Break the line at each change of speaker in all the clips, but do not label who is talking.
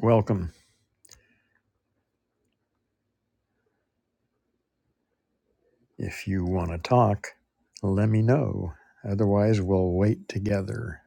Welcome. If you want to talk, let me know. Otherwise, we'll wait together.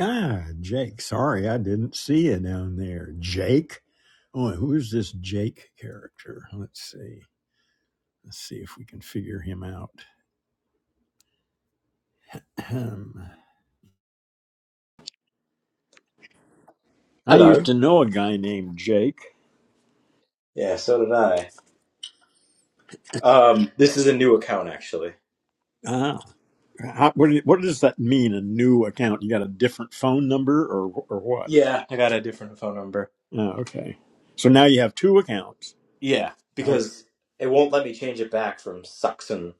Ah, Jake. Sorry, I didn't see you down there. Jake? Oh, and who's this Jake character? Let's see. Let's see if we can figure him out. Ahem. I used
Hello.
to know a guy named Jake.
Yeah, so did I. Um, this is a new account actually.
Ah, how, what, do- what does that mean? A new account? You got a different phone number or, or what?
Yeah, I got a different phone number.
Oh, okay. So now you have two accounts.
Yeah,
Okay.
because it won't let me change it back from Saxon.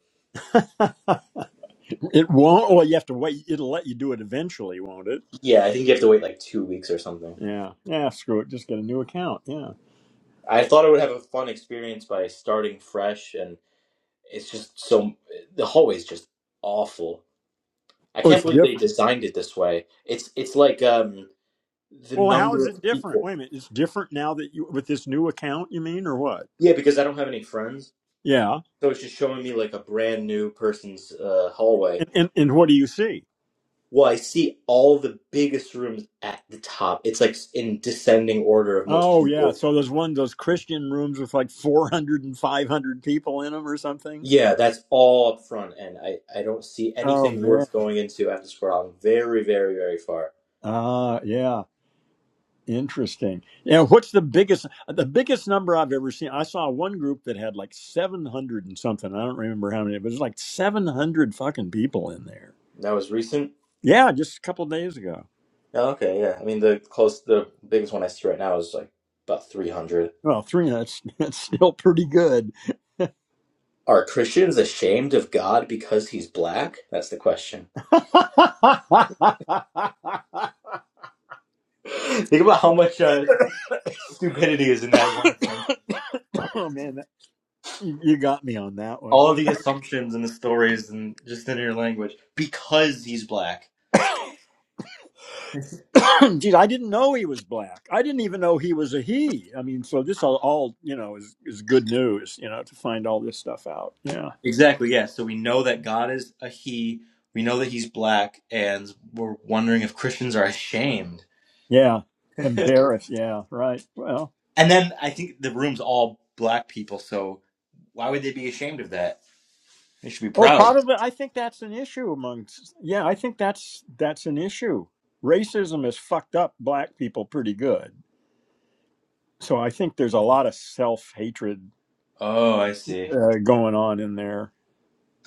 It won't. Well, you have to wait. It'll let you do it eventually, won't it?
Yeah, I think you have to wait like two weeks or something.
Yeah. Yeah. Screw it. Just get a new account. Yeah.
I thought I would have a fun experience by starting fresh, and it's just so the hallway's just awful. I
Oh,
can't
it's
believe they
different.
designed it this way. It's it's like um the
Well, how
number
is
of
it different?
people.
Wait a minute. It's different now that you with this new account. You mean or what?
Yeah, because I don't have any friends,
Yeah.
so it's just showing me like a brand new person's uh, hallway
And and, and what do you see?
Well, I see all the biggest rooms at the top. It's like in descending order of most
Oh yeah.
people.
So there's one of those Christian rooms with like 400 and 500 people in them or something.
Yeah, that's all up front, and I, I don't see
Oh
anything
man.
worth going into after scrolling very, very, very far.
Uh yeah. Interesting. Yeah, what's the biggest the biggest number I've ever seen? I saw one group that had like seven hundred and something. I don't remember how many, but it was like seven hundred fucking people in there.
That was recent?
Yeah, just a couple days ago.
Oh, okay, yeah. I mean, the close, the biggest one I see right now is like about 300.
Well, three that's that's still pretty good.
Are Christians ashamed of God because he's black? That's the question. Think about how much uh, stupidity is in that one sentence.
oh man, that, you got me on that one.
all the assumptions and the stories and just in your language because he's black.
Geez, I didn't know he was black. I didn't even know he was a he. I mean, so this all, all you know is is good news. You know, to find all this stuff out. Yeah.
Exactly, yeah. So we know that God is a he. We know that he's black, and we're wondering if Christians are ashamed.
Yeah. Embarrassed. Yeah. Right. Well.
And then I think the room's all black people, so why would they be ashamed of that? They should be
Oh,
proud.
probably. I think that's an issue amongst. Yeah, I think that's that's an issue. Racism has fucked up black people pretty good. So I think there's a lot of self hatred
Oh, I see.
uh, going on in there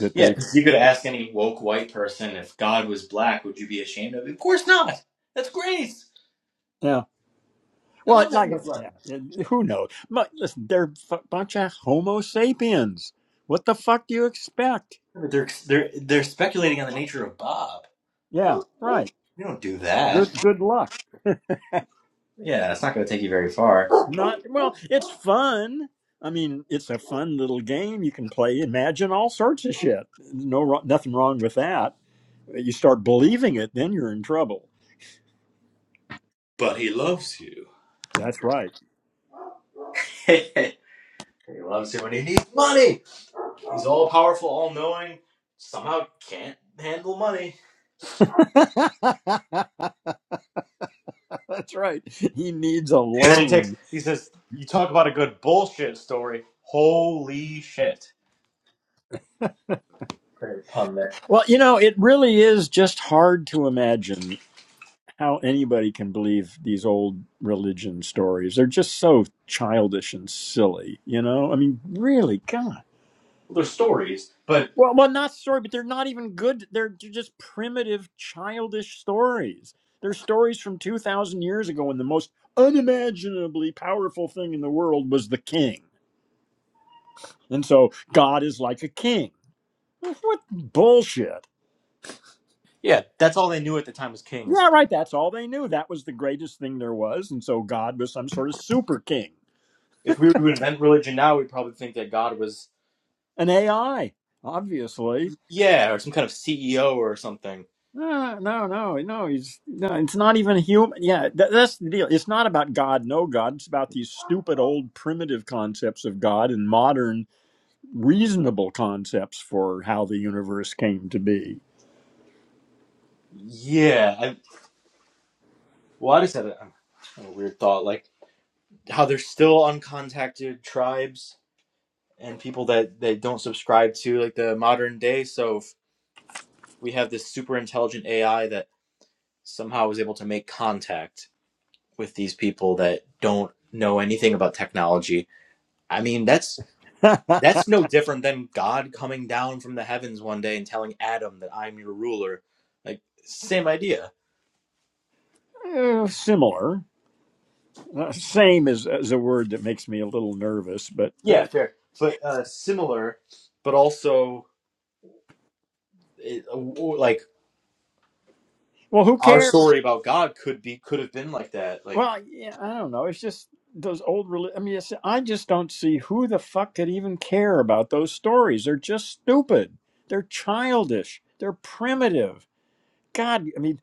that
Yeah,
they.
you could ask any woke white person if God was black, would you be ashamed of it? Of course not. That's grace.
Yeah.
I
Well,
love having
like
the
it's
black.
yeah. it- Who knows? But listen, they're a bunch of Homo sapiens. What the fuck do you expect?
They're they're they're speculating on the nature of Bob.
Yeah. Right.
You don't do that.
Good. Good luck.
Yeah, it's not going to take you very far.
Not well, it's fun. I mean, it's a fun little game you can play. Imagine all sorts of shit. No, nothing wrong with that. You start believing it, then you're in trouble.
But he loves you.
That's right.
he loves you and he needs money. He's all powerful, all knowing. Somehow can't handle money.
That's right. He needs a
And then he takes.
loan.
He says, "You talk about a good bullshit story. Holy shit! Great pun there.
Well, you know, it really is just hard to imagine how anybody can believe these old religion stories. They're just so childish and silly, you know? I mean, really, God.
Well, they're stories, but
Well, well, not story, but they're not even good. They're, they're just primitive, childish stories. They're stories from two thousand years ago, when the most unimaginably powerful thing in the world was the king, and so God is like a king. What bullshit!
yeah, that's all they knew at the time was kings.
Yeah, right. That's all they knew. That was the greatest thing there was, and so God was some sort of super king,
If we were to invent religion now, we'd probably think that God was
an AI, obviously.
yeah, or some kind of CEO or something.
No, no, no, no. He's no. It's not even human. Yeah, tha that's the deal. It's not about God, no God. It's about these stupid old primitive concepts of God and modern reasonable concepts for how the universe came to be.
Yeah, I, well, I just had a, a weird thought. Like how there's still uncontacted tribes and people that that don't subscribe to like the modern day. So if we have this super intelligent AI that somehow is able to make contact with these people that don't know anything about technology. I mean, that's that's no different than God coming down from the heavens one day and telling Adam that I'm your ruler. Like same idea.
Uh, similar, uh, same is, is a word that makes me a little nervous. But
Yeah,
uh,
fair, but uh, similar, but also it, like
well, who
our
cares?
story about God could be could have been like that. Like
Well, yeah, I don't know. It's just those old. reli- I mean, it's, I just don't see who the fuck could even care about those stories. They're just stupid. They're childish. They're primitive. God, I mean,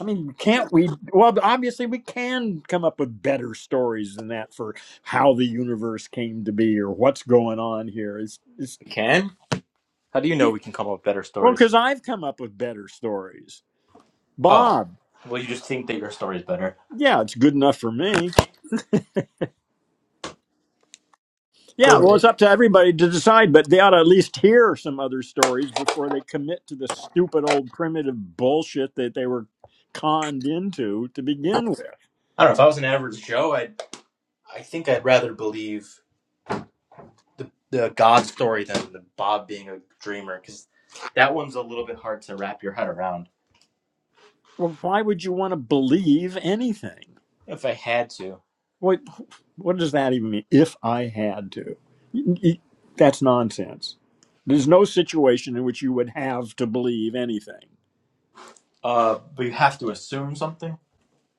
I mean, can't we? Well, obviously, we can come up with better stories than that for how the universe came to be or what's going on here. It's, it's
we can? How do you know we can come up with better
well,
stories?
because I've come up with better stories,
Oh.
Bob.
Well you just think that your story is better.
Yeah, it's good enough for me. Yeah,
Doesn't
well, it's
make
up to everybody to decide, but they ought to at least hear some other stories before they commit to the stupid old primitive bullshit that they were conned into to begin with.
I don't know, if I was an average Joe, I'd I think I'd rather believe the the God story than the Bob being a dreamer, because that one's a little bit hard to wrap your head around.
Well, why would you want to believe anything?
If I had to.
What what does that even mean? If I had to, You- you- that's nonsense. There's no situation in which you would have to believe anything.
Uh but you have to assume something.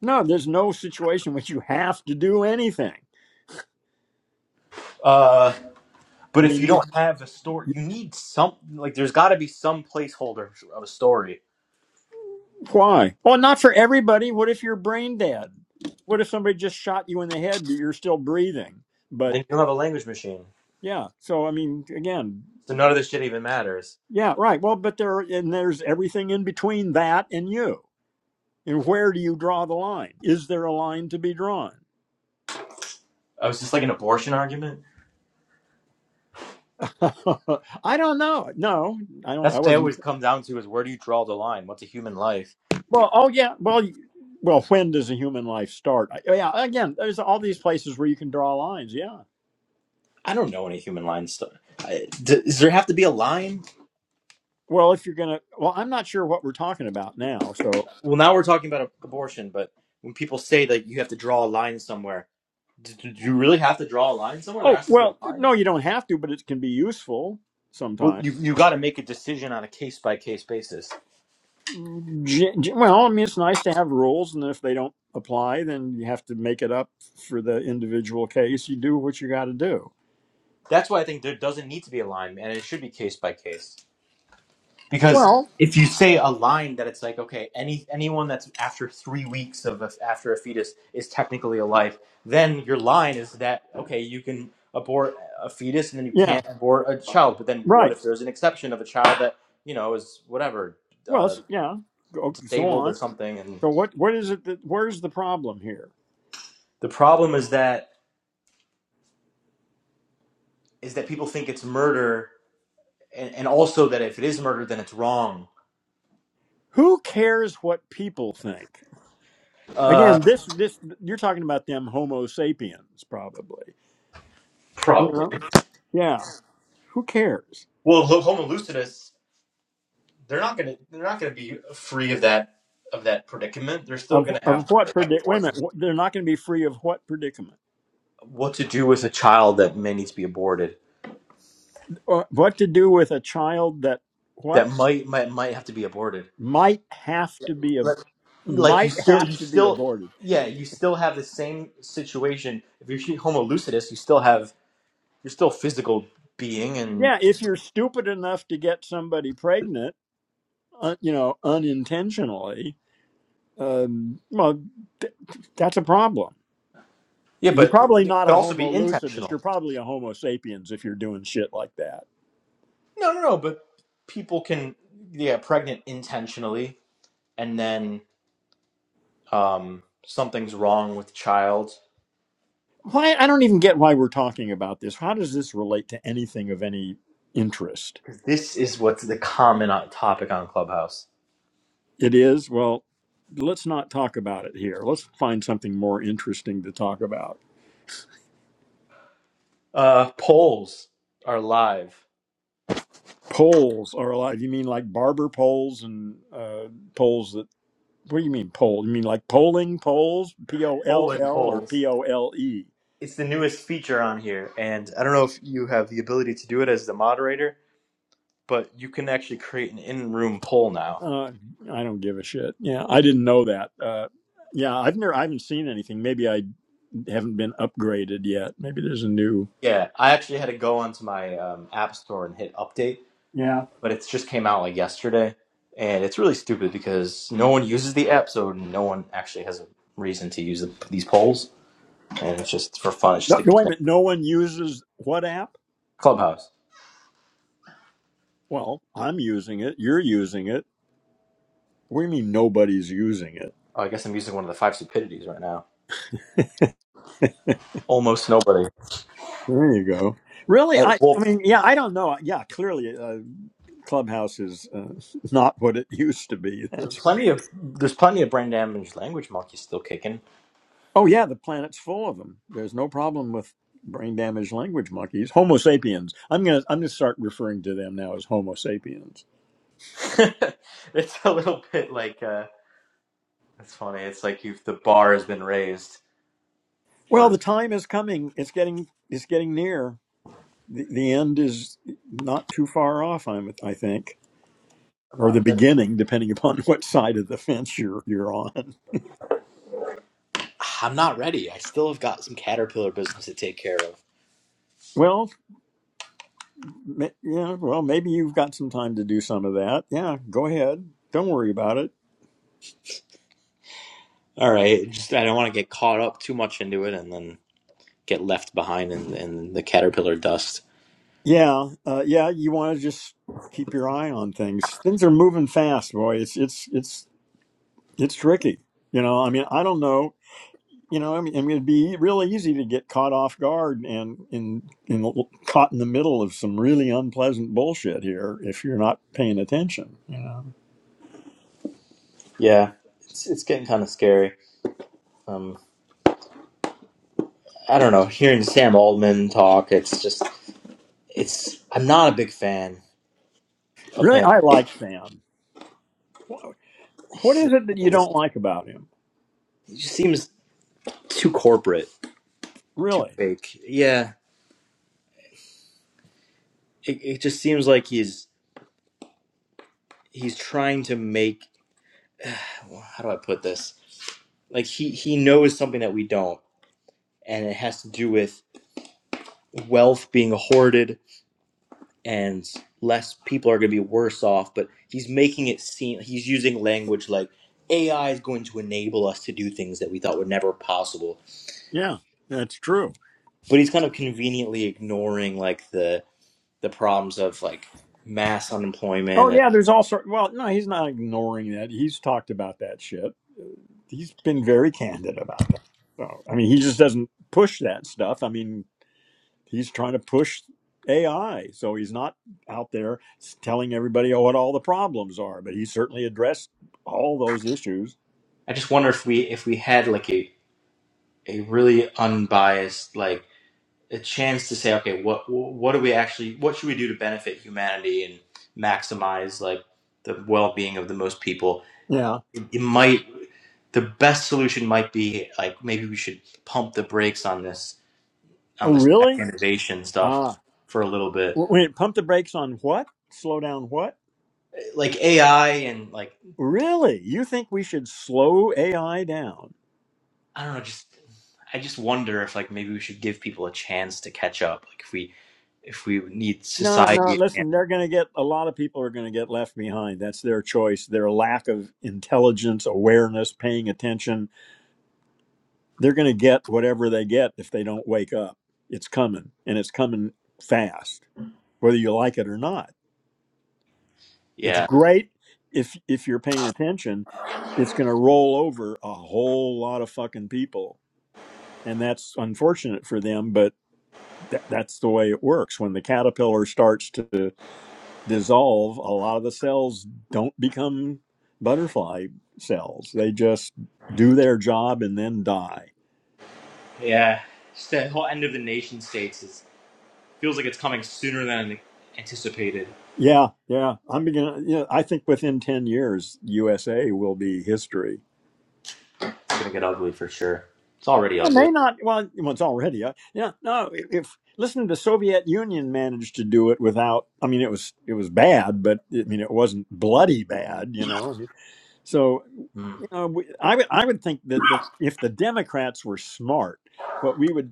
No, there's no situation in which you have to do anything.
Uh but
I
if you
mean,
don't have a story you need some like there's gotta be some placeholder of a story.
Why? Well, not for everybody. What if you're brain dead? What if somebody just shot you in the head, but you're still breathing? But
Then you don't have a language machine.
yeah, so I mean, again,
So none of this shit even matters.
yeah, right. Well, but there and there's everything in between that and you. And where do you draw the line? Is there a line to be drawn?
I was just like an abortion argument.
I don't know. No, I don't.
That's
I
what they
wasn't.
always come down to is where do you draw the line? What's a human life?
Well, oh yeah. Well, y- well, when does a human life start? I, yeah. Again, there's all these places where you can draw lines. Yeah.
I don't know any human line stuff. I- d- Does there have to be a line?
Well, if you're gonna, well, I'm not sure what we're talking about now. so
Well, now we're talking about abortion, but when people say that you have to draw a line somewhere, d- do you really have to draw a line somewhere? There
Oh
has to be
well,
a line?
no, you don't have to, but it can be useful
Well,
sometimes.
you, you got to make a decision on a case by case basis.
Ge- ge- Well, I mean, it's nice to have rules, and if they don't apply, then you have to make it up for the individual case. You do what you got to do.
That's why I think there doesn't need to be a line, and it should be case by case. because
Well,
if you say a line that it's like okay any anyone that's after three weeks of a, after a fetus is technically alive then your line is that okay you can abort a fetus and then you
yeah,
can't abort a child but then what
right.
if there's an exception of a child that you know is whatever
Well,
uh,
it's, yeah, go, go
disabled or
on.
something and
So what? What is it that? Where's the problem here?
the problem is that is that people think it's murder and, and also that if it is murder then it's wrong
Who cares what people think?
uh
Again, this this you're talking about them Homo sapiens, probably. You
probably
know? Yeah. Who cares?
well homo lucidus they're not gonna they're not gonna be free of that of that predicament. They're still
Of
gonna have
of
to
what
have
predic? Wait a
abortion.
minute. What, they're not going to be free of what predicament?
What to do with a child that may need to be aborted?
Uh, what to do with a child that
That
what
might might might have to be aborted.
might have to be a
Like like you
might
still you
have to be
still
aborted?
yeah you still have the same situation. If you're shooting Homo lucidus, you still have you're still a physical being and
Yeah, if you're stupid enough to get somebody pregnant, uh, you know, unintentionally, um, well, th- that's a problem.
yeah,
You're
but
probably
it
not
could
a
also
Homo
be
lucidus.
intentional.
You're probably a Homo sapiens if you're doing shit like that.
No, no, no. But people can yeah pregnant intentionally, and then um something's wrong with the child
Why? I don't even get why we're talking about this. How does this relate to anything of any interest?
because this is what's the common o- topic on Clubhouse.
It is. Well, let's not talk about it here. Let's find something more interesting to talk about.
Uh, polls are live.
Poles are alive. You mean like barber poles and uh, poles that, what do you mean poll? You mean like polling polls? P O L
Polling
L or
polls.
P O L E?
It's the newest feature on here, and I don't know if you have the ability to do it as the moderator, but you can actually create an in-room poll now.
Uh, I don't give a shit. Yeah, I didn't know that. Uh, yeah, I've never, I haven't seen anything. Maybe I haven't been upgraded yet. Maybe there's a new.
Yeah, I actually had to go onto my um, app store and hit update,
Yeah.
but it just came out like yesterday, and it's really stupid because no one uses the app, so no one actually has a reason to use the, these polls, and it's just for fun. It's just
No,
a
no, wait a
gimmick.
minute. No one uses what app?
Clubhouse.
Well, I'm using it. You're using it What do you mean nobody's using it?
Oh, I guess I'm using one of the five stupidities right now. Almost nobody.
There you go. Really?
Uh,
I,
well,
I mean, yeah, I don't know. Yeah, clearly uh, Clubhouse is uh, not what it used to be. That's for
plenty
sure.
of there's plenty of brain damaged language monkeys still kicking.
Oh, yeah, the planet's full of them. There's no problem with brain damaged language monkeys. Homo sapiens. I'm going to I'm gonna start referring to them now as Homo sapiens.
it's a little bit like uh, it's funny. It's like you've the bar has been raised,
Well,
or
the time is coming. It's getting it's getting near. The, the end is not too far off, I'm, I think,
I'm
or the
not ready.
beginning, depending upon what side of the fence you're, you're on.
I'm not ready. I still have got some caterpillar business to take care of.
Well, Ma- Yeah, well, maybe you've got some time to do some of that. Yeah, go ahead. Don't worry about it.
All right, just I don't want to get caught up too much into it and then get left behind in, in the caterpillar dust.
Yeah, uh, yeah, you want to just keep your eye on things. Things are moving fast, boy. It's it's it's it's tricky. You know, I mean, I don't know. You know, I mean, I mean, it'd be really easy to get caught off guard and in in caught in the middle of some really unpleasant bullshit here if you're not paying attention. You know,
Yeah, it's it's getting kind of scary. Um, I don't know. Hearing Sam Altman talk, it's just. it's I'm not a big fan of
really,
him.
I like Sam. Wh- What
He's,
is it that you don't
he
like about him?
just seems too corporate, too
Really?
fake. Yeah, it, it just seems like he's he's trying to make. How do I put this? Like he he knows something that we don't, and it has to do with wealth being hoarded and less people are going to be worse off. But he's making it seem he's using language like AI is going to enable us to do things that we thought were never possible.
Yeah, that's true.
But he's kind of conveniently ignoring like the the problems of like mass unemployment
Oh
and
yeah, there's all sort. Well, no, he's not ignoring that. He's talked about that shit. He's been very candid about that. So I mean, he just doesn't push that stuff. I mean, he's trying to push AI, so he's not out there telling everybody what all the problems are. But he certainly addressed all those issues.
I just wonder if we if we had like a a really unbiased like a chance to say okay what what do we actually what should we do to benefit humanity and maximize like the well-being of the most people
Yeah.
it might the best solution might be like maybe we should pump the brakes on this on
Oh
this tech
really?
innovation
Ah.
stuff for a little bit
W- Wait, pump the brakes on what? Slow down what?
like AI and like
Really? You think we should slow AI down?
I don't know, just I just wonder if like maybe we should give people a chance to catch up. Like if we if we need
No, no,
society
listen, they're going to get a lot of people are going to get left behind. That's their choice. Their lack of intelligence, awareness, paying attention. They're going to get whatever they get if they don't wake up. It's coming and it's coming fast, whether you like it or not. It's
yeah.
great if if you're paying attention. It's going to roll over a whole lot of fucking people. And that's unfortunate for them, but tha- that's the way it works. When the caterpillar starts to dissolve, a lot of the cells don't become butterfly cells. They just do their job and then die.
Yeah. Just the whole end of the nation states is feels like it's coming sooner than anticipated.
Yeah, yeah. I'm beginning. Yeah, I think within ten years, USA will be history.
It's gonna get ugly for sure. It's already
It
ugly.
may not. Well, well, it's already. Uh, yeah, no. If listen, the Soviet Union managed to do it without. I mean, it was it was bad, but I mean, it wasn't bloody bad. You know. So
Mm.
you know, we, I would I would think that the, if the Democrats were smart, what we would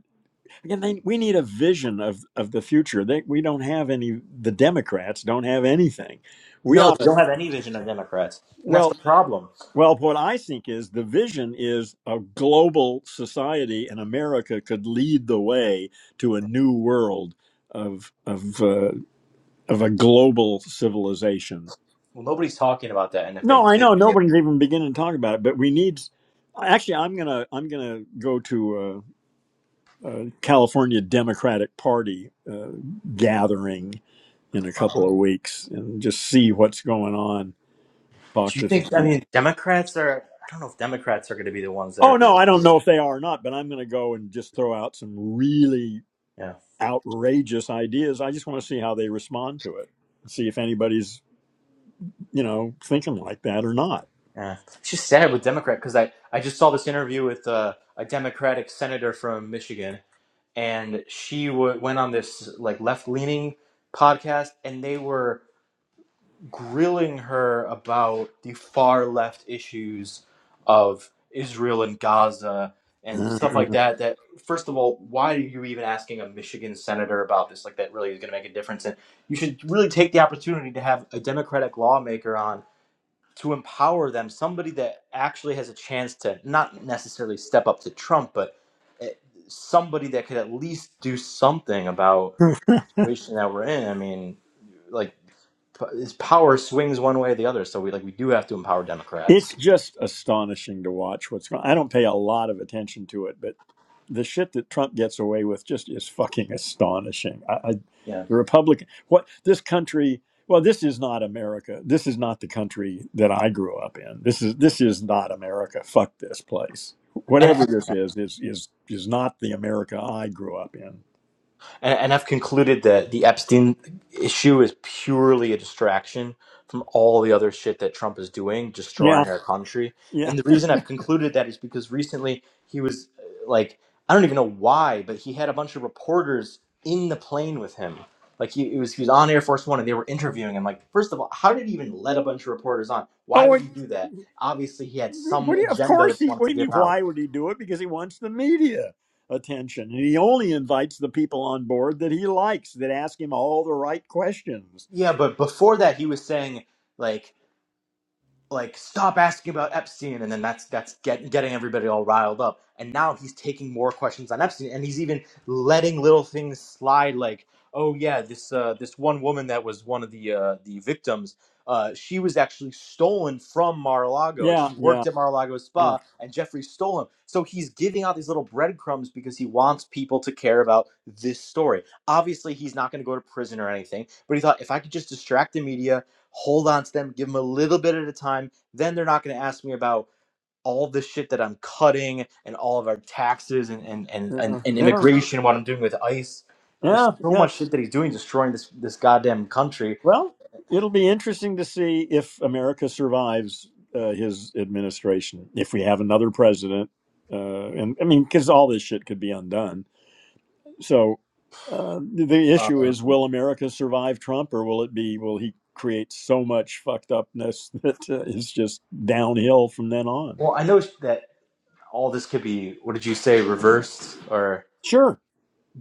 Again, they, we need a vision of, of the future. They, we don't have any. The Democrats don't have anything. We
No,
ought
we
to.
don't have any vision of Democrats, and that's the
Well,
problem.
well, what I think is the vision is a global society, and America could lead the way to a new world of of uh, of a global civilization.
Well, nobody's talking about that, and if they
No, I
did,
know
they-
nobody's even beginning to talk about it, but we need. Actually, I'm gonna I'm gonna go to a, a California Democratic Party uh, gathering in a couple of weeks and just see what's going on. Talk
do you
to some
think? I
people.
mean, Democrats are. I don't know if Democrats are going to be the ones that
Oh
are. able
no,
to
I
do
don't know if they are or not, but I'm going to go and just throw out some really
it.
outrageous ideas. I just want to see how they respond to it. See if anybody's you know thinking like that or not.
Yeah. It's just sad with Democrat because I, I just saw this interview with uh, a Democratic senator from Michigan, and she w- went on this like left leaning podcast, and they were grilling her about the far left issues of Israel and Gaza and stuff like that. That first of all, why are you even asking a Michigan senator about this? Like that really is going to make a difference, and you should really take the opportunity to have a Democratic lawmaker on to empower them, somebody that actually has a chance to not necessarily step up to Trump, but eh, somebody that could at least do something about the situation that we're in. I mean, like p- his power swings one way or the other, so we like we do have to empower Democrats.
It's just astonishing to watch what's going. I don't pay a lot of attention to it, but the shit that Trump gets away with just is fucking astonishing. I, I
Yeah,
the Republican what this country well this is not America. This is not the country that I grew up in. This is this is not America. Fuck this place.
and
Whatever this is is is is not the America I grew up in.
And, and I've concluded that the Epstein issue is purely a distraction from all the other shit that Trump is doing,
Yeah.
destroying our country.
Yeah.
And the reason I've concluded that is because recently he was uh, like, I don't even know why, but he had a bunch of reporters in the plane with him. Like he, it was, he was on Air Force One and they were interviewing him. Like, first of all, how did he even let a bunch of reporters on? Why
Oh,
would
it-
he do that? Obviously, he had
What
some
do you, of
agenda that
course
he
he.
wanted
What
to
do you
give
mean?
out.
Why would he do it? Because he wants the media attention, and he only invites the people on board that he likes that ask him all the right questions.
Yeah, but before that, he was saying like like stop asking about Epstein, and then that's that's get, getting everybody all riled up. And now he's taking more questions on Epstein, and he's even letting little things slide, like oh yeah, this uh, this one woman that was one of the uh, the victims, uh, she was actually stolen from Mar-a-Lago. Like
Yeah,
she
yeah,
worked at Mar-a-Lago
yeah,
spa, and Jeffrey stole him. So he's giving out these little breadcrumbs because he wants people to care about this story. Obviously, he's not going to go to prison or anything, but he thought if I could just distract the media hold on to them, give them a little bit at a time. Then they're not going to ask me about all the shit that I'm cutting and all of our taxes and, and, and, and,
yeah,
and
yeah,
immigration, what I'm doing with ICE. There's
yeah.
so
yeah.
much shit that he's doing, destroying this, this goddamn country.
Well, it'll be interesting to see if America survives uh, his administration. If we have another president, uh, and I mean, because all this shit could be undone So uh, the the
Uh,
issue is, will America survive Trump, or will it be will he create so much fucked upness that uh, it's just downhill from then on?
well, I know that all this could be, what did you say, reversed or,
Sure.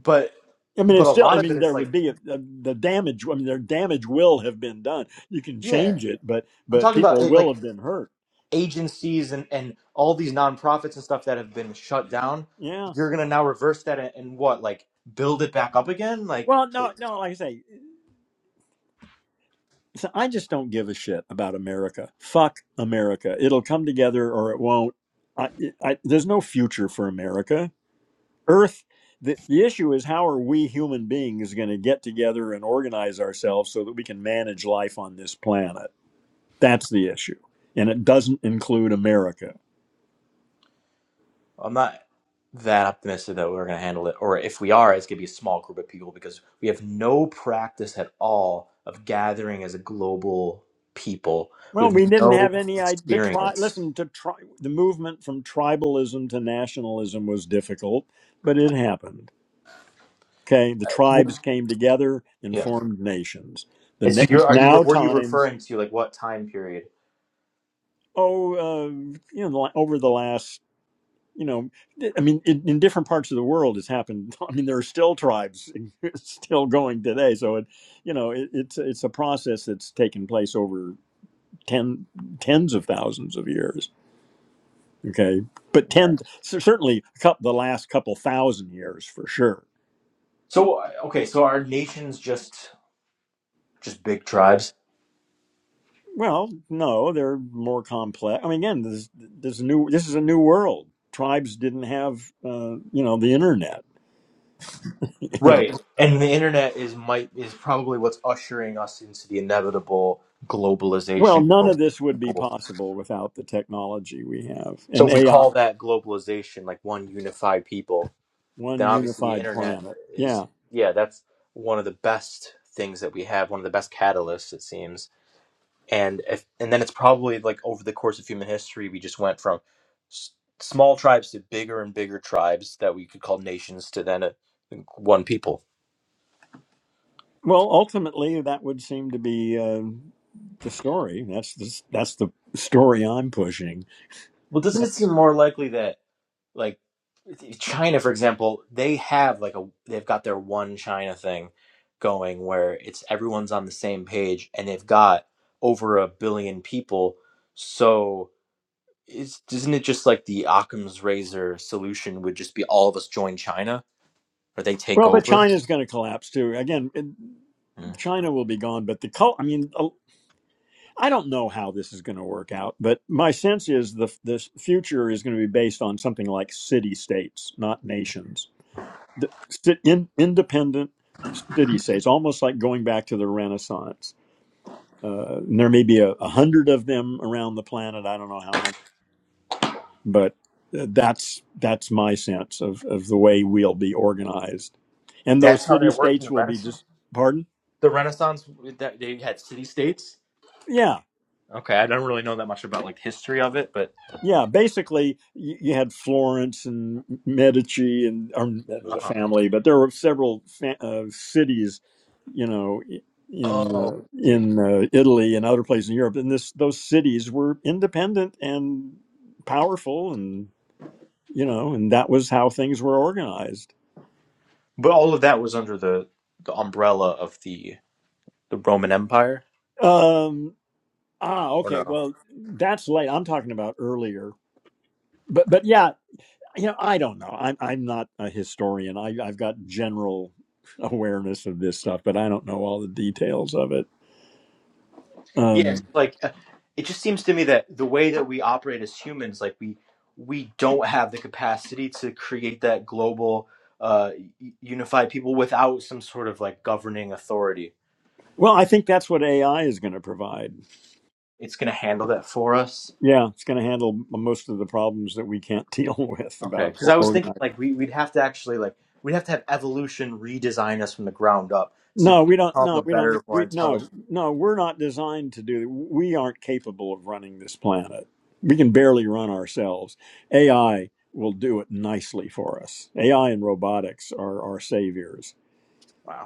but,
I mean,
but
it's
a
still. I
lot of it
mean,
is
there would
like,
be a, a, the damage. I mean, their damage will have been done. You can
yeah,
change it, but
I'm
but
talking about
people
it,
will
like
have been hurt.
agencies and, and all these nonprofits and stuff that have been shut down
Yeah.
you're gonna now reverse that and, and what like build it back up again like
Well, no, no. Like I say, so I just don't give a shit about America. Fuck America. It'll come together or it won't. I, I, there's no future for America Earth, the, the issue is how are we human beings going to get together and organize ourselves so that we can manage life on this planet? That's the issue. And it doesn't include America.
i'm not that optimistic that we're gonna handle it or if we are it's gonna be a small group of people because we have no practice at all of gathering as a global people we
Well,
have
we didn't
no
have any idea. The tri-
experience
listen to tri- the movement from tribalism to nationalism was difficult, but it happened. Okay, the
Well-
tribes came together and
yeah
formed nations. The
and
na-
so you're
it's
are you
now
what are you
time.
referring to like what time period
Oh, uh, you know, over the last you know, I mean, in, in different parts of the world, it's happened. I mean, there are still tribes still going today. So it, you know, it, it's it's a process that's taken place over ten tens of thousands of years. Okay, but ten cer- certainly cou- the last couple thousand years for sure.
so uh, okay so are nations just just big tribes
Well, no, they're more complex. I mean, again, this this new this is a new world. Tribes didn't have uh, you know the internet.
Right. And the internet is might is probably what's ushering us into the inevitable
Well,
globalization,
none of
global
this would be
people.
possible without the technology we have
So
and
if we
AI,
call that globalization like one unified people, then
one
obviously the
unified
internet
planet.
is
Yeah.
yeah, that's one of the best things that we have, one of the best catalysts it seems. And if and then it's probably like over the course of human history we just went from s- small tribes to bigger and bigger tribes that we could call nations to then a, one people.
Well, ultimately, that would seem to be uh, the story. That's the, that's the story I'm pushing.
Well, doesn't
Yeah.
it seem more likely that like China, for example, they have like a they've got their one China thing going where it's everyone's on the same page and they've got over a billion people. So is isn't it just like the Occam's razor solution would just be all of us join China or they take
Well, but
over?
China's going to collapse too. Again, it-
Mm.
China will be gone, but the cult. I mean, uh, I don't know how this is going to work out, but my sense is the the future is going to be based on something like city states, not nations the sit in, independent city states, almost like going back to the Renaissance. Uh, and there may be a, a hundred of them around the planet. I don't know how many, but uh, that's that's my sense of of the way we'll be organized, and
That's
those
how they
city
worked in
states
the
will be
Renaissance.
just pardon.
The Renaissance that they had city states.
Yeah,
Okay, I don't really know that much about like history of it, but
Yeah, basically, you, you had Florence and Medici, and or that was a
uh-huh.
family, but there were several fa- uh, cities, you know, i- in
oh,
uh,
see.
in uh, Italy and other places in Europe, and this those cities were independent and powerful, and you know, and that was how things were organized.
But all of that was under the the umbrella of the the Roman Empire.
Um, ah,
or
okay,
no?
well, that's late. I'm talking about earlier, but but yeah, you know i don't know i'm, I'm not a historian I, i've got general awareness of this stuff but i don't know all the details of it
Yes,
um,
like uh, it just seems to me that the way that we operate as humans, like we we don't have the capacity to create that global uh, u- unified people without some sort of like governing authority.
well i think that's what ai is going to provide
It's gonna handle that for us.
yeah it's going to handle most of the problems that we can't deal with
Okay,
about
because I
or-
was thinking
organizing
like we we'd have to actually like we'd have to have evolution redesign us from the ground up to
no we don't
become a
no we don't
better, more
we no
intelligent.
no we're not designed to do we aren't capable of running this planet we can barely run ourselves ai will do it nicely for us ai and robotics are our saviors
Wow.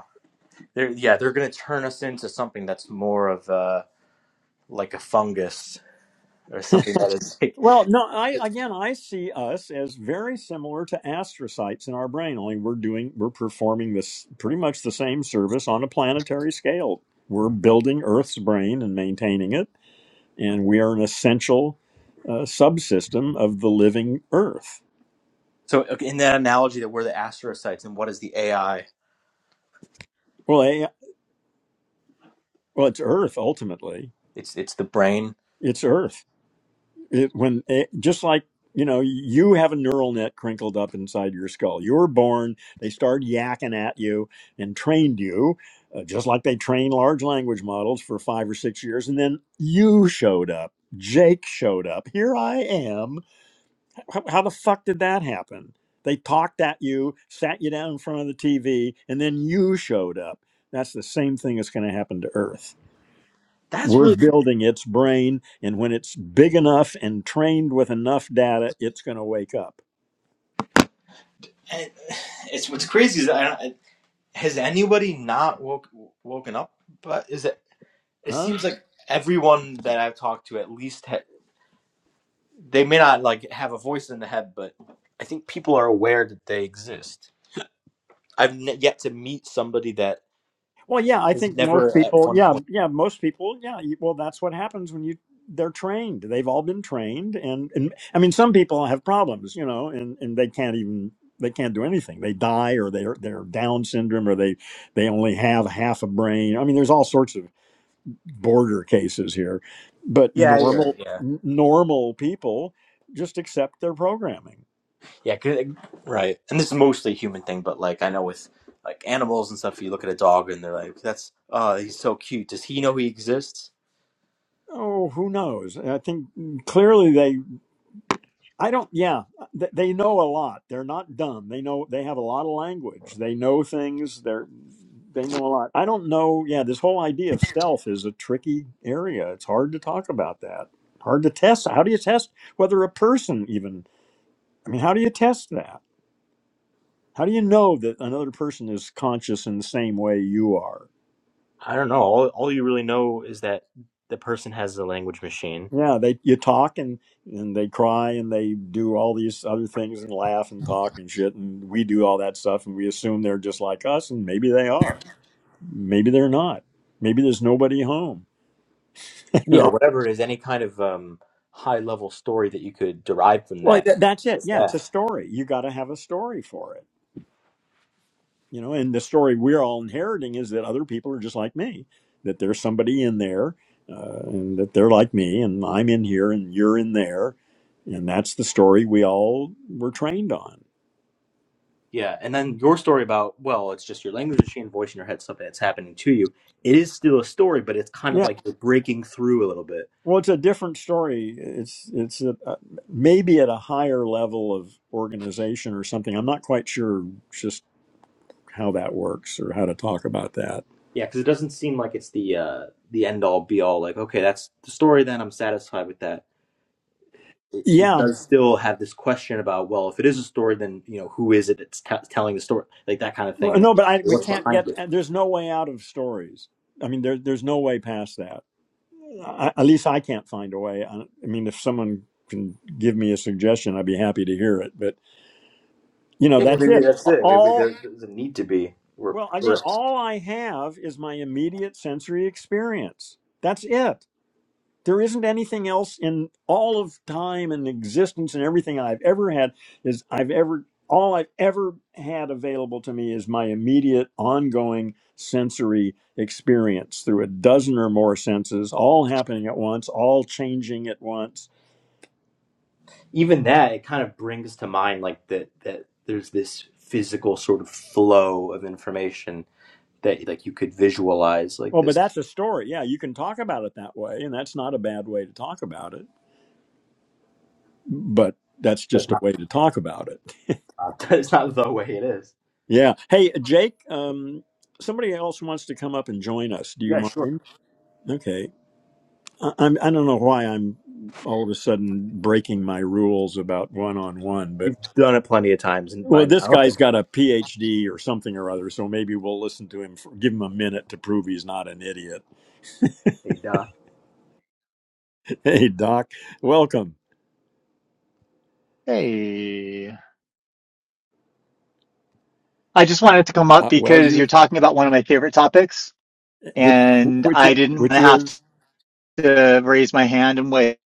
They're, yeah, they're going to turn us into something that's more of a, like a fungus or something that is like.
Well, no, I again I see us as very similar to astrocytes in our brain, only we're doing we're performing this pretty much the same service on a planetary scale. We're building Earth's brain and maintaining it, and we are an essential uh, subsystem of the living Earth.
So okay, in that analogy, that we're the astrocytes, and what is the AI?
Well, a, well, it's Earth ultimately.
It's it's the brain.
It's Earth. it when it, just like you know you have a neural net crinkled up inside your skull you were born they started yakking at you and trained you uh, just like they train large language models for five or six years and then you showed up jake showed up here i am how, how the fuck did that happen they talked at you sat you down in front of the tv and then you showed up that's the same thing that's going to happen to earth
That's
we're
really.
building its brain, and when it's big enough and trained with enough data, it's going to wake up.
and It's what's crazy is I, don't- has anybody not woke woken up? But is it? It
Huh?
seems like everyone that I've talked to at least ha- they may not like have a voice in the head, but I think people are aware that they exist. I've ne- yet to meet somebody that
Well, yeah, I
is
think
never
most
at 1.0.
people,
point.
yeah, yeah, most people, yeah. you- Well, that's what happens when you they're trained. They've all been trained, and, and I mean, some people have problems, you know, and and they can't even they can't do anything. They die, or they're they're Down syndrome, or they they only have half a brain. I mean, there's all sorts of border cases here, but
Yeah, you're right.
normal
Yeah,
n- normal people just accept their programming.
yeah, 'cause- like, right. And this is mostly a human thing, but like I know with like animals and stuff, you look at a dog and they're like, "That's oh, he's so cute." Does he know he exists?
Oh, who knows? And I think clearly they. I don't. Yeah, th- they know a lot. They're not dumb. They know they have a lot of language. They know things. They're they know a lot. I don't know. Yeah, this whole idea of self is a tricky area. It's hard to talk about that. Hard to test. How do you test whether a person even? I mean, how do you test that? How do you know that another person is conscious in the same way you are?
I don't know. All, all you really know is that the person has a language machine.
Yeah, they you talk and and they cry and they do all these other things and laugh and talk and shit and we do all that stuff and we assume they're just like us and maybe they are, maybe they're not, maybe there's nobody home. You
Yeah,
know,
whatever it is, any kind of um, high level story that you could derive from
well
that.
that, that's it.
Just
Yeah, it's a
that.
story. You got to have a story for it you know and the story we're all inheriting is that other people are just like me that there's somebody in there uh, and that they're like me and i'm in here and you're in there and that's the story we all were trained on
Yeah, and then your story about well, it's just your language machine voice in your head, something that's happening to you. It is still a story, but it's kind of
yeah
like you're breaking through a little bit.
well it's a different story it's it's a, uh, maybe at a higher level of organization or something i'm not quite sure just how that works or how to talk about that
Yeah, because it doesn't seem like it's the uh, the end all be all. Like, okay, that's the story. Then I'm satisfied with that. It, it
yeah
does still have this question about, well, if it is a story, then you know who is it that's t- telling the story, like that kind of
Well,
thing.
no but I, we
What's
can't
behind
get
it?
there's no way out of stories i mean there, there's no way past that I, at least I can't find a way. I, I mean, if someone can give me a suggestion, I'd be happy to hear it. But you know,
Yeah,
that's
maybe
it.
that's it. Maybe there
All
doesn't need to be. Or,
well,
or
again, all I have is my immediate sensory experience. That's it. There isn't anything else in all of time and existence and everything I've ever had is I've ever all I've ever had available to me is my immediate ongoing sensory experience through a dozen or more senses, all happening at once, all changing at once
even that, it kind of brings to mind like that that there's this physical sort of flow of information that like you could visualize like
Well, but
this.
that's a story. Yeah, you can talk about it that way, and that's not a bad way to talk about it. But that's
That's
just a
not.
way to talk about it.
That's not the way it is.
Yeah. Hey, Jake. Um, somebody else wants to come up and join us. Do you
Yeah, sure.
mind? Okay. I, I'm. I don't know why I'm all of a sudden breaking my rules about one-on-one,
You've
but
done it plenty of times and
well,
by
this
now.
guy's got a PhD or something or other, so maybe we'll listen to him. For, give him a minute to prove he's not an idiot.
hey Doc.
Hey, Doc. Welcome.
Hey, I just wanted to come up
Uh, well,
because
you
you're talking about one of my favorite topics,
which
and
which
I didn't want
which
to have
is
to raise my hand and wait.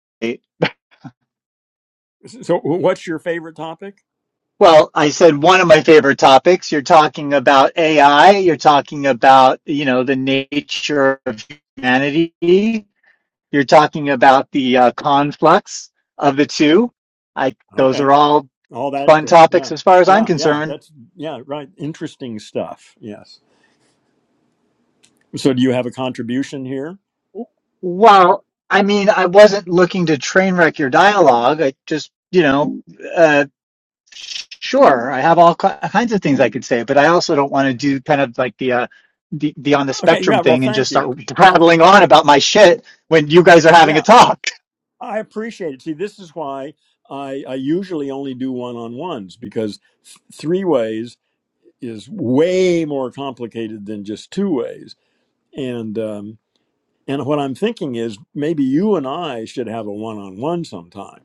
So, what's your favorite topic?
Well, I said one of my favorite topics. You're talking about AI. You're talking about, you know, the nature of humanity. You're talking about the uh, conflux of the two. I, those are
Okay,
all
all that
fun
shit.
topics
Yeah,
as far as I'm
yeah, yeah.
concerned.
That's yeah, right. Interesting stuff. Yes. So, do you have a contribution here?
Well, I mean, I wasn't looking to train wreck your dialogue. I just, you know, uh, sure, I have all ki- kinds of things I could say, but I also don't want to do kind of like the, uh, the, the on the
Okay.
spectrum
Yeah. Well,
thing and just
thank
start
you. Yeah,
prattling on about my shit when you guys are having a
yeah.
talk.
I appreciate it. See, this is why I, I usually only do one-on-ones because th- three ways is way more complicated than just two ways. And um, and what I'm thinking is maybe you and I should have a one-on-one sometime.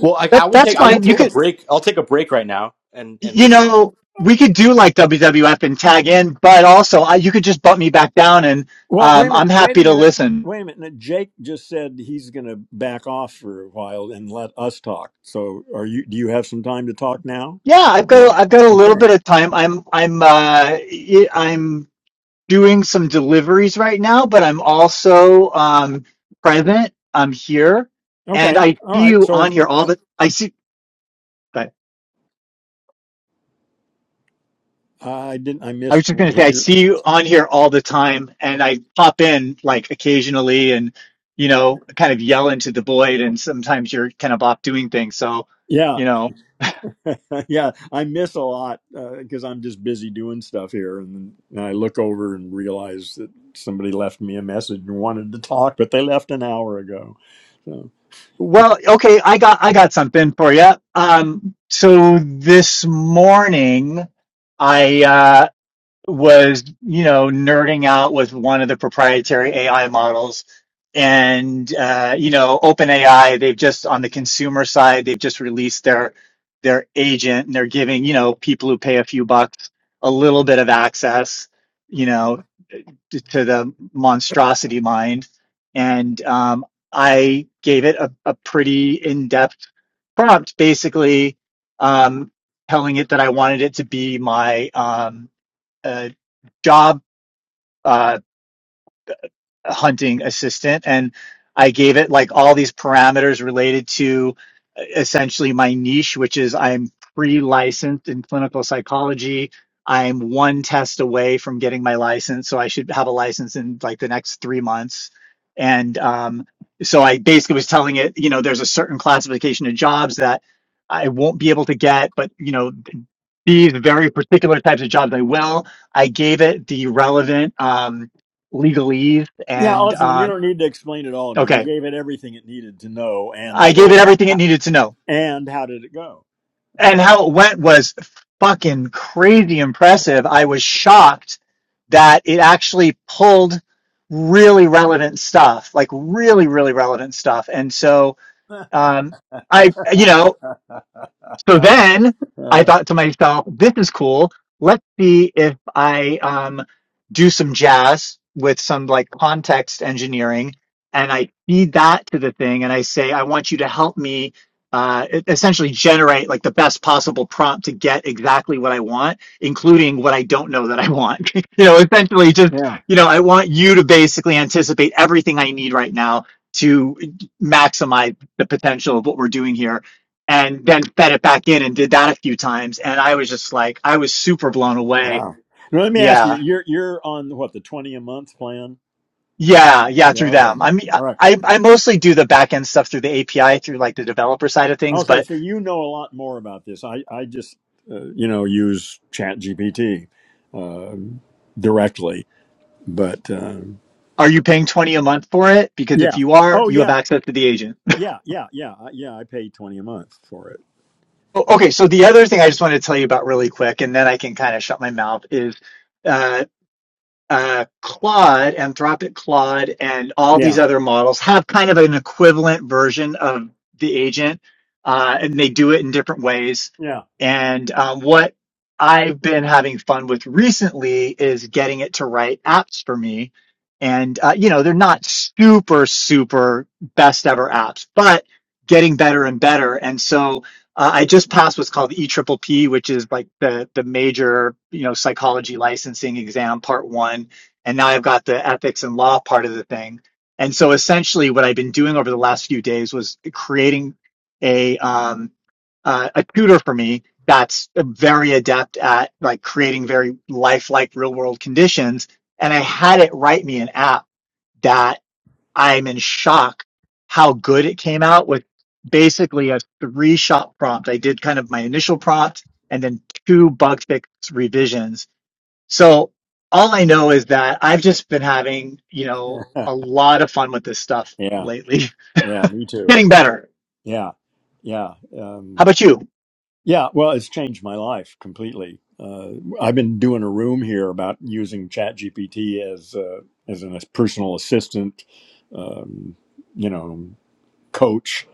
Well, I, I
That,
would
that's
take I would
fine. You
take a
could,
break. I'll take a break right now and and
you
listen.
know, we could do like WWF and tag in, but also I, you could just bump me back down and,
Well, wait a
um, I'm
minute. Wait
happy
a
to
minute.
listen.
Wait a minute. Jake just said he's going to back off for a while and let us talk. So, are you? Do you have some time to talk now?
Yeah, I've got,
Well,
I've got a little
okay,
bit of time. I'm, I'm, uh, y- I'm, doing some deliveries right now, but I'm also um, present. I'm here, and
okay,
I
all
see
right.
you on
So,
here all the. I see. But
uh, I didn't. I
I was
missed
just going to
what
say, I
you're.
see you on here all the time, and I pop in like occasionally, and you know, kind of yell into the void, and sometimes you're kind of off doing things. So,
Yeah,
you know,
yeah. I miss a lot because I'm just busy doing stuff here, and, and I look over and realize that somebody left me a message and wanted to talk, but they left an hour ago. so.
well, okay, I got I got something for you. Um, so this morning. I uh, was, you know, nerding out with one of the proprietary AI models. And, uh, you know, OpenAI, they've just on the consumer side, they've just released their, their agent and they're giving, you know, people who pay a few bucks a little bit of access, you know, to, to the monstrosity mind. And, um, I gave it a, a pretty in-depth prompt, basically, um, telling it that I wanted it to be my, um, uh, job uh, hunting assistant and I gave it like all these parameters related to uh, essentially my niche, which is I'm pre-licensed in clinical psychology. I'm one test away from getting my license, so I should have a license in like the next three months. And um, so I basically was telling it, you know, there's a certain classification of jobs that I won't be able to get, but you know, these very particular types of jobs I will. I gave it the relevant um, legalese
Yeah,
and
Austin, you
uh,
don't need to explain it all to me. You
okay,
gave it everything it needed to know, and
I gave it
so ho-
everything it
ho-
needed to know.
and how did it go?
And how it went was fucking crazy impressive. I was shocked that it actually pulled really relevant stuff, like really, really relevant stuff. And so um, I, you know. So then I
Uh,
thought to myself, this is cool. Let's see if I um, do some jazz with some like context engineering and I feed that to the thing and I say, I want you to help me uh, e- essentially generate like the best possible prompt to get exactly what I want, including what I don't know that I want. you know, essentially just,
yeah.
you know, I want you to basically anticipate everything I need right now to e, maximize the potential of what we're doing here and then fed it back in and did that a few times. And I was just like, I was super blown away.
Wow. Now, let me ask you.
Yeah.
You're you're on what the twenty a month plan?
Yeah. Yeah.
Yeah.
Through
Okay.
them. I mean,
All right.
I, I mostly do the back end stuff through the API through like the developer side of things,
Okay.
but
So you know a lot more about this. I I just uh, you know use Chat GPT uh, directly, but um,
are you paying 20 a month for it? Because if
yeah.
you are,
Oh
you have
yeah.
access to the agent.
Yeah. Yeah. Yeah. I- Yeah. I pay twenty a month for it.
O- Okay. So the other thing I just want to tell you about really quick, and then I can kind of shut my mouth is, uh, uh, Claude, Anthropic Claude, and all
Yeah.
these other models have kind of an equivalent version of the agent, uh, and they do it in different ways.
Yeah.
And um, what I've been having fun with recently is getting it to write apps for me. And uh, you know, they're not super, super best ever apps, but getting better and better. And so uh, I just passed what's called E Triple P, P, which is like the the major you know psychology licensing exam, part one, and now I've got the ethics and law part of the thing. And so essentially, what I've been doing over the last few days was creating a um, uh, a tutor for me that's very adept at like creating very lifelike real world conditions, and I had it write me an app that. I'm in shock how good it came out with basically a three shot prompt. I did kind of my initial prompt and then two bug fix revisions. So all I know is that I've just been having, you know, a lot of fun with this stuff
yeah.
lately,
Yeah. Me too.
getting better.
Yeah. Yeah.
How
Um,
about you?
yeah. Well, it's changed my life completely. Uh, I've been doing a room here about using ChatGPT as uh, as a personal assistant, um, you know, coach,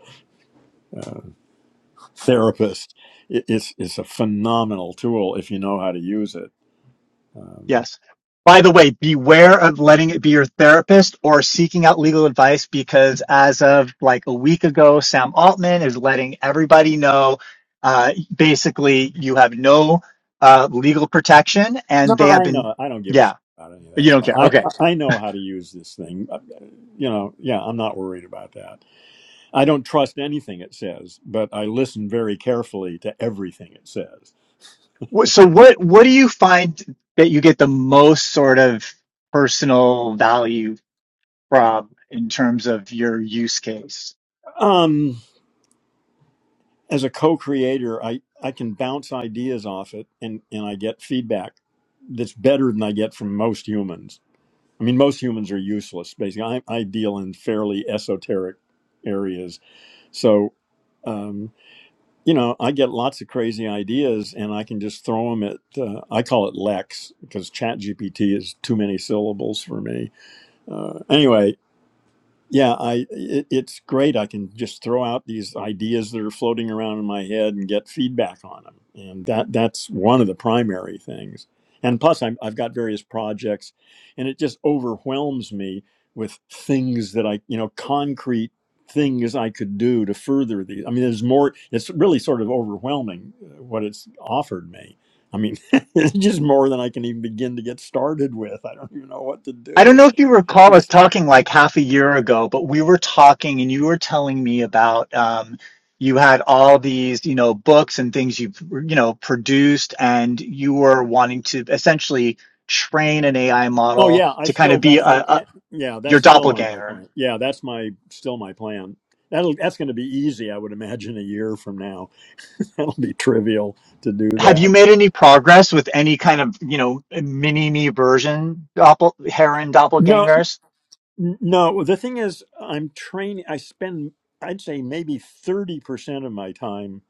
therapist. It, it's it's a phenomenal tool if you know how to use it. Um,
Yes. By the way, beware of letting it be your therapist or seeking out legal advice because as of like a week ago, Sam Altman is letting everybody know uh, basically you have no uh, legal protection
no,
and they have
I
been,
know. I don't give a
yeah.
shit about any of that.
You don't
stuff.
care.
I
Okay.
I know how to use this thing. Uh, You know. Yeah. I'm not worried about that. I don't trust anything it says, but I listen very carefully to everything it says.
So what what do you find that you get the most sort of personal value from in terms of your use case?
Um, as a co-creator, I, I can bounce ideas off it and, and I get feedback that's better than I get from most humans. I mean, most humans are useless, basically. I, I deal in fairly esoteric areas. So, um, you know, I get lots of crazy ideas and I can just throw them at, uh, I call it Lex because ChatGPT is too many syllables for me uh, anyway, yeah i it, it's great i can just throw out these ideas that are floating around in my head and get feedback on them and that that's one of the primary things and plus I'm, i've got various projects and it just overwhelms me with things that i you know concrete things i could do to further these i mean there's more it's really sort of overwhelming uh, what it's offered me i mean it's just more than i can even begin to get started with i don't even know what to
I don't
do
know if you recall us talking like half a year ago, but we were talking and you were telling me about um, you had all these, you know, books and things you've, you know, produced and you were wanting to essentially train an AI
Oh
model
yeah, I
to kind
still
of be a,
that's on. Yeah,
a
yeah,
your
that's still on my
doppelganger
plan. Yeah, that's my still my plan. That'll that's going to be easy, I would imagine, a year from now. That'll be trivial to do
Have you
that.
made any progress with any kind of, you know, mini me version doppel heron
No,
doppelgangers?
n- no. The thing is, I'm training. I spend, I'd say, maybe thirty percent of my time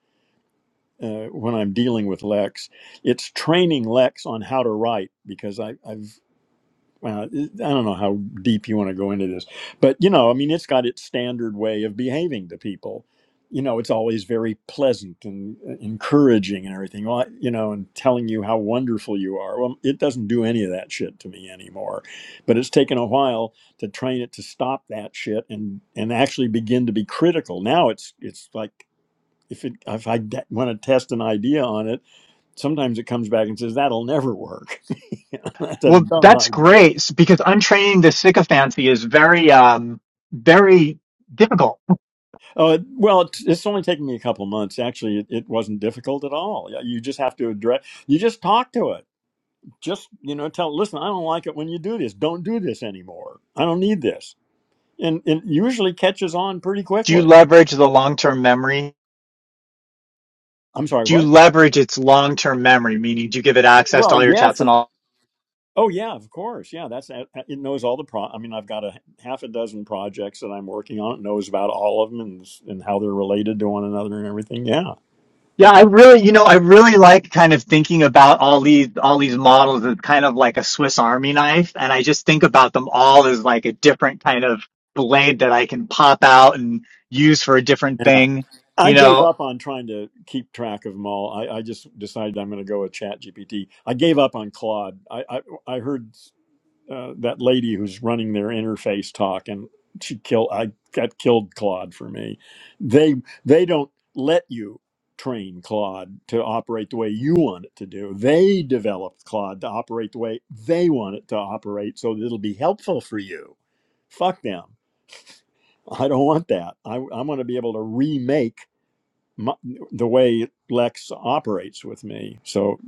uh, when I'm dealing with Lex. It's training Lex on how to write because I, I've uh, I don't know how deep you want to go into this, but you know, I mean, it's got its standard way of behaving to people. You know, it's always very pleasant and uh, encouraging and everything. Well, I- You know, and telling you how wonderful you are. Well, it doesn't do any of that shit to me anymore. But it's taken a while to train it to stop that shit and and actually begin to be critical. Now it's it's like if it if I de- want to test an idea on it, sometimes it comes back and says that'll never work. That's a
Well,
dumb
that's
idea
great s- because untraining the sycophancy is very, um, very difficult.
Uh, well, it- it's only taken me a couple months. Actually, it, it wasn't difficult at all. Yeah, You just have to address. You just talk to it. Just you know, tell. Listen, I don't like it when you do this. Don't do this anymore. I don't need this. And it usually catches on pretty
Do you
quickly.
leverage the long term memory?
I'm sorry.
Do you
What?
leverage its long term memory, meaning do you give it access to
Well,
all your
yes.
chats and
of-
all?
Oh yeah, of course. Yeah, that's uh, uh, it. Knows all the pro. I mean, I've got a half a dozen projects that I'm working on. It knows about all of them and, and how they're related to one another and everything. Yeah.
Yeah, I really, you know, I really like kind of thinking about all these all these models as kind of like a Swiss Army knife, and I just think about them all as like a different kind of blade that I can pop out and use for a different thing.
I
You
gave
know,
up on trying to keep track of them all. I, I just decided I'm going to go with Chat GPT. I gave up on Claude. I I, I heard uh, that lady who's running their interface talk, and she killed. I that killed Claude for me. They they don't let you train Claude to operate the way you want it to do. They developed Claude to operate the way they want it to operate, so that it'll be helpful for you. Fuck them. I don't want that. I I want to be able to remake my, the way Lex operates with me. So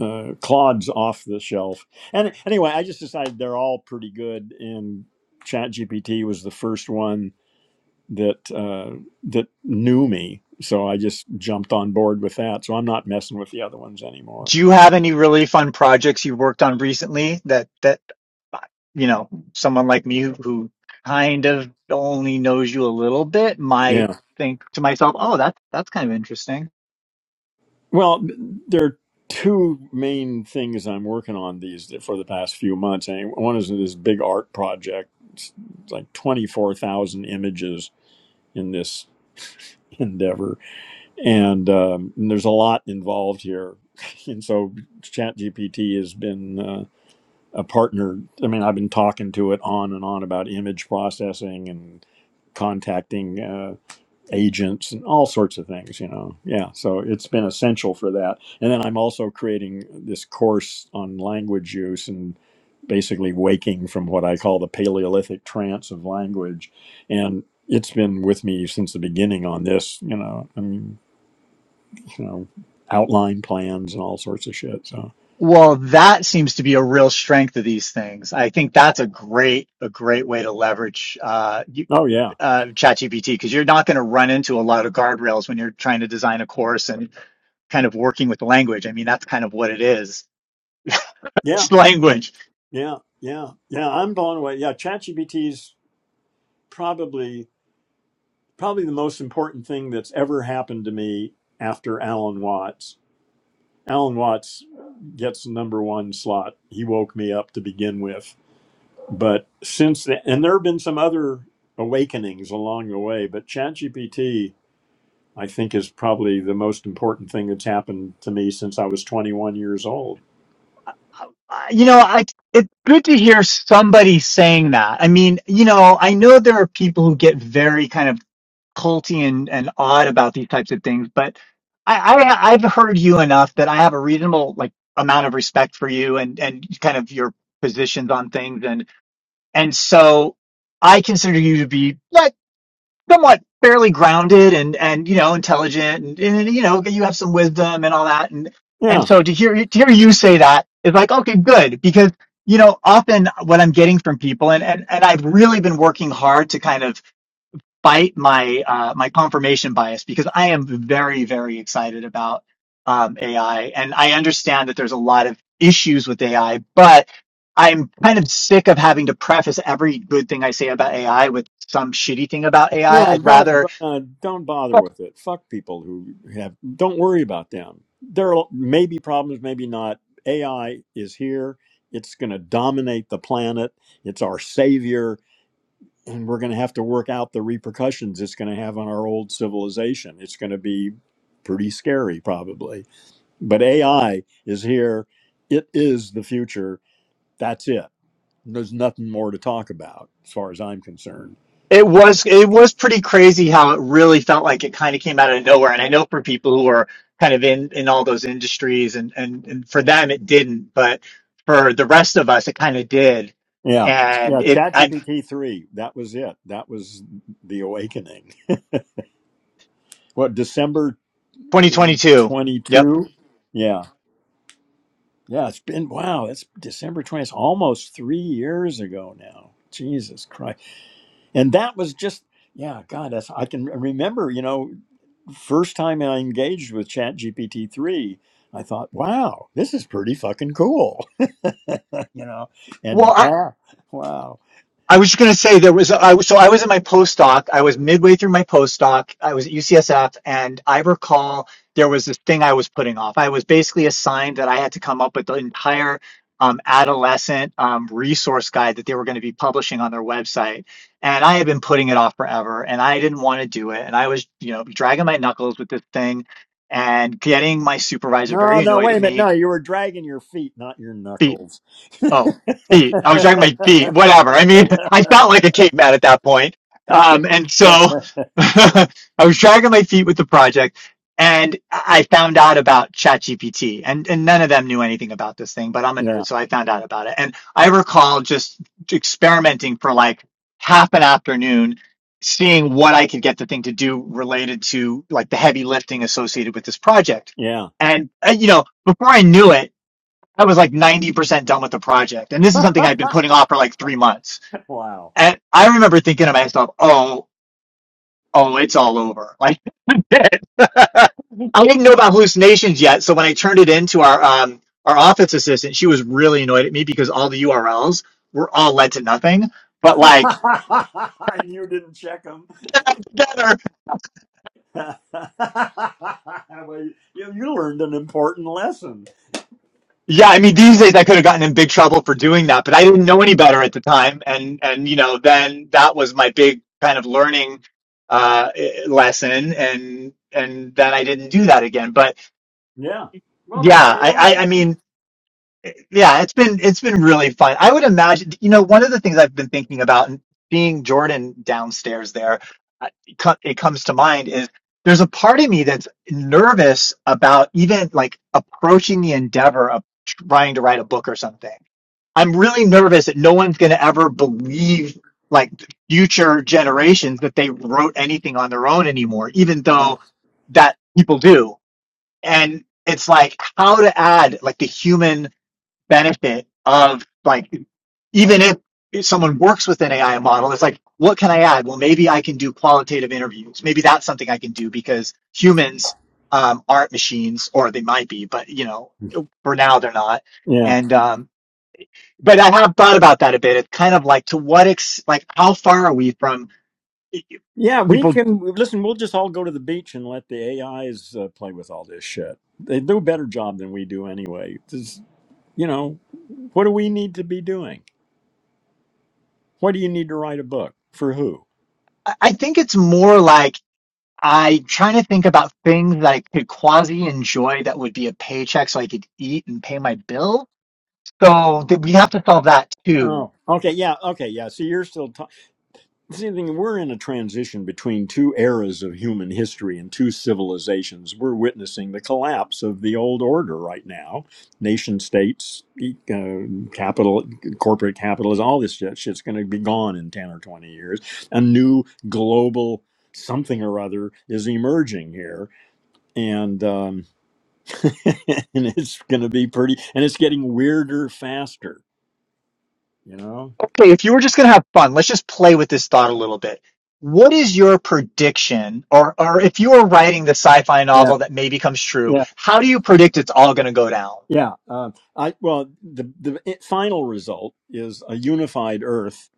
uh, Claude's off the shelf. And anyway, I just decided they're all pretty good. And ChatGPT was the first one that uh, that knew me, so I just jumped on board with that. So I'm not messing with the other ones anymore.
do you have any really fun projects you've worked on recently that that you know, someone like me who, who kind of only knows you a little bit might
Yeah.
think to myself, "Oh, that's that's kind of interesting."
Well, there are two main things I'm working on these for the past few months. And one is this big art project. It's like 24,000 images in this endeavor and, um, and there's a lot involved here and so ChatGPT has been uh, a partner i mean i've been talking to it on and on about image processing and contacting uh, agents and all sorts of things you know yeah so it's been essential for that and then i'm also creating this course on language use and basically waking from what i call the paleolithic trance of language and it's been with me since the beginning on this you know i mean you know outline plans and all sorts of shit so
Well, that seems to be a real strength of these things. I think that's a great a great way to leverage uh, you,
oh yeah
uh, ChatGPT because you're not going to run into a lot of guardrails when you're trying to design a course and kind of working with language. I mean, that's kind of what it is.
yeah
It's language.
yeah yeah yeah i'm blown away yeah chatgpt's probably probably the most important thing that's ever happened to me after Alan Watts. Alan Watts gets the number one slot. He woke me up to begin with. But since then, and there have been some other awakenings along the way, but ChatGPT, I think, is probably the most important thing that's happened to me since I was 21 years old.
Uh, you know, I, it's good to hear somebody saying that. I mean, you know, I know there are people who get very kind of culty and, and odd about these types of things, but I, I I've heard you enough that I have a reasonable like amount of respect for you and and kind of your positions on things and and so I consider you to be like somewhat fairly grounded and and you know intelligent and, and you know you have some wisdom and all that and
Yeah.
and so to hear to hear you say that is like okay good because you know often what I'm getting from people and and and I've really been working hard to kind of fight my uh, my confirmation bias because I am very very excited about um, AI and I understand that there's a lot of issues with AI, but I'm kind of sick of having to preface every good thing I say about AI with some shitty thing about AI.
No,
I'd
don't
rather
uh, don't bother with it. Fuck people who have. Don't worry about them. There are maybe problems, maybe not. AI is here. It's going to dominate the planet. It's our savior, and we're going to have to work out the repercussions it's going to have on our old civilization. It's going to be pretty scary, probably. But AI is here. It is the future. That's it. There's nothing more to talk about, as far as I'm concerned.
it was it was pretty crazy how it really felt like it kind of came out of nowhere. And I know for people who are kind of in in all those industries and and, and for them it didn't, but for the rest of us it kind of did
Yeah.
and
Yeah.
it I,
ChatGPT 3. That was it. That was the awakening. What, December uh,
2022. Yep.
22? Yeah. Yeah. It's been, wow, it's December 20. It's almost three years ago now. Jesus Christ. And that was just, yeah, God, that's, I can remember, you know, first time I engaged with ChatGPT 3, I thought, wow, this is pretty fucking cool, you know,
Well,
and
I,
now, wow.
I was just going to say there was, I was, so I was in my postdoc. I was midway through my postdoc. I was at UCSF and I recall there was this thing I was putting off. I was basically assigned that I had to come up with the entire um, adolescent um, resource guide that they were going to be publishing on their website. And I had been putting it off forever and I didn't want to do it. And I was, you know, dragging my knuckles with this thing and getting my supervisor very
No, no,
annoyed
wait
at
a minute.
me
No, you were dragging your feet, not your
be-
knuckles.
Oh, feet. I was talking about my feet. Whatever. I mean, I felt like a caveman at that point. Um, and so I was dragging my feet with the project and I found out about ChatGPT and, and none of them knew anything about this thing, but I'm a
yeah,
nerd. So I found out about it. And I recall just experimenting for like half an afternoon, seeing what I could get the thing to do related to like the heavy lifting associated with this project.
yeah.
And, uh, you know, before I knew it, I was like 90% done with the project. And this is something I'd been putting off for like three months.
wow.
And I
Wow.
remember thinking to myself, oh, oh, it's all over. Like, I didn't know about hallucinations yet. So when I turned it into our, um, our office assistant, she was really annoyed at me because all the URLs were all led to nothing. But like,
and you didn't check them. well, you, you learned an important lesson.
Yeah, I mean, these days I could have gotten in big trouble for doing that, but I didn't know any better at the time, and and you know, then that was my big kind of learning uh, eh, lesson, and and then I didn't do that again. But
Yeah. Well,
yeah,
that's how you
I, I
learn.
I mean, eh, yeah, it's been it's been really fun. I would imagine, you know, one of the things I've been thinking about, and being Jordan downstairs there, uh, it co- it comes to mind is there's a part of me that's nervous about even like approaching the endeavor of trying to write a book or something I'm really nervous that no one's going to ever believe like future generations that they wrote anything on their own anymore, even
Yeah.
though that people do. And it's like how to add like the human benefit of like even if if someone works with an AI model, it's like what can I add? Well, maybe I can do qualitative interviews. Maybe that's something I can do because humans um, aren't machines, or they might be, but you know, for now they're not.
Yeah.
And um, but I have thought about that a bit. It's kind of like to what ex like how far are we from e, e,
Yeah. We
people?
can listen. We'll just all go to the beach and let the AIs uh, play with all this shit. They do a better job than we do anyway. You know, what do we need to be doing? What do you need to write a book for who?
I I think it's more like I'm trying to think about things that I could quasi enjoy that would be a paycheck so I could eat and pay my bill. So th- we have to solve that too.
Oh, okay, yeah, okay, yeah. So you're still talking. See, the thing we're in a transition between two eras of human history and two civilizations. We're witnessing the collapse of the old order right now. Nation states, e- uh, capital, corporate capitalism, all this shit, shit's going to be gone in ten or twenty years. A new global something or other is emerging here, and. Um, and it's going to be pretty, and it's getting weirder faster, you know?
Okay, if you were just gonna have fun, let's just play with this thought a little bit. What is your prediction, or or if you were writing the sci-fi
Yeah,
novel that maybe comes true,
yeah,
how do you predict it's all gonna go down?
yeah. Um, I well, the the i- final result is a unified Earth,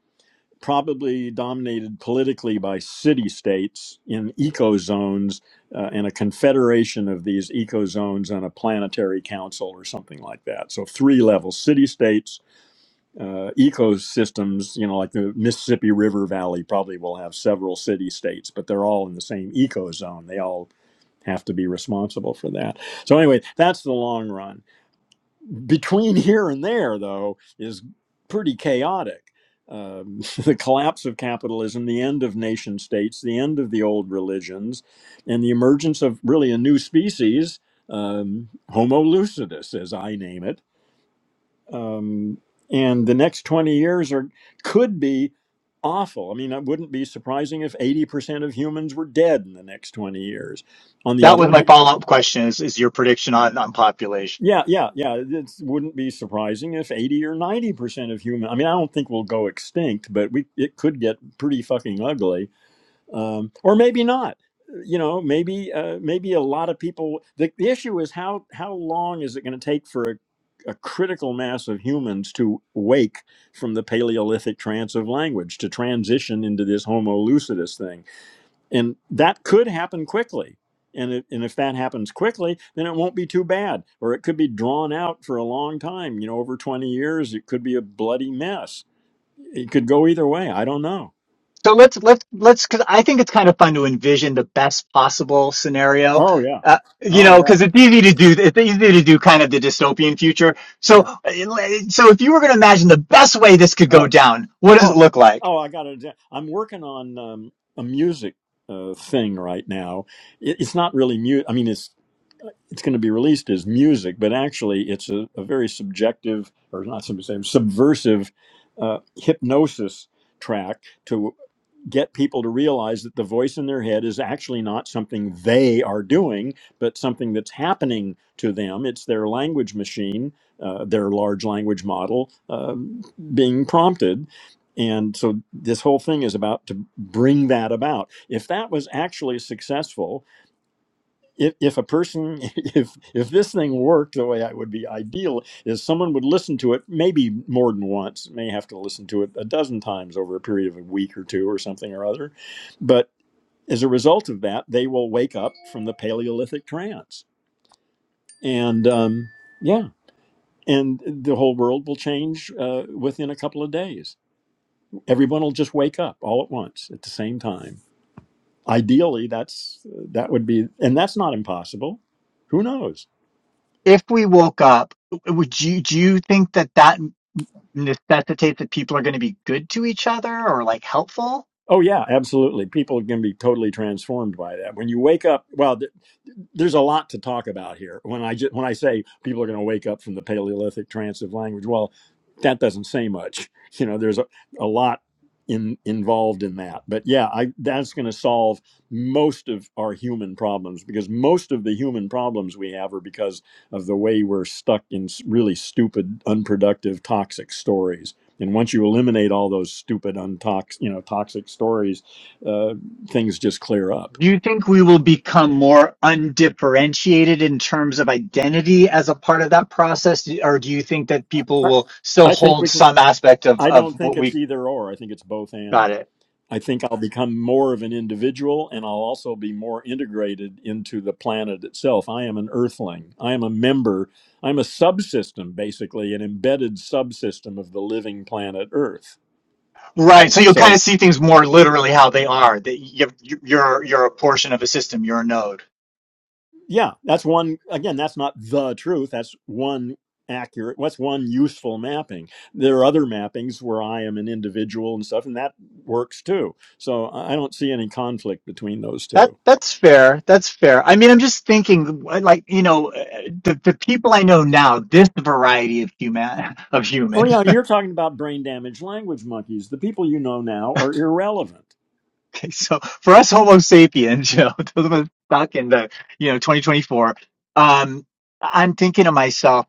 probably dominated politically by city states in eco zones, uh, and a confederation of these eco zones on a planetary council or something like that. So three levels: city states. uh, ecosystems, you know, like the Mississippi River Valley probably will have several city states, but they're all in the same ecozone. They all have to be responsible for that. So, anyway, that's the long run. Between here and there, though, is pretty chaotic. Um, the collapse of capitalism, the end of nation states, the end of the old religions, and the emergence of really a new species, um, Homo lucidus, as I name it um, and the next 20 years are could be awful. I mean, it wouldn't be surprising if 80% of humans were dead in the next 20 years. On the
That was
other
my
hand,
follow-up question: is is your prediction on on population?
yeah, yeah, yeah, it wouldn't be surprising if 80 or 90% of human I mean, I don't think we'll go extinct, but we it could get pretty fucking ugly um, or maybe not. You know, maybe uh, maybe a lot of people. The, the issue is how how long is it going to take for a, a critical mass of humans to wake from the Paleolithic trance of language to transition into this Homo lucidus thing, and that could happen quickly. And, it, and if that happens quickly, then it won't be too bad, or it could be drawn out for a long time. You know, over twenty years, it could be a bloody mess. It could go either way. I don't know.
So let's let's let's because I think it's kind of fun to envision the best possible scenario.
Oh yeah.
Uh, you
Oh
know,
yeah.
because it's easy to do. It's easy to do kind of the dystopian future. So,
Yeah.
uh, so if you were going to imagine the best way this could
Oh.
go down, what does it
Oh,
look like?
oh, I got it. Yeah, I'm working on um, a music uh, thing right now. It, it's not really mu I mean, it's it's going to be released as music, but actually, it's a, a very subjective or not subjective, subversive uh, hypnosis track to get people to realize that the voice in their head is actually not something they are doing, but something that's happening to them. It's their language machine, uh, their large language model um, being prompted. And so this whole thing is about to bring that about. If that was actually successful, if, if a person if if this thing worked the way it would be ideal is someone would listen to it maybe more than once may have to listen to it a dozen times over a period of a week or two or something or other but as a result of that they will wake up from the paleolithic trance and um, yeah and the whole world will change uh, within a couple of days everyone will just wake up all at once at the same time ideally that's that would be and that's not impossible who knows
if we woke up, would you do you think that that necessitates that people are going to be good to each other or like helpful?
Oh yeah, absolutely. People can be totally transformed by that. When you wake up, well, th- there's a lot to talk about here. When I just, when I say people are going to wake up from the Paleolithic trance of language, well, that doesn't say much. You know, there's a, a lot in, involved in that. But yeah, I, that's going to solve most of our human problems because most of the human problems we have are because of the way we're stuck in s- really stupid, unproductive, toxic stories. And once you eliminate all those stupid, untox, you know, toxic stories, uh, things just clear up.
Do you think we will become more undifferentiated in terms of identity as a part of that process, or do you think that people
I
will still
I think we
hold
can.
some aspect of
I
of
don't think
what
it's
we
either or. I think it's both
got
and.
it?
I think I'll become more of an individual and I'll also be more integrated into the planet itself. I am an earthling. I am a member. I'm a subsystem, basically, an embedded subsystem of the living planet Earth.
Right. So you'll kind
So,
of see things more literally how they are. That you you're you're a portion of a system. You're a node.
yeah, that's one. Again, that's not the truth. That's one accurate what's one useful mapping there are other mappings where i am an individual and stuff and that works too so i I don't see any conflict between those two
That that's fair. That's fair. I mean, I'm just thinking, uh, like you know, uh, the the people I know now, this variety of human of
Well,
human.
yeah, you're talking about brain damaged language monkeys. The people you know now are irrelevant.
Okay, so for us Homo sapiens, you know, those of us stuck in the you know 2024. Um, I'm thinking to myself.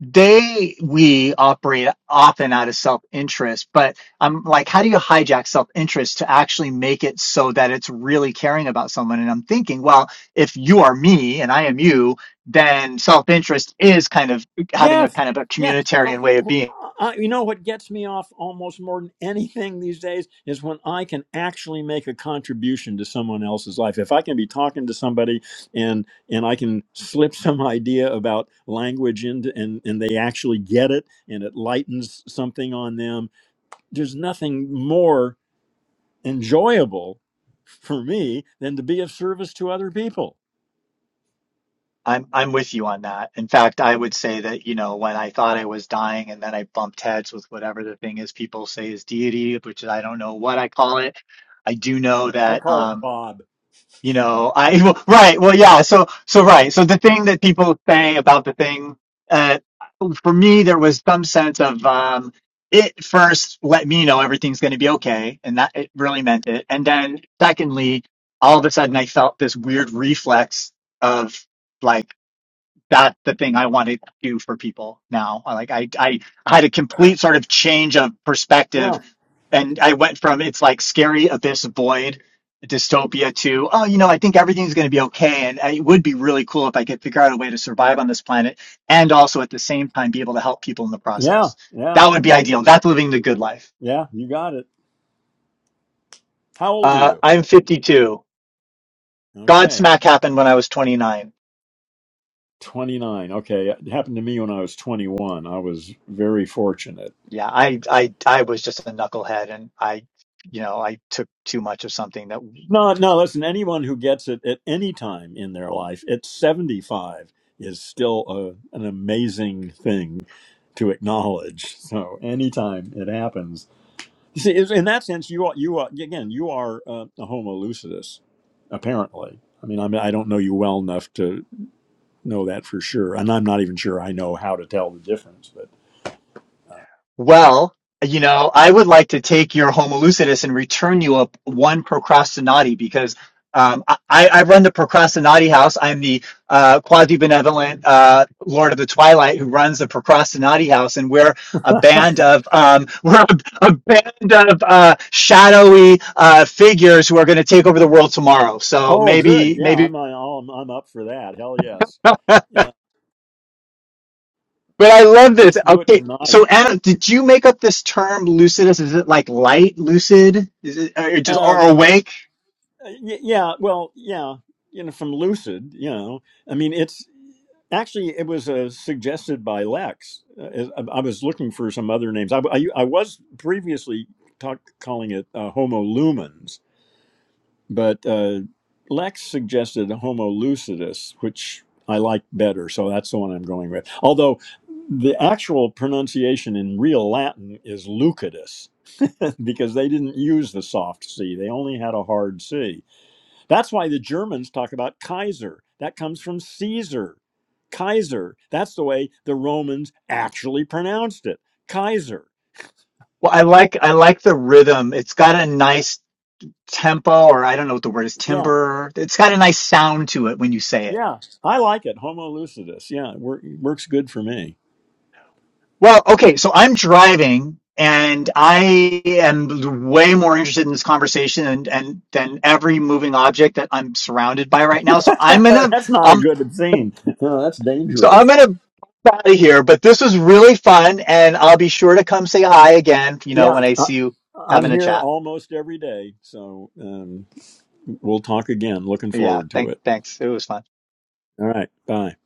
they we operate often out of self-interest but i'm like how do you hijack self-interest to actually make it so that it's really caring about someone and i'm thinking well if you are me and i am you then self-interest is kind of having a
Yes,
kind of a
yeah. Well,
communitarian way of being
I, I, you know what gets me off almost more than anything these days is when I can actually make a contribution to someone else's life. If I can be talking to somebody and and I can slip some idea about language into and and they actually get it and it lightens something on them. There's nothing more enjoyable for me than to be of service to other people.
i'm i'm with you on that in fact i would say that you know when i thought i was dying and then i bumped heads with whatever the thing is people say is deity which i don't know what i call it i do know
I
that
call it
um
Bob.
You know, I well, right. Well, yeah. So, so right. So the thing that people say about the thing, uh, for me, there was some sense of um, it first let me know everything's going to be okay, and that it really meant it. And then, secondly, all of a sudden, I felt this weird reflex of like that's the thing I want to do for people now. I Like I, I had a complete sort of change of perspective,
Yeah.
and I went from it's like scary abyss void dystopia to oh you know I think everything's going to be okay, and it would be really cool if I could figure out a way to survive on this planet, and also at the same time be able to help people in the
Yeah.
process.
Yeah.
That would be ideal. That's living the good life.
Yeah. You got it. How old are
Uh,
you?
I'm 52.
Okay.
Godsmack happened when I was 29.
29. Okay. It happened to me when I was 21. I was very fortunate.
Yeah, I I I was just a knucklehead and I you know, I took too much of something that
No, no, listen, anyone who gets it at any time in their life at 75 is still a, an amazing thing to acknowledge. So anytime it happens, you see, is- in that sense, you are, you are, again, you are uh, a homo lucidus, apparently. I mean, I mean, I don't know you well enough to. know that for sure, and I'm not even sure I know how to tell the difference. But
well, you know, I would like to take your Homo lucidus and return you up one procrastinati because um, I, I I run the procrastinati house. I'm the uh, quasi benevolent uh, Lord of the Twilight who runs the procrastinati house, and we're a band of um, we're a, a band of uh, shadowy uh, figures who are going to take over the world tomorrow. So
oh, good,
maybe
yeah, I'm
maybe
I'm, I'm up for that. Hell yes, yeah,
But I love this.
let's do it
Okay,
tonight.
so Adam, did you make up this term lucidus? Is it like light lucid? Is it or just or
Uh, yeah,
awake?
yeah, well, yeah, you know, from Lucid, you know, I mean, it's actually it was uh, suggested by Lex. Uh, I, I was looking for some other names. I, I, I was previously talk, calling it uh, Homo lumens But uh, Lex suggested Homo lucidus, which I like better, so that's the one I'm going with. Although the actual pronunciation in real Latin is lucidus, because they didn't use the soft C, they only had a hard C. That's why the Germans talk about Kaiser. That comes from Caesar. Kaiser. That's the way the Romans actually pronounced it. Kaiser.
Well, I like I like the rhythm. It's got a nice tempo, or I don't know what the word is,
Yeah,
timbre. It's got a nice sound to it when you say it.
yeah. I like it. Homo lucidus. Yeah, it wor- works good for me.
Well, okay, so I'm driving and I am way more interested in this conversation and, and than every moving object that I'm surrounded by right now. So I'm gonna
that's not a
I'm
good thing. No, that's
So
dangerous.
I'm gonna pop out of here, but this was really fun, and I'll be sure to come say hi again. You know,
Yeah,
when I
I,
see you
I'm
having a
here
chat.
almost every day, so um, we'll talk again. Looking
Yeah,
forward to
thank,
it.
thanks. It was fun.
All right, bye.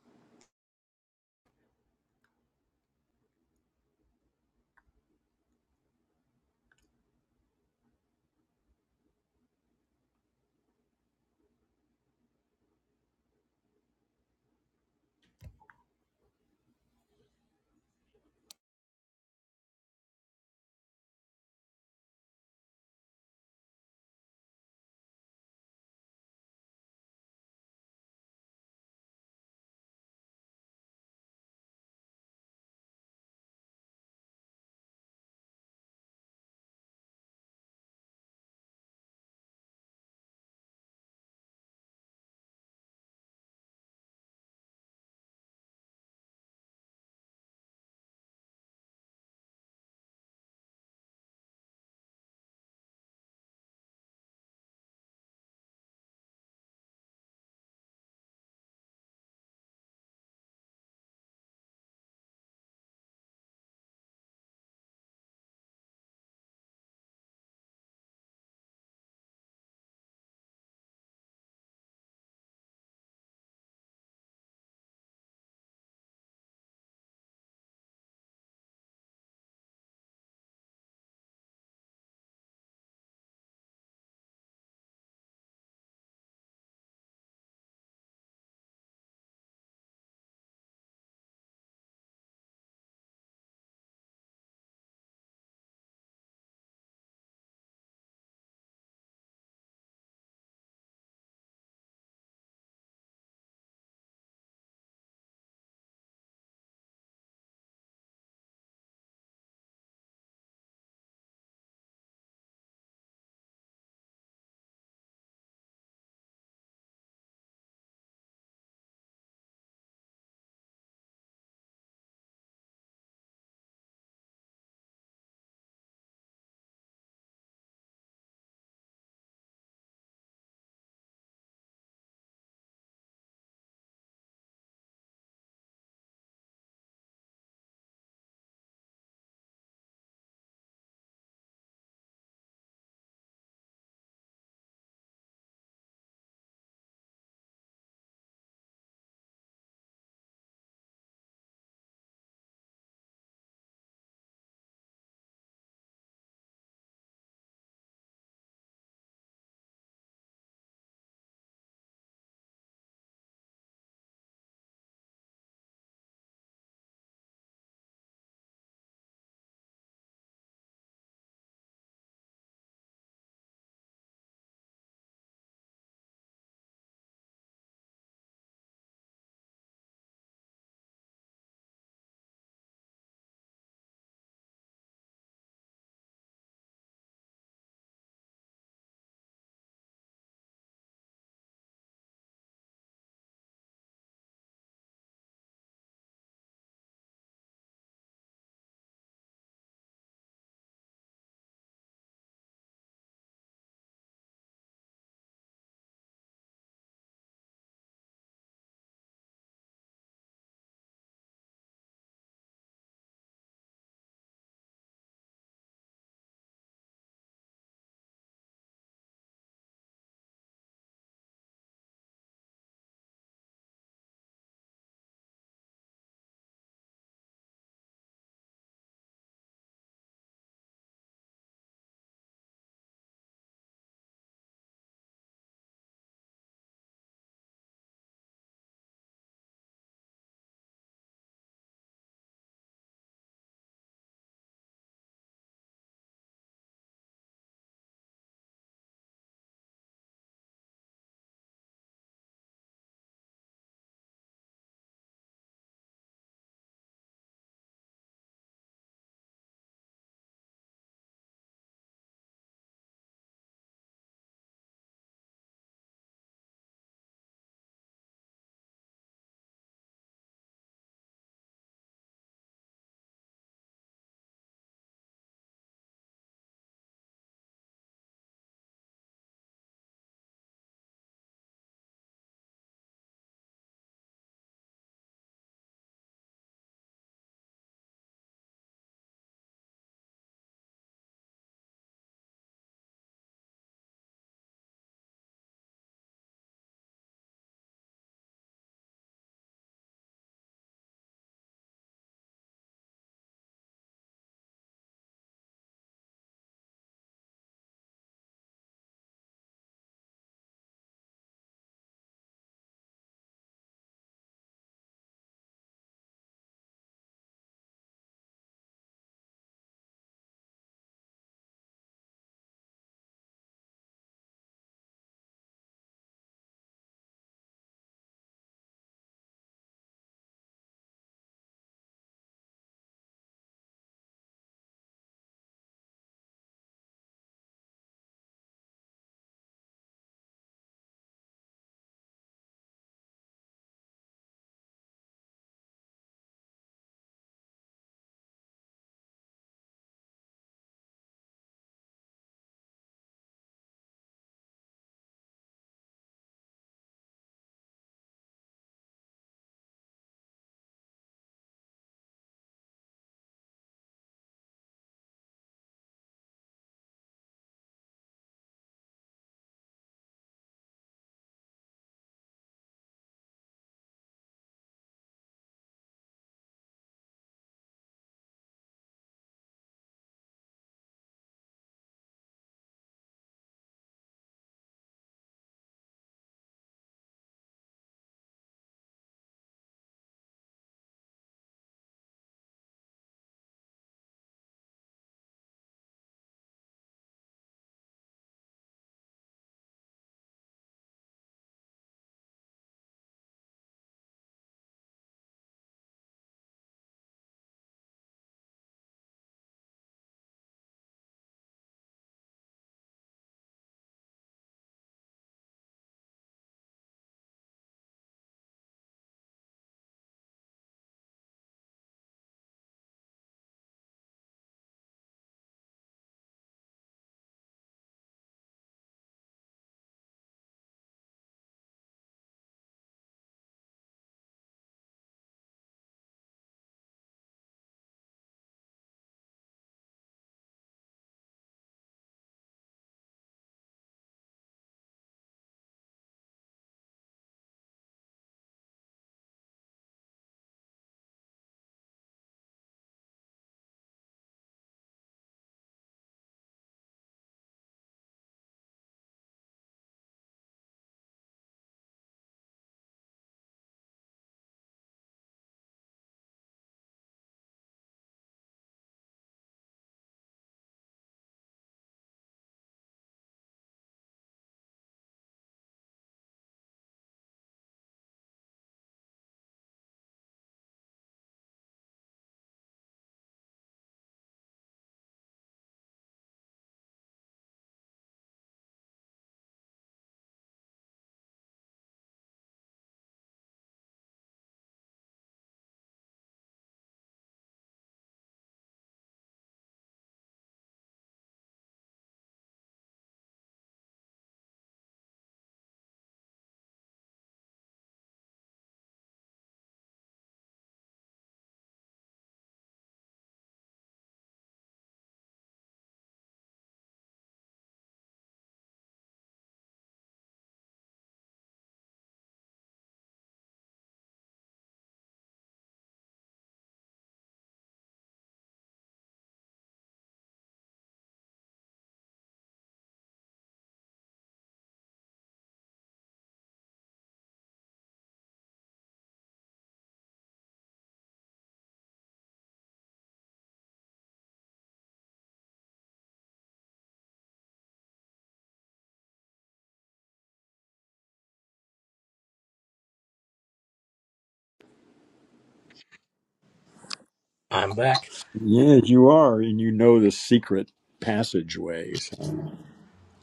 I'm back.
Yes, you are, and you know the secret passageway. So,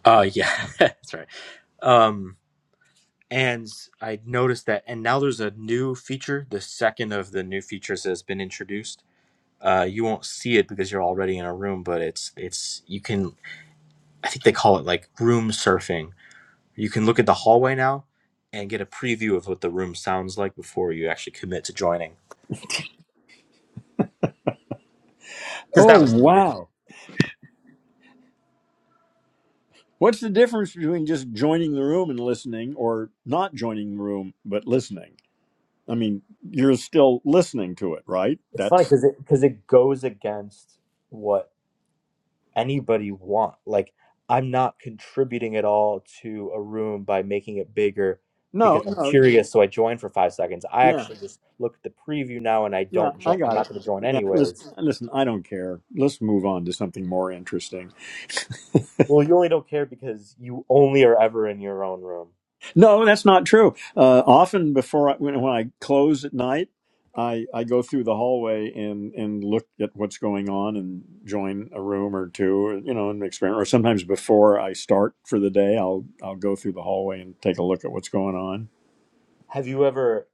Uh yeah, that's right. Um and I noticed that and now there's a new feature. The second of the new features that has been introduced. Uh you won't see it because you're already in a room, but it's it's you can I think they call it like room surfing. You can look at the hallway now and get a preview of what the room sounds like before you actually commit to joining. Cuz that
oh
was needed.
wow, what's the difference between just joining the room and listening, or not joining the room but listening? I mean, you're still listening to it, right?
It's funny
That's
because it because it goes against what anybody want. Like I'm not contributing at all to a room by making it bigger
no,
because I'm
no,
curious, so I join for five seconds. I
yeah.
actually just look at the preview now, and I
Yeah,
don't
I
join. I'm
got
not
it.
going to join
Yeah, listen,
anyways.
listen, I don't care. Let's move on to something more interesting.
Well, you only don't care because you only are ever in your own room.
No, that's not true. Uh, often before I, when, when I close at night, I, I go through the hallway and, and look at what's going on and join a room or two, or, you know, an experiment. Or sometimes before I start for the day, I'll I'll go through the hallway and take a look at what's going on.
Have you ever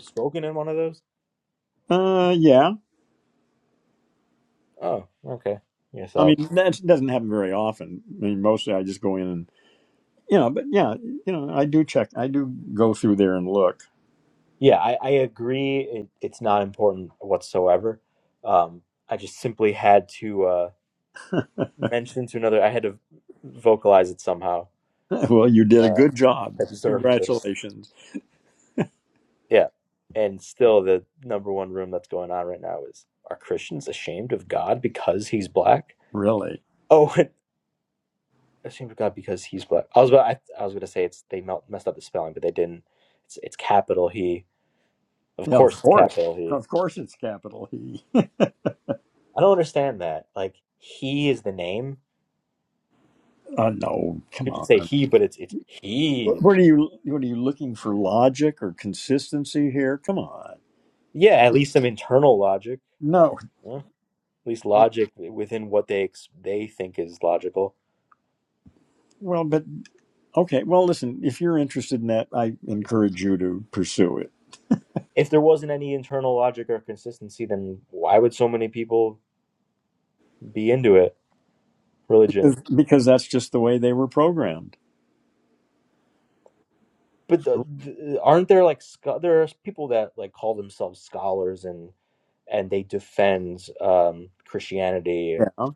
spoken in one of those?
Uh, yeah.
Oh, okay. Yeah,
I
so
mean, that doesn't happen very often. I mean, mostly I just go in you know, but yeah, you know, I do check. I do go through there and look.
yeah, I, I agree. It, it's not important whatsoever. Um, I just simply had to. Uh, mention to another. I had to vocalize it somehow.
Well, you did a
Uh,
good job.
I deserved this.
Congratulations.
Yeah. And still, the number one room that's going on right now is Are Christians ashamed of God because he's black?
Really?
Oh, ashamed of God because he's black. I was about, I, I was going to say it's they mel- messed up the spelling, but they didn't. It's, it's capital He. Of
Yeah,
course,
of
it's
course.
capital He.
Of course, it's capital E.
I don't understand that. Like, He is the name.
Uh, no, come
You should say
on.
He, but it's it's
Wh-
He.
What are you? What are you looking for? Logic or consistency here? Come on.
Yeah, at least some internal logic.
No.
Yeah. at least
no.
logic within what they ex- they think is logical.
Well, but okay. Well, listen. If you're interested in that, I encourage you to pursue it
If there wasn't any internal logic or consistency, then why would so many people be into it? Religion,
because, because that's just the way they were programmed.
but the, the, aren't there like scho- there are people that like call themselves scholars and and they defend um, Christianity,
Yeah.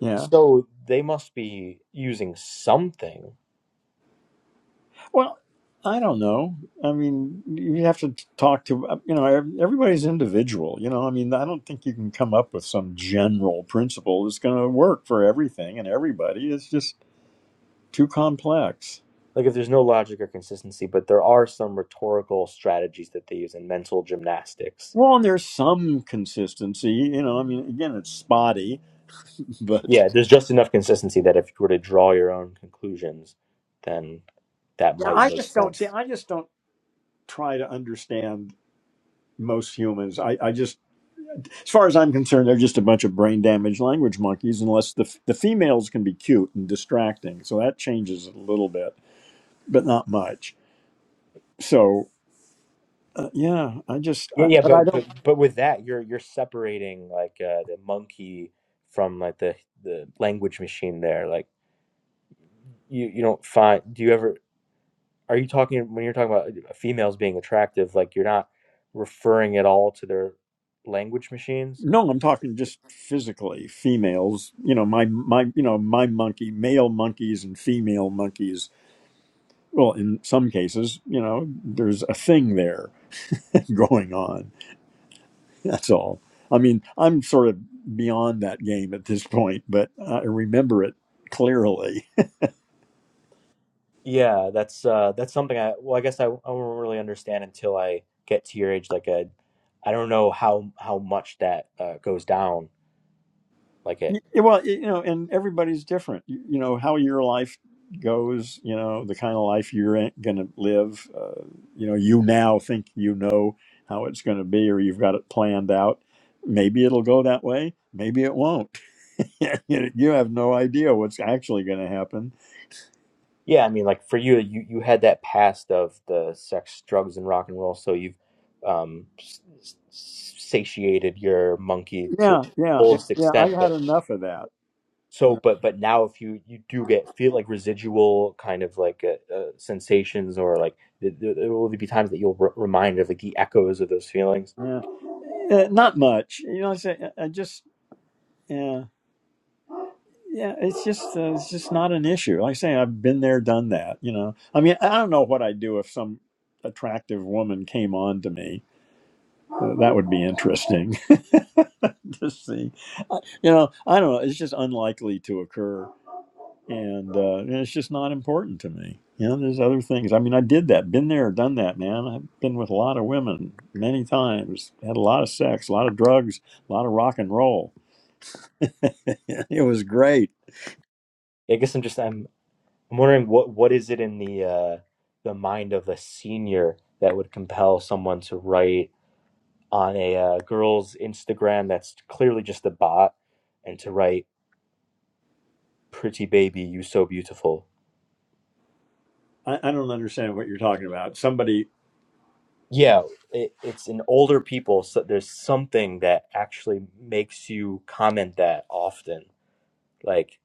Yeah.
so they must be using something.
Well, I don't know. I mean, you have to talk to, you know, ev- everybody's individual. You know, I mean, I don't think you can come up with some general principle that's going to work for everything and everybody. It's just too complex.
Like if there's no logic or consistency, but there are some rhetorical strategies that they use and mental gymnastics
Well, and there's some consistency, you know. I mean, again, it's spotty, but
Yeah, there's just enough consistency that if you were to draw your own conclusions, then that
yeah,
might
I
make
just don't see.
sense.
I just don't try to understand most humans. I, I just As far as I'm concerned, they're just a bunch of brain damaged language monkeys, unless the, the females can be cute and distracting. So that changes a little bit, but not much. So, uh, yeah, I just,
Yeah,
I,
yeah,
but I
but but,
don't,
but with that, you're you're separating like uh, the monkey from like the the language machine there. Like you you don't find do you ever are you talking when you're talking about uh, females being attractive? Like you're not referring at all to their language machines.
no, I'm talking just physically females, you know, my, my, you know, my monkey, male monkeys and female monkeys. Well, in some cases, you know, there's a thing there going on. That's all. I mean, I'm sort of beyond that game at this point, but I remember it clearly.
Yeah, that's uh that's something I well I guess I, I won't really understand until I get to your age like a I don't know how how much that uh goes down like it.
Y- well y- you know and everybody's different you, you know how your life goes you know the kind of life you're gonna live uh, you know you now think you know how it's gonna be or you've got it planned out maybe it'll go that way maybe it won't you you have no idea what's actually gonna happen
Yeah, I mean like for you you you had that past of the sex, drugs and rock and roll so you've um s- s- satiated your monkey to
yeah yeah it-
fullest
yeah i
extent
had
but
enough of that you
so but but now if you you do get feel like residual kind of like uh, uh, sensations or like there, there will be times that you'll re- remind of like the echoes of those feelings
know yeah. Uh, not much you know i say i I just yeah. Yeah, it's just uh, it's just not an issue. Like I say, I've been there, done that. You know, I mean, I don't know what I'd do if some attractive woman came on to me. Uh, that would be interesting to see. You know, I don't know. It's just unlikely to occur, and, uh, and it's just not important to me. You know, there's other things. I mean, I did that, been there, done that, man. I've been with a lot of women many times, had a lot of sex, a lot of drugs, a lot of rock and roll. it was great.
I guess I'm just I'm I'm wondering what what is it in the uh, the mind of a senior that would compel someone to write on a uh, girl's Instagram that's clearly just a bot and to write "pretty baby, you so beautiful."
I, I don't understand what you're talking about. Somebody,
Yeah, it, it's in older people, so there's something that actually makes you comment that often. Like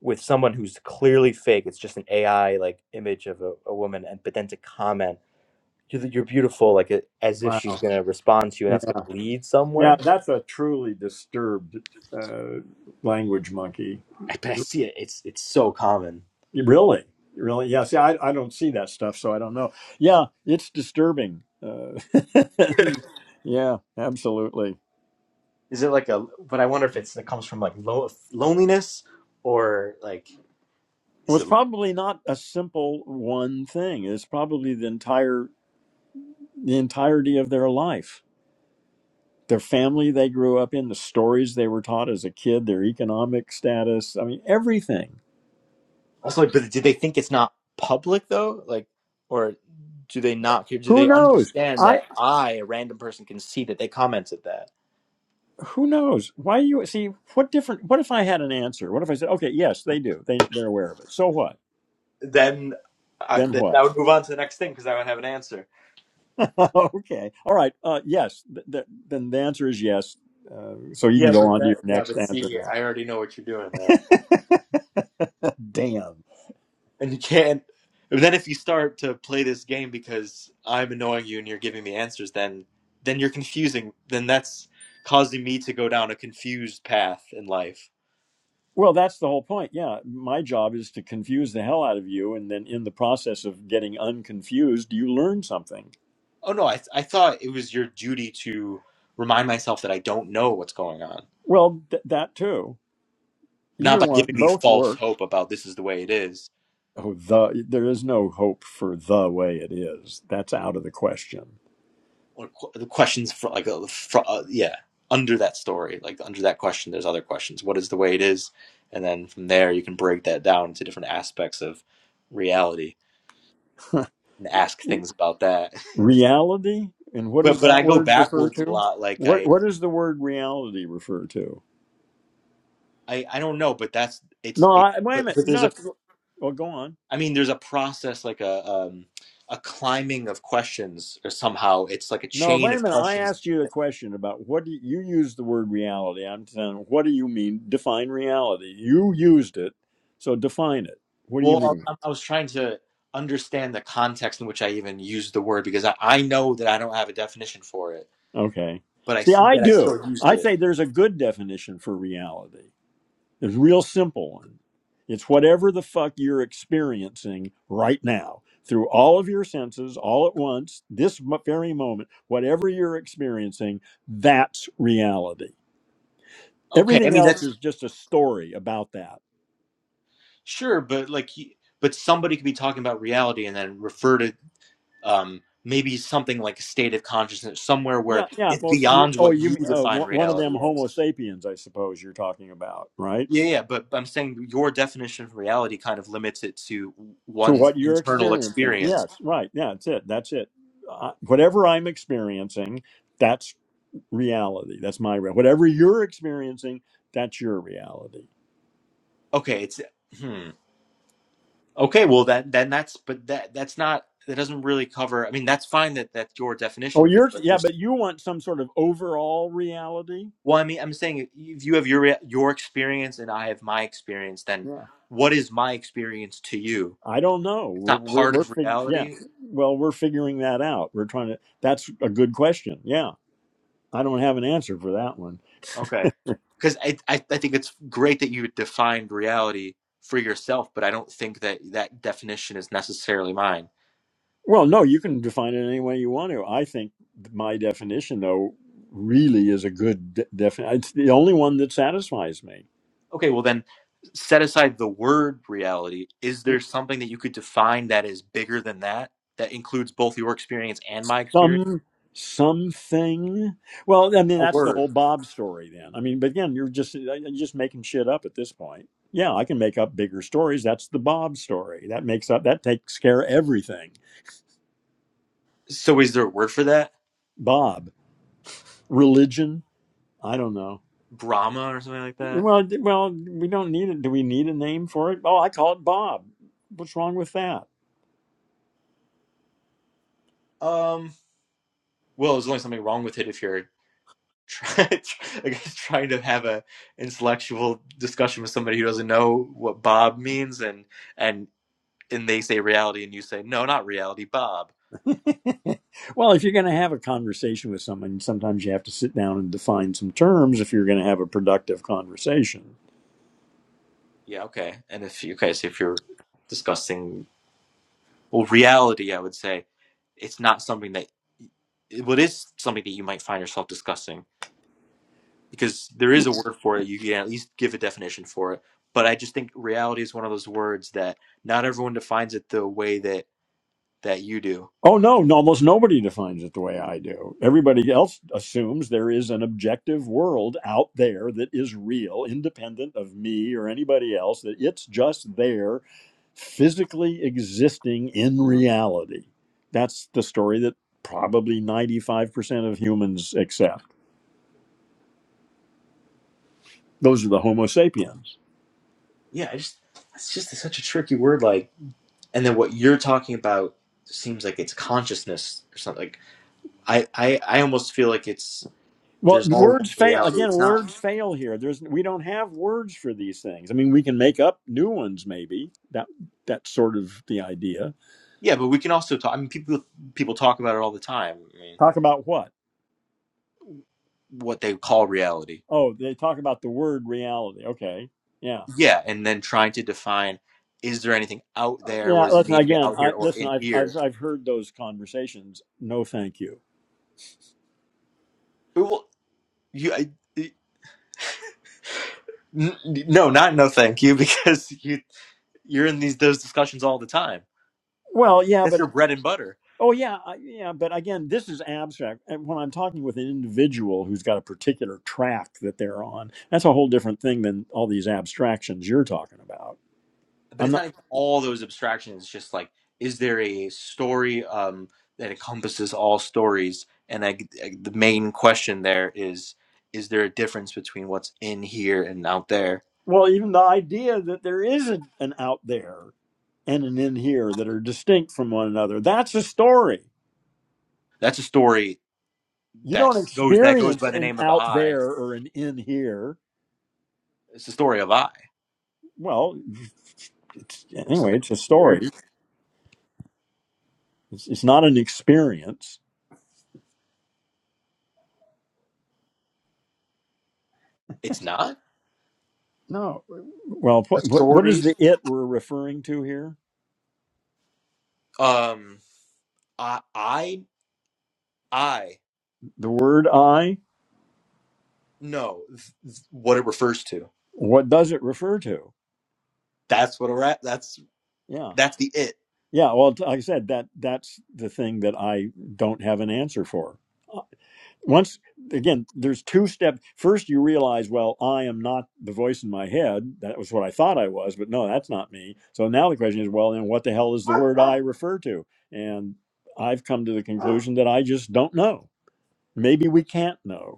with someone who's clearly fake, it's just an AI like image of a, a woman, and but then to comment you're you're beautiful, like it, as if she's
wow.
gonna respond to you, and
Yeah,
that's gonna lead
yeah
somewhere.
that's a truly disturbed uh, language monkey.
I, but I see it. It's it's so common.
Really, really, yeah. See, I, I don't see that stuff, so I don't know. Yeah, it's disturbing. Uh, yeah, absolutely. It
Is it like a? But I wonder if it's it comes from like lo- loneliness or like is
was
it
probably not a simple one thing. It's probably the entire the entirety of their life, their family they grew up in, the stories they were taught as a kid, their economic status. I mean, everything.
also? But do they think it's not public though? Like, or do they not? Do
Who
they
knows?
understand
I.
that I, a random person, can see that they commented that?
who knows why you see what different what if i had an answer what if i said okay yes they do they, they're aware of it so what
Then, I,
then
then I
what
would move on to the next thing because I would have an answer.
okay all right uh, yes th- th- then the answer is yes uh, so you can
Yeah,
go
but
on to your
that. Yeah,
next
but
answer
see, I already know what you're doing there.
now damn
and you can't. But then if you start to play this game because I'm annoying you and you're giving me answers, then then you're confusing. Then that's causing me to go down a confused path in life.
well that's the whole point yeah my job is to confuse the hell out of you and then in the process of getting unconfused you learn something
Oh no, I th- I thought it was your duty to remind myself that I don't know what's going on,
well th- that too
not
either
by
one
giving me
both
false
work
hope about this is the way it is
Oh, the there is no hope for the way it is. That's out of the question.
or qu- the questions for like uh, fro- uh, yeah under that story like under that question there's other questions what is the way it is and then from there you can break that down into different aspects of reality and ask things about that.
Reality, and what
but
does
but I
that
go
word refer
backwards a
to?
lot. Like
What
I
what does the word reality refer to?
I, I don't know, but that's it's
No,
it.
I, wait a
But
minute.
but there's
No,
a
it's, well, go on.
I mean there's a process like a um a climbing of questions or somehow it's like a
No,
chain
wait a
of
minute. I
questions.
asked you a question about what do you, you use the word reality. I'm saying, what do you mean? Define reality. You used it, so define it. What do you
Well,
mean?
I, I was trying to understand the context in which I even used the word because I, I know that I don't have a definition for it,
Okay.
but I
See,
s-
I
that I
do.
still used
I
it.
say there's a good definition for reality. There's a real simple one. It's whatever the fuck you're experiencing right now through all of your senses, all at once, this mo- very moment, whatever you're experiencing, that's reality.
Okay, I
Everything
mean
else
that's
is just a story about that.
sure, but like. y- But somebody could be talking about reality and then refer to um, maybe something like a state of consciousness, somewhere
Yeah,
where
yeah.
it's
Well, s- you-
beyond
oh,
what
you,
you
mean- uh,
define
one one of them
reality as.
Homo sapiens, I suppose you're talking about, right?
Yeah, yeah, but I'm saying your definition of reality kind of limits it to
to
one's
what you're
internal
experiencing.
experience.
Yes, right. Yeah, that's it. That's it. Uh, whatever I'm experiencing, that's reality. That's my real. Whatever you're experiencing, that's your reality.
Okay, it's hmm. Okay, well that then that's but that that's not that doesn't really cover. I mean, that's fine that that's your
Oh,
definition of it,
you're
but
yeah,
there's
but you want some sort of overall reality.
well, I mean, I'm saying if you have your rea- your experience and I have my experience, then
Yeah,
what is my experience to you?
I don't know.
It's
We're
not
we're,
part
we're
of
fig- yeah.
reality.
Well, we're figuring that out. We're trying to. That's a good question. Yeah, I don't have an answer for that one.
Okay. Because I, I, I think it's great that you defined reality for yourself, but I don't think that that definition is necessarily mine.
Well, no, you can define it any way you want to. I think my definition, though, really is a good de- definition. It's the only one that satisfies me.
Okay, well, then set aside the word reality. Is there something that you could define that is bigger than that, that includes both your experience and my experience?
Some something. Well, I mean,
A
that's the whole
word.
Bob story. Then, I mean, but again, you're just uh, you're just making shit up at this point. Yeah, I can make up bigger stories. That's the Bob story. That makes up. That takes care of everything.
So is there a word for that?
Bob, religion. I don't know.
Brahma or something like that?
Well, d- well, we don't need it. Do we need a name for it? Oh, I call it Bob. What's wrong with that?
Um. Well, there's only something wrong with it if you're try, I guess trying to have a intellectual discussion with somebody who doesn't know what Bob means, and and and they say reality, and you say no, not reality, Bob.
Well, if you're going to have a conversation with someone, sometimes you have to sit down and define some terms if you're going to have a productive conversation.
Yeah, okay. And if you guys, if you're discussing well, reality, I would say it's not something that what well, it is something that you might find yourself discussing because there is a word for it. You can at least give a definition for it. But I just think reality is one of those words that not everyone defines it the way that that you do
Oh, no, no, almost nobody defines it the way I do. Everybody else assumes there is an objective world out there that is real, independent of me or anybody else, that it's just there, physically existing in reality. That's the story that probably 95% of humans accept. Those are the Homo sapiens.
yeah, I just it's just such a tricky word. Like, and then what you're talking about seems like it's consciousness or something. Like, I I I almost feel like it's
Well,
there's all one
words fail
reality.
again.
It's not.
Words fail here. There's we don't have words for these things. I mean, we can make up new ones, maybe. That that's sort of the idea.
Yeah, but we can also talk. I mean, people people talk about it all the time. I mean,
Talk about what?
what they call reality.
Oh, they talk about the word reality. Okay, yeah,
Yeah, and then trying to define is there anything out
Uh,
there? What
yeah.
does it
Listen
mean to be
again.
out here
I
or
listen.
in
I've
here?
I've I've heard those conversations. No, thank you.
Well, you. I, n- no, not no, thank you, because you you're in these those discussions all the time.
Well, yeah,
That's
but
your bread and butter
oh, yeah, I- yeah, but again, this is abstract. And when I'm talking with an individual who's got a particular track that they're on, that's a whole different thing than all these abstractions you're talking about.
but it's not even all those abstractions. It's just like, is there a story um, that encompasses all stories? And I, I- the main question there is, is there a difference between what's in here and out there?
well, even the idea that there is a, an out there and an in here that are distinct from one another, that's a story.
That's a story
You
that
don't
goes that goes
experience
by the
an
name of
out
I.
there or an in here.
It's the story of I.
Well, it's,
There's
anyway,
something
it's a
here.
story. It's, it's not an experience.
It's not
No. Well,
a
what, what what is
story.
the it we're referring to here?
Um, I, I, I.
The word I?
No, th- th- what it refers to.
What does it refer to?
That's what a rat. That's
Yeah.
that's the it.
Yeah. Well, t- like I said, that that's the thing that I don't have an answer for. once again there's two steps first you realize well i am not the voice in my head that was what i thought i was but no that's not me so now the question is well then what the hell is the word i refer to and i've come to the conclusion that i just don't know maybe we can't know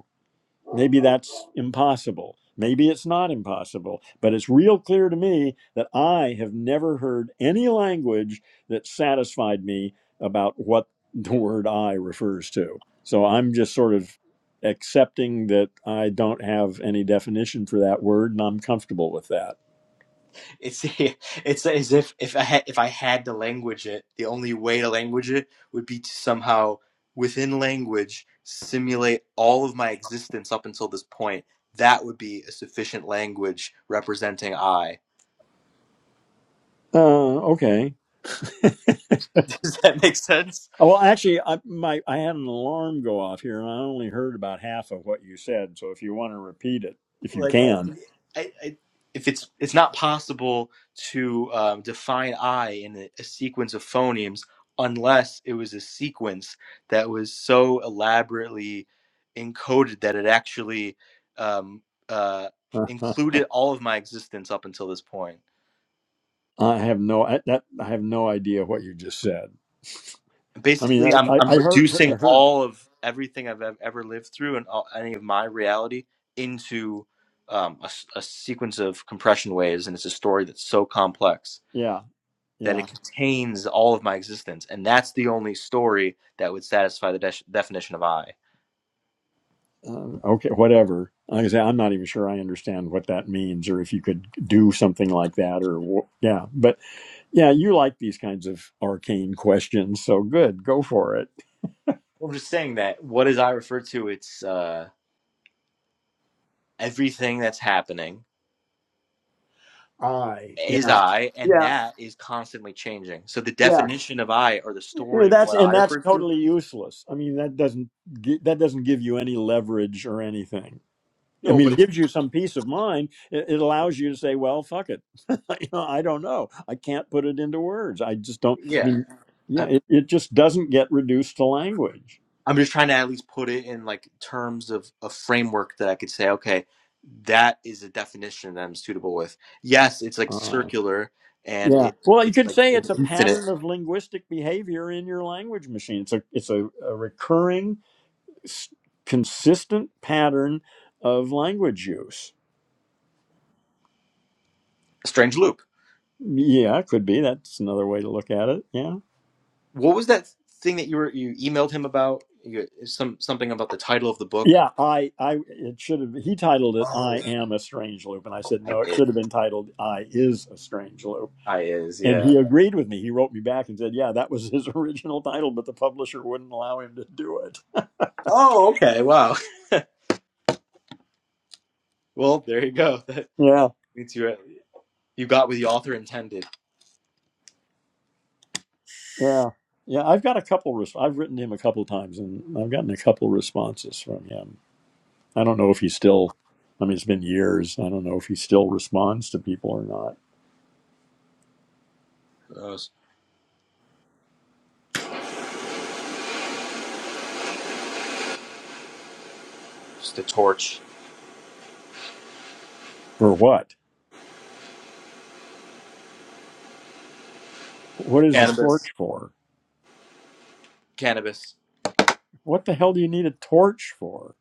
Maybe that's impossible. Maybe it's not impossible. But it's real clear to me that I have never heard any language that satisfied me about what the word I refers to. So I'm just sort of accepting that I don't have any definition for that word and I'm comfortable with that.
It's it's as if if I had if I had to language it, the only way to language it would be to somehow within language simulate all of my existence up until this point. That would be a sufficient language representing I.
Uh, okay.
Does that make sense?
Oh, Well, actually, I, my, I had an alarm go off here and I only heard about half of what you said. So if you want to repeat it, if you
like
can.
I, I, I if it's it's not possible to um, define i in a, a sequence of phonemes unless it was a sequence that was so elaborately encoded that it actually um, uh, included all of my existence up until this point
I have no I, that I have no idea what you just said. I mean,
basically
I,
i'm,
I,
I'm
I heard I
reducing
heard
all of everything i've ev- ever lived through and all, any of my reality into um, a, s- a sequence of compression waves and it's a story that's so complex
yeah
that
yeah
it contains all of my existence, and that's the only story that would satisfy the de- definition of I.
um, okay whatever. Like I say, I'm not even sure I understand what that means, or if you could do something like that, or wh- yeah. But yeah, you like these kinds of arcane questions, so good, go for it.
I'm just saying that what is I referred to? It's uh, everything that's happening
I yeah
is I, and
yeah
that is constantly changing. So the
yeah.
definition of I or the
Yeah,
story of
That's
what
and
I
that's
refer to.
totally useless. I mean, that doesn't gi- that doesn't give you any leverage or anything. I
No, but
mean, it
it's
gives you some peace of mind. It, it allows you to say, "Well, fuck it. you know, I don't know. I can't put it into words. I just don't." I
yeah.
mean, yeah,
I,
it, it just doesn't get reduced to language.
I'm just trying to at least put it in like terms of a framework that I could say, okay, that is a definition that I'm suitable with. Yes, it's like
All right.
circular and
Yeah.
it,
Well, you
it's
could
like
say it's a
infinite
pattern of linguistic behavior in your language machine. It's a it's a, a recurring, s- consistent pattern of language use.
Strange Loop.
Yeah, it could be. That's another way to look at it. Yeah.
What was that thing that you were you emailed him about? You, some something about the title of the book.
Yeah, I, I, it should have. He titled it "I
Oh.
am a strange loop," and I said
I
no. It
is.
should have been titled "I is a strange loop."
I is.
And
Yeah.
he agreed with me. He wrote me back and said, "Yeah, that was his original title, but the publisher wouldn't allow him to do it."
Oh, okay. Wow. Well, there you go. That
Yeah,
means you uh, you got what the author intended.
yeah, yeah. I've got a couple. Res- I've written him a couple times, and I've gotten a couple responses from him. I don't know if he still. I mean, it's been years. I don't know if he still responds to people or not.
Uh, just a torch.
For what? What is a
Cannabis.
torch for?
Cannabis.
What the hell do you need a torch for?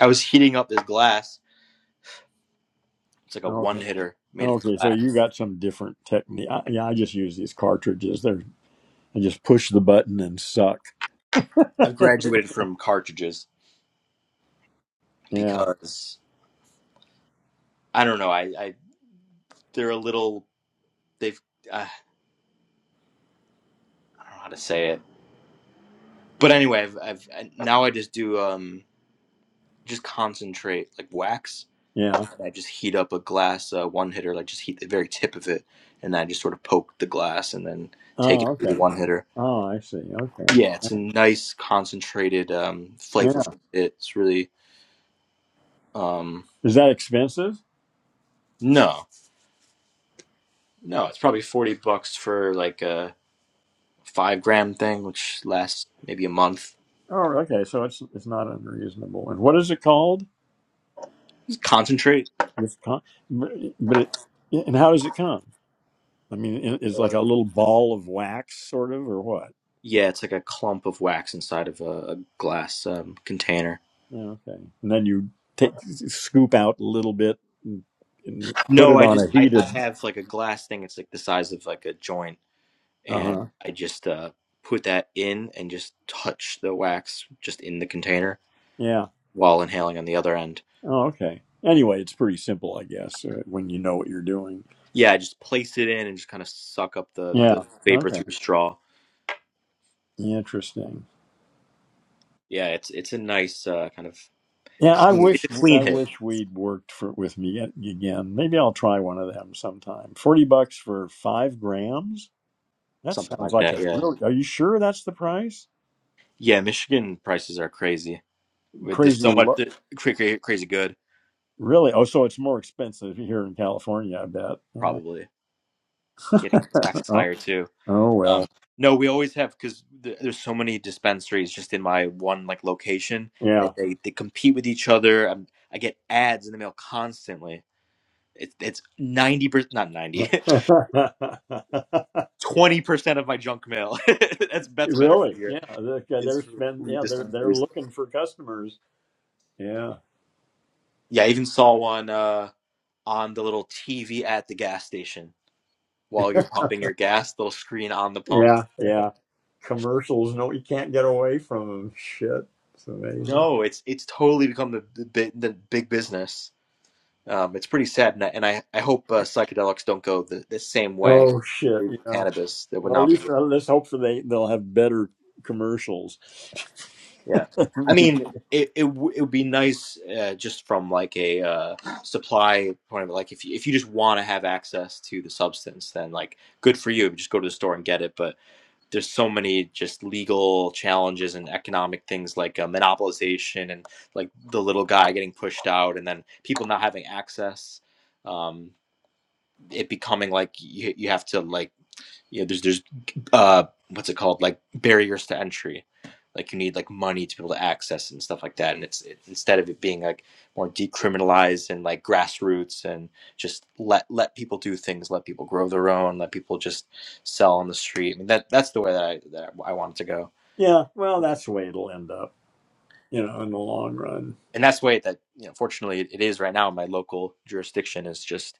I was heating up this glass. It's like a
Okay.
one hitter made of
Okay, so you
glass.
got some different technique. I, yeah, I just use these cartridges. They're I just push the button and suck.
I've graduated from cartridges
Yeah,
because I don't know. I, I they're a little. They've. Uh, I don't know how to say it But anyway, I've, I've now I just do um just concentrate like wax,
yeah.
and I just heat up a glass uh, one hitter, like just heat the very tip of it, and I just sort of poke the glass and then take
Oh,
it through
okay.
the one hitter.
Oh, I see. Okay.
Yeah, it's a nice concentrated um flavor.
Yeah.
It's really um
Is that expensive?
no no, it's probably forty bucks for like a five gram thing, which lasts maybe a month.
Oh, okay. So it's it's not unreasonable. And what is it called?
It's concentrate.
This con- but but it yeah, and how does it come? I mean, it- it's like a little ball of wax, sort of, or what?
Yeah, it's like a clump of wax inside of a, a glass um, container.
Yeah, Okay. And then you take scoop out a little bit and, and put
No,
it
I
on
just
a
I, I
heated.
have like a glass thing. It's like the size of like a joint, and
Uh
I just uh put that in and just touch the wax just in the container
huh.
while inhaling on the other end.
Oh, okay. Anyway, it's pretty simple, I guess, uh, when you know what you're doing.
Yeah, I just place it in and just kind of suck up the the
Yeah.
vapor
Okay.
through a straw.
Interesting.
Yeah, it's it's a nice uh kind of
Yeah, I
clean.
wish
It's a clean
I
hit,
wish we'd worked for with me again. Maybe I'll try one of them sometime. Forty bucks for five grams. That
something
sounds
like
like
that.
a
Yeah,
really. Are you sure that's the price?
yeah. Michigan prices are crazy. With- There's
Crazy.
so much
Lo-
that- cra- cra- crazy good.
really? Oh, so it's more expensive here in California, I bet. Yeah.
Probably getting taxes
Oh,
higher too.
oh
Um,
well.
no, we always have because th- there's so many dispensaries just in my one like location, and
Yeah.
they they compete with each other. i I get ads in the mail constantly. It's it's ninety percent, not ninety, twenty percent of my junk mail. that's that's a better
really?
figure.
Yeah. They're,
Is
they're
for
spend.
weed
Yeah. They're they're
dispensaries.
looking for customers. Yeah.
Yeah, I even saw one uh, on the little TV at the gas station while you're pumping your gas. Little screen on the pump.
Yeah. Yeah. Commercials. No, you can't get away from them. Shit. It's amazing.
No, it's it's totally become the the, bi- the big business. Um, it's pretty sad, and I, and I, I hope uh, psychedelics don't go the, the same way
Oh
as
shit.
legal
Yeah.
cannabis. That would
Well, at
not be
least
good.
uh, let's hope for they they'll have better commercials.
Yeah, I mean, it it, w- it would be nice uh, just from like a uh, supply point of it. Like if you, if you just want to have access to the substance, then like good for you. Just go to the store and get it. But there's so many just legal challenges and economic things like uh, monopolization and like the little guy getting pushed out, and then people not having access. Um, it becoming like you, you have to like Yeah, there's there's uh what's it called? Like barriers to entry. Like you need like money to be able to access and stuff like that. And it's it, instead of it being like more decriminalized and like grassroots and just let let people do things, let people grow their own, let people just sell on the street. I mean that that's the way that I that I wanted to go.
yeah. Well, that's the way it'll end up. You know, in the long run.
And that's the way that you know fortunately it is right now in my local jurisdiction is just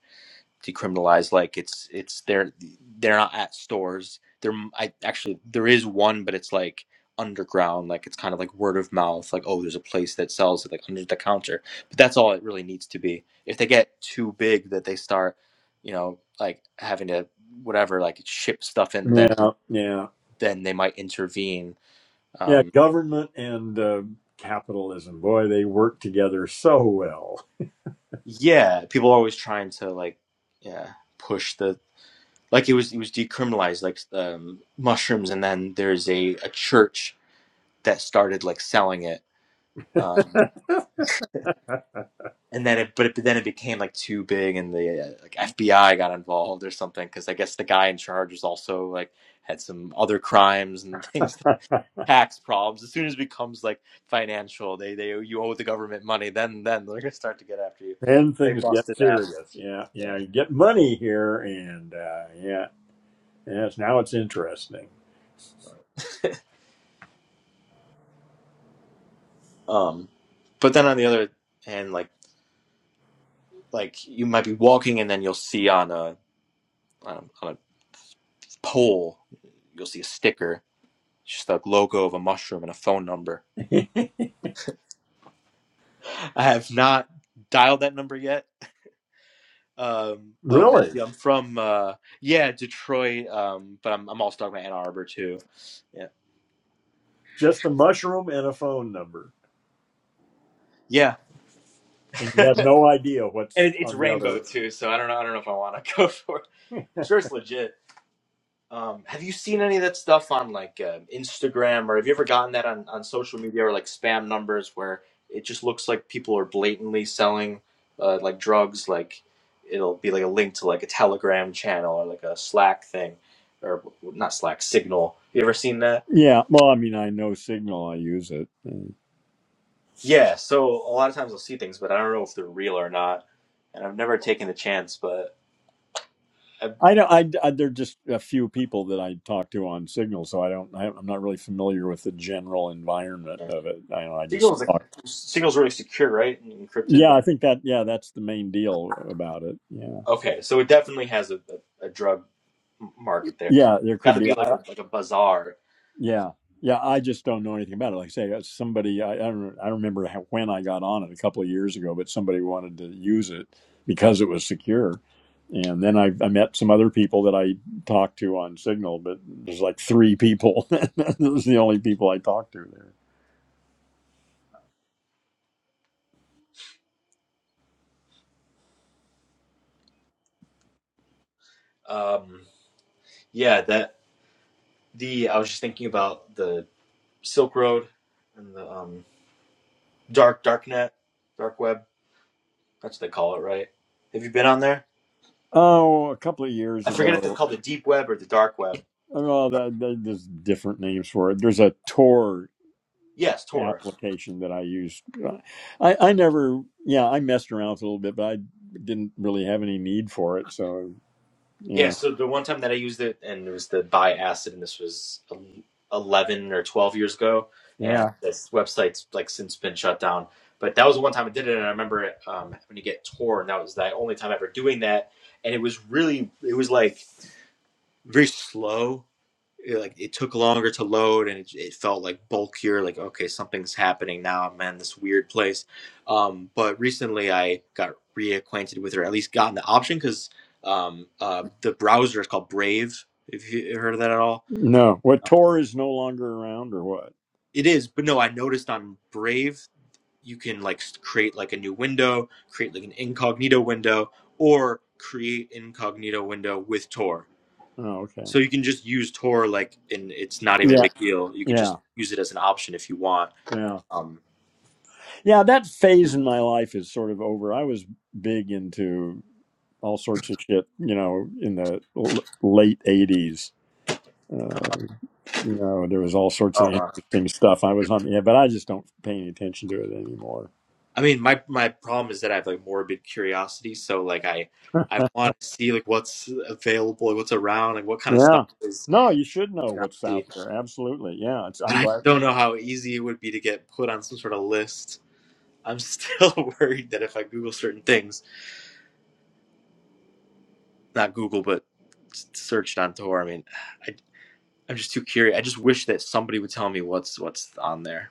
decriminalized. Like it's it's they're they're not at stores. There I actually there is one, but it's like underground. Like it's kind of like word of mouth. Like oh, there's a place that sells it like under the counter. But that's all it really needs to be. If they get too big, that they start, you know, like having to whatever like ship stuff in, then
Yeah. Yeah.
then they might intervene.
Yeah.
Um,
Government and uh, capitalism. Boy, they work together so well.
yeah, people are always trying to like yeah push the like it was it was decriminalized like um, mushrooms and then there's a, a church that started like selling it. Um, and then it, but, it, but then it became like too big, and the uh, like FBI got involved or something because I guess the guy in charge was also like had some other crimes and things, tax problems. As soon as it becomes like financial, they they you owe the government money, then then they're gonna start to get after you.
Then
They
things get
busted that.
serious. Yeah.
Yeah.
Yeah. You get money here, and uh, yeah. Yes, now it's interesting.
Um, but then on the other hand, like like you might be walking and then you'll see on a on, on a pole, you'll see a sticker It's just a logo of a mushroom and a phone number. I have not dialed that number yet. Um, oh,
Really?
Matthew, I'm from uh, yeah Detroit, um, but I'm I'm also talking about Ann Arbor too. Yeah,
Just a mushroom and a phone number.
yeah,
And you
and
have no idea what's
it, it's
on the
rainbow
other.
too. So I don't know. I don't know if I want to go for it. Sure, it's legit. Um, have you seen any of that stuff on like uh, Instagram, or have you ever gotten that on, on social media or like spam numbers where it just looks like people are blatantly selling uh, like drugs? Like it'll be like a link to like a Telegram channel or like a Slack thing, or not Slack, Signal. You ever seen that?
Yeah, well, I mean, I know Signal. I use it. Mm.
Yeah. So a lot of times I'll see things, but I don't know if they're real or not, and I've never taken the chance. But i
I don't. I, I there are just a few people that I talk to on Signal, so I don't. I, I'm not really familiar with the general
yeah.
environment of it. I, I just
Signal's like
talk.
Signal's really secure, right? And encrypted.
Yeah,
But
I think that. Yeah, that's the main deal about it. Yeah,
okay, so it definitely has a, a, a drug market there.
yeah. There
It's got
could
to
be.
be
I,
like a like a bazaar.
Yeah. Yeah. I just don't know anything about it. Like I say, uh, somebody, I, I don't, I don't remember how, when I got on it a couple of years ago, but somebody wanted to use it because it was secure. And then I, I met some other people that I talked to on Signal, but there's like three people. Those are the only people I talked to there.
Um, yeah, that the I was just thinking about the Silk Road and the um, dark darknet, dark web. That's what they call it, right? Have you been on there?
Oh, a couple of years
I forget if they
ago.
call the deep web or the dark web.
uh, Well, that, that, there's different names for it. There's a Tor
Yes, Tor.
application that I used. I, I never, yeah, I messed around with it a little bit, but I didn't really have any need for it. So,
Yeah,
yeah.
so the one time that I used it, and it was the buy acid, and this was eleven or twelve years ago, and
Yeah.
this website's like since been shut down. But that was the one time I did it, and I remember it, um, having to get torn. That was the only time ever doing that, and it was really, it was like very slow it, like it took longer to load and it, it felt like bulkier like okay something's happening now i'm in this weird place um, but recently i got reacquainted with her at least gotten the option because um, uh, the browser is called brave if you heard of that at all
No. What Tor is no longer around or what?
it is but no i noticed on brave you can like s- create like a new window create like an incognito window or create incognito window with tor
Oh,
So
okay.
you can just use Tor like, and it's not even a
Yeah.
big deal. You could just
Yeah.
use it as an option if you want.
Yeah.
Um,
Yeah. That phase in my life is sort of over. I was big into all sorts of shit, you know, in the l- late 80s. Uh, you know, there was all sorts
Oh,
of
wow.
interesting stuff I was on. Yeah, but I just don't pay any attention to it anymore.
I mean, my my problem is that I have like morbid curiosity, so like I I want to see like what's available, like, what's around, like what kind of stuff
Yeah.
is
No, you should know
you know,
what's out
see.
there. Absolutely. Yeah. It's,
And
I'm
I
glad.
don't know
Yeah.
how easy it would be to get put on some sort of list. I'm still worried that if I Google certain things, not Google, but s- searched on Tor, I mean, I, I'm just too curious. I just wish that somebody would tell me what's what's on there.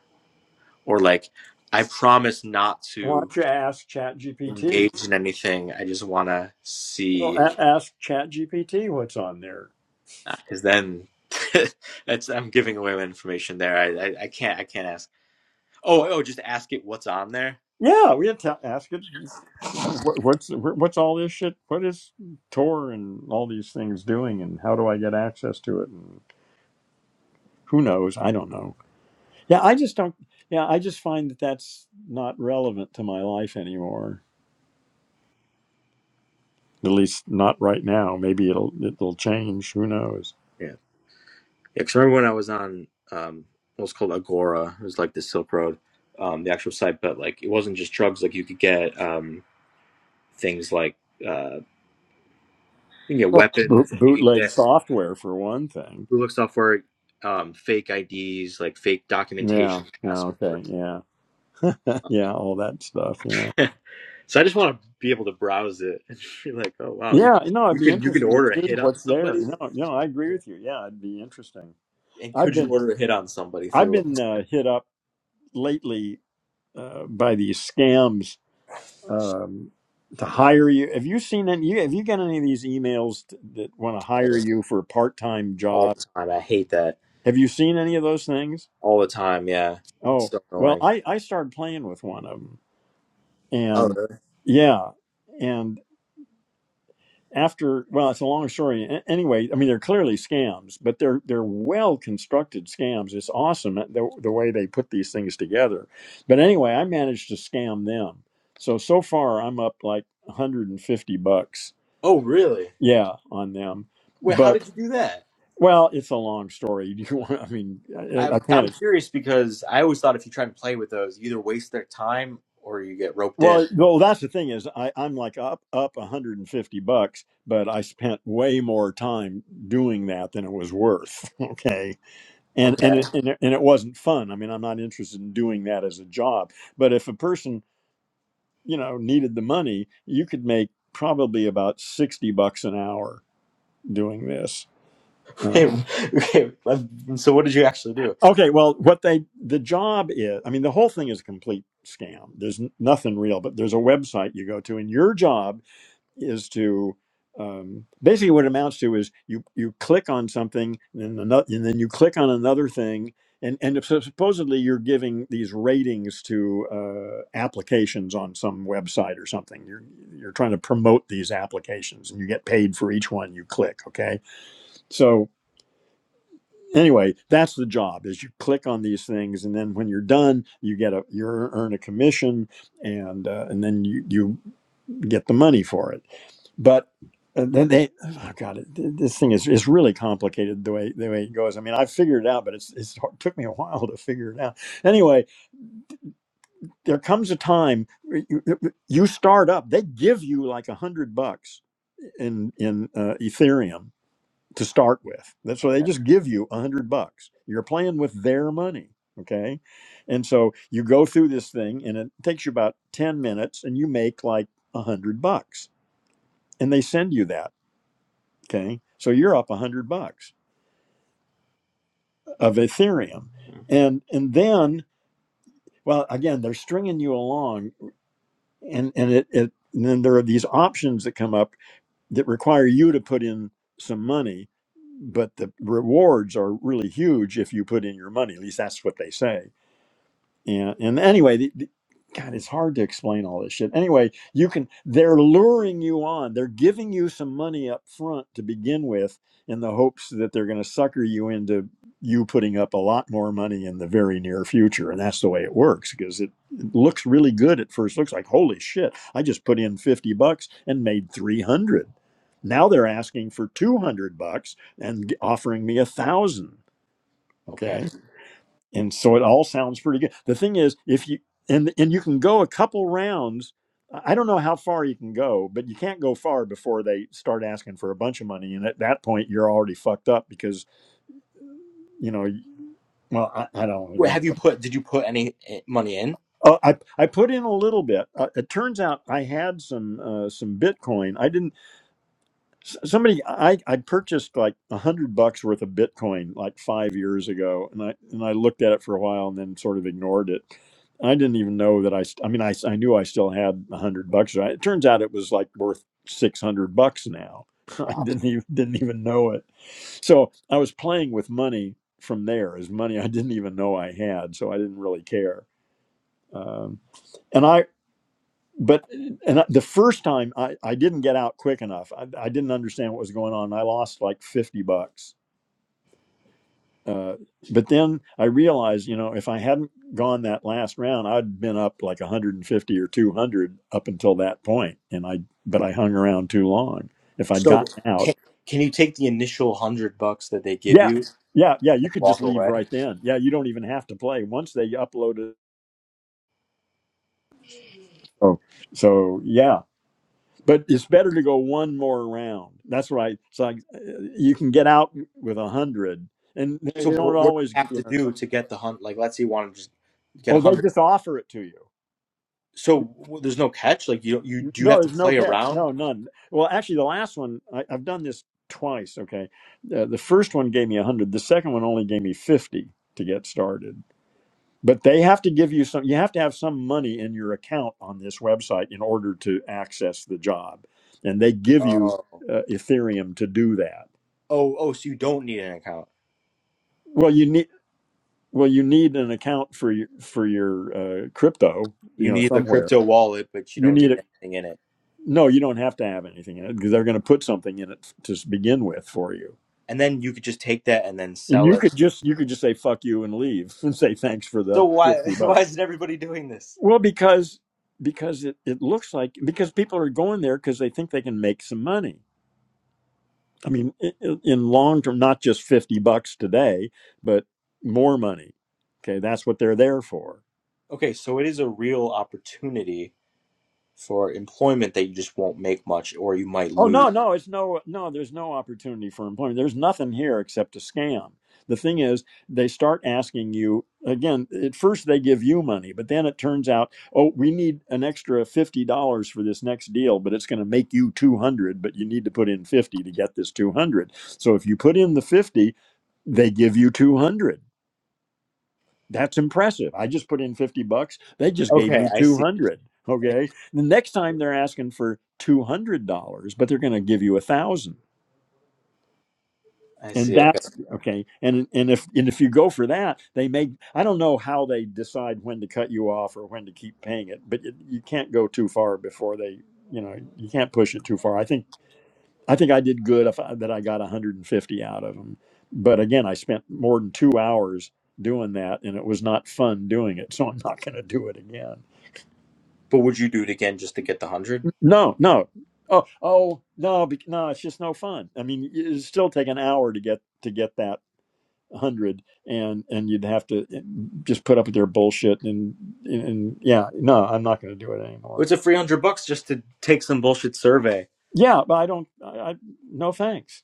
or like I promise not
Why
to
don't you ask Chat GPT?
engage in anything. I just want to
Well,
see
a- ask Chat GPT what's on there.
because then that's I'm giving away my information there. I, I I can't I can't ask. Oh oh, just ask it what's on there.
Yeah. We had to ask it. What, what's what's all this shit? What is Tor and all these things doing? And how do I get access to it? And who knows? I don't know. Yeah. I just don't. Yeah. I just find that that's not relevant to my life anymore. At least not right now. Maybe it'll it'll change. Who knows?
Yeah, yeah. Cause I remember when I was on um, what was called Agora. It was like the Silk Road, um, the actual site, but like it wasn't just drugs. Like you could get um things like uh you can get
Well, boot,
weapons. You can
bootleg
get
software for one thing.
look software, um, fake IDs, like fake documentation,
Yeah. Yeah.
passports
Okay. Yeah. Yeah. All that stuff. Yeah.
so I just want to be able to browse it and be like, oh wow, you,
Yeah. No, it'd
you
be
can you can
interesting to
order a
see
hit on
what's there.
somebody.
No. No, I agree
Yeah.
with you. Yeah, it'd be interesting.
And
I've
could you
been
order a hit on somebody
I've
through
been uh, hit up lately uh, by these scams um, to hire you. Have you seen any? You, have you got any of these emails t- that want to hire
uh,
you for a part time
all
job?
the time? I hate that
Have you seen any of those things?
all the time. Yeah, it's
Oh,
so
well,
annoying.
I I started playing with one of them
Oh
and
really?
yeah and after well it's a long story A- anyway i mean they're clearly scams but they're they're well constructed scams it's awesome that- the, the way they put these things together but anyway i managed to scam them so so far i'm up like 150 bucks
Oh really?
yeah on them
Wait, how
but
did you do that?
well it's a long story do you want i mean i,
I'm
I can't
I'm curious because I always thought if you try and play with those, you either waste their time or you get roped in.
Well, well, that's the thing is I, I'm like up up 150 bucks, but I spent way more time doing that than it was worth. Okay, and and
Okay.
it, and it, and it wasn't fun. I mean, I'm not interested in doing that as a job. But if a person you know needed the money, you could make probably about 60 bucks an hour doing this. Uh,
okay. let- So what did you actually do?
okay, well, what they the job is, I mean, the whole thing is a complete scam. There's n- nothing real, but there's a website you go to, and your job is to um, basically what it amounts to is you you click on something and then another, and then you click on another thing and and so supposedly you're giving these ratings to uh, applications on some website or something you're you're trying to promote these applications and you get paid for each one you click okay so anyway that's the job is you click on these things and then when you're done you get a you earn a commission and uh, and then you you get the money for it but uh, then they oh god it, th- this thing is, is really complicated the way the way it goes i mean i figured it out but it's, it's hard- took me a while to figure it out anyway there comes a time where you, you start up they give you like a hundred bucks in in uh, ethereum to start with that's why they
Okay.
just give you a hundred bucks you're playing with their money okay and so you go through this thing and it takes you about 10 minutes and you make like a hundred bucks and they send you that Okay. So you're up a hundred bucks of Ethereum. And and then, well, again, they're stringing you along and, and it, it and then there are these options that come up that require you to put in some money, but the rewards are really huge if you put in your money. At least that's what they say and, and anyway the, the- god it's hard to explain all this shit anyway you can they're luring you on they're giving you some money up front to begin with in the hopes that they're going to sucker you into you putting up a lot more money in the very near future and that's the way it works because it, it looks really good at first looks like holy shit i just put in 50 bucks and made 300 now they're asking for 200 bucks and offering me a thousand
Okay.
okay and so it all sounds pretty good the thing is if you and and you can go a couple rounds i don't know how far you can go but you can't go far before they start asking for a bunch of money and at that point you're already fucked up because you know y- well i, I don't want to
Wait,
go into
have you put? Did you put any eh, money in?
oh, i i put in a little bit uh, it turns out i had some uh, some bitcoin i didn't S- somebody i i purchased like a hundred bucks worth of bitcoin like five years ago and i and i looked at it for a while and then sort of ignored it i didn't even know that i st- i mean i, s- I knew i still had a hundred bucks right? it turns out it was like worth 600 bucks now i
Wow.
didn't even didn't even know it so i was playing with money from there as money i didn't even know i had so i didn't really care um, and I, but and I- the first time I, I didn't get out quick enough. I, I didn't understand what was going on. I lost like 50 bucks. Uh, but then I realized, you know, if I hadn't gone that last round, I'd been up like 150 or 200 up until that point, And I, but I hung around too long. If I'd
So
gotten
can,
out,
can you take the initial hundred bucks that they give
yeah,
you
yeah, yeah, you
and
could just
walk
leave
away?
right then. Yeah, you don't even have to play once they upload it. Oh, so yeah. but it's better to go one more round. That's right. It's like uh, you can get out with a hundred, and they
So
don't
what, what do
always.
you
give
have
You
to do to get the hunt? Like, let's say you want to just get a
oh, they
hundred.
just offer it to you.
So w- there's no catch. Like you don't, you do you
No,
have to
there's no
play
catch.
around?
No, none. Well, actually, the last one I, I've done this twice. Okay, uh, the first one gave me a hundred. The second one only gave me fifty to get started. But they have to give you some. You have to have some money in your account on this website in order to access the job, and they give you
Oh, oh,
uh, Ethereum to do that.
oh. So you don't need an account.
Well, you need Well, you need an account for your for your uh, crypto,
You
you know,
need a
somewhere.
crypto wallet, but you
You
don't need
need it.
anything in it.
No, you don't have to have anything in it because they're going to put something in it to s- begin with for you.
And then you could just take that and then
And
sell
you could
it.
just you could just say fuck you and leave and say thanks for
So
the
why
fifty
why
bucks.
isn't everybody doing this?
Well, because because it, it looks like because people are going there because they think they can make some money. I mean, i i- in long term, not just fifty bucks today, but more money. Okay, that's what they're there for
Okay, so it is a real opportunity for employment that you just won't make much, or you might
Oh
lose.
no, no, it's no, no. There's no opportunity for employment. There's nothing here except a scam. The thing is, they start asking you again. At first, they give you money, but then it turns out, oh, we need an extra fifty dollars for this next deal, but it's going to make you two hundred. But you need to put in fifty to get this two hundred. So if you put in the fifty, they give you two hundred that's impressive. I just put in 50 bucks. They just gave
Okay,
me
I see.
200. Okay. The next time they're asking for $200, but they're going to give you a thousand.
I
And
see. Okay.
that's okay. And and if and if you go for that, they may I don't know how they decide when to cut you off or when to keep paying it, but you, you can't go too far before they, you know, you can't push it too far. I think I think I did good if I, that I got 150 out of them. But again, I spent more than two hours doing that, and it was not fun doing it. So I'm not going to do it again.
But would you do it again just to get the hundred?
No, no. Oh, oh, no, bec- no. It's just no fun. I mean, it it'd still take an hour to get to get that hundred, and and you'd have to eh, just put up with their bullshit. And and yeah, no, I'm not going to do it anymore.
It's a three hundred bucks just to take some bullshit survey.
Yeah, but I don't. I, I no thanks.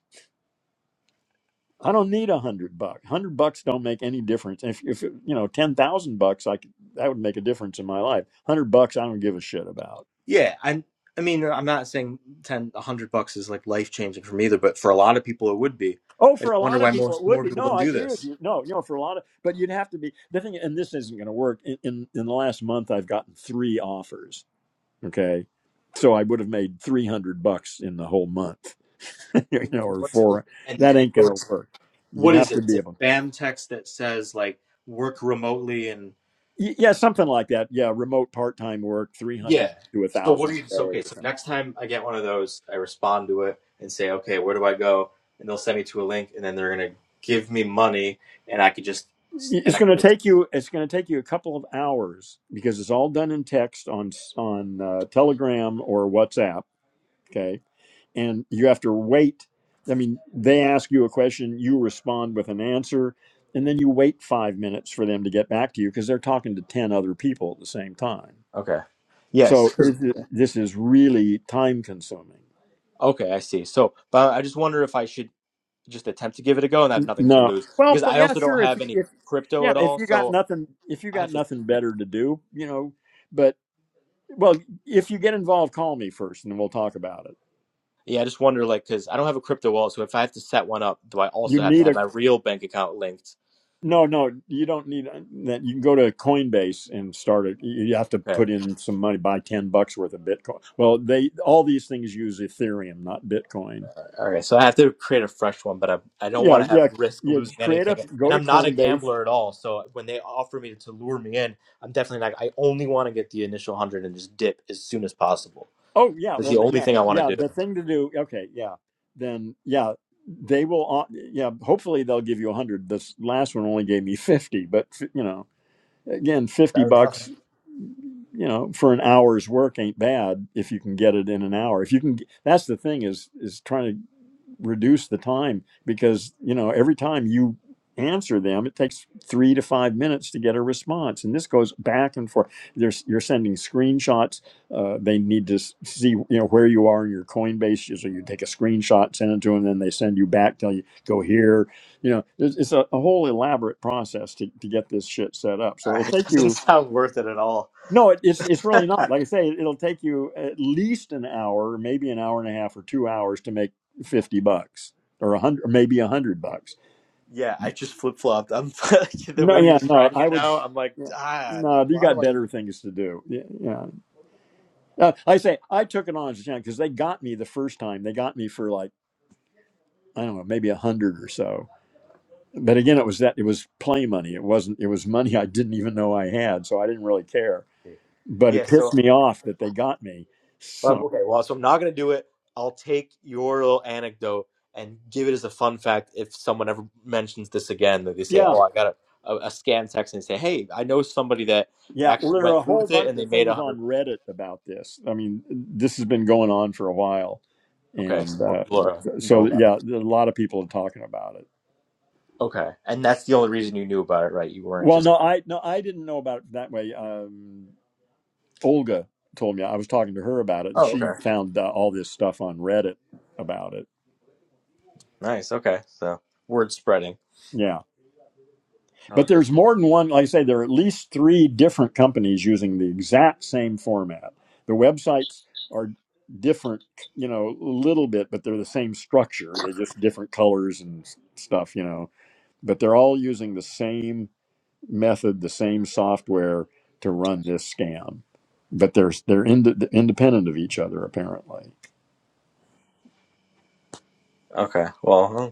I don't need a hundred bucks. Hundred bucks don't make any difference. If if you know ten thousand bucks, I could that would make a difference in my life. Hundred bucks, I don't give a shit about.
Yeah, I I mean I'm not saying ten a hundred bucks is like life changing for me either, but for a lot of people it would be.
Oh,
I
for
just
a
wonder
lot
why
of people, it
most
would
more
be.
people
No,
don't
I
do
agree with
this.
you. No, you know, for a lot of, but you'd have to be the thing. And this isn't going to work. In, in in the last month, I've gotten three offers. Okay, so I would have made three hundred bucks in the whole month. you know,
And
or
what's it,
four.
and,
That
and
ain't
so
going to
it's,
work. You'd
what is
have to
it? It's
be
a
able.
spam text that says like work remotely and
Y- Yeah, something like that. Yeah, remote part-time work, three hundred
Yeah.
to a
So what
thousand
do you?
a
So okay.
day or
So
something
next time I get one of those, I respond to it and say, okay, where do I go? And they'll send me to a link, and then they're gonna give me money, and I could just and I
it's going to take you it's going to take you a couple of hours because it's all done in text on on uh, telegram or whatsapp okay and you have to wait i mean they ask you a question you respond with an answer and then you wait five minutes for them to get back to you because they're talking to 10 other people at the same time
okay. Yes.
so
'cause-
this is, this is really time consuming
Okay, I see. So, but I just wonder if I should just attempt to give it a go and I have nothing to
no
lose
well
because
but
I
yeah
also don't
sure if,
have
you-
any
if
crypto
yeah
at
if
all.
you got
So
nothing if you
I have
got
to.
nothing
Yeah,
better to do you know Well, if you get involved, call me first, and we'll talk about it.
yeah I just wonder, like, because I don't have a crypto wallet. So if I have to set one up, do I
You
also have to
need
have
a
my real bank account linked?
no, no. You don't need that. You can go to Coinbase and start it. You have to
Okay.
put in some money, buy ten bucks worth of Bitcoin. Well, they all these things use Ethereum, not Bitcoin.
All right, so I have to create a fresh one, but I, I don't
Yeah,
want to have
yeah,
risk
yeah.
losing
just Create
anything.
a go
And
to
I'm not a
Coinbase.
gambler at all. So when they offer me to lure me in, I'm definitely not. I only want to get the initial 100 and just dip as soon as possible.
Oh yeah,
That's
well
the
th-
only
yeah,
thing I want
yeah.
to do.
The thing to do. Okay, yeah. Then yeah, they will. au- Yeah, hopefully they'll give you a hundred. This last one only gave me fifty, but you know. Again, 50
Better than nothing.
bucks, you know, for an hour's work ain't bad if you can get it in an hour. If you can, that's the thing is, is trying to reduce the time because you know every time you answer them it takes three to five minutes to get a response and this goes back and forth There's, you're sending screenshots uh, they need to s- see you know where you are in your coinbase so you take a screenshot send it to them then they send you back tell you go here you know it's, it's a, a whole elaborate process to, to get this shit set up so
All
it'll
right, it
take
doesn't
you
sound worth it at all.
no, it, it's it's really not. Like I say, it'll take you at least an hour, maybe an hour and a half or two hours to make fifty bucks or a hundred, maybe a hundred bucks.
Yeah, I just flip flopped. I'm the
No,
way you're
yeah, no,
describing
I
it
would.
now. I'm like,
Yeah,
ah,
no, you
why do
got
I
better
even?
things to do. Yeah, yeah. Uh, like I say I took it on as a challenge because they got me the first time. They got me for like I don't know, maybe a hundred or so. But again, it was that it was play money. It wasn't. It was money I didn't even know I had, so I didn't really care. But
Yeah,
it
so
pissed me off that they got me.
Um,
So
okay, well, so I'm not gonna do it. I'll take your little anecdote and give it as a fun fact. If someone ever mentions this again, that they say,
yeah,
"Oh, I got a, a, a scam text," and say, "Hey, I know somebody that
Yeah, well,
actually
there are
went
a
through
whole
with it
bunch
and they
of
made a
things
hundred
on
bucks."
Reddit about this. I mean, this has been going on for a while,
Okay, so
and
more
uh,
people are, uh, know
so
about it.
yeah, a lot of people are talking about it.
Okay, and that's the only reason you knew about it, right? You weren't
Well,
just.
no, I no, I didn't know about it that way. Um, Olga told me I was talking to her about it, and
Oh,
she
okay.
found uh, all this stuff on Reddit about it.
Nice. Okay, so word spreading.
Yeah.
Oh,
But
great.
there's more than one, like I say, there are at least three different companies using the exact same format. The websites are different, you know, a little bit, but they're the same structure. They're just different colors and s- stuff, you know. But they're all using the same method, the same software to run this scam. But they're they're ind- independent of each other apparently.
Okay. Well, huh,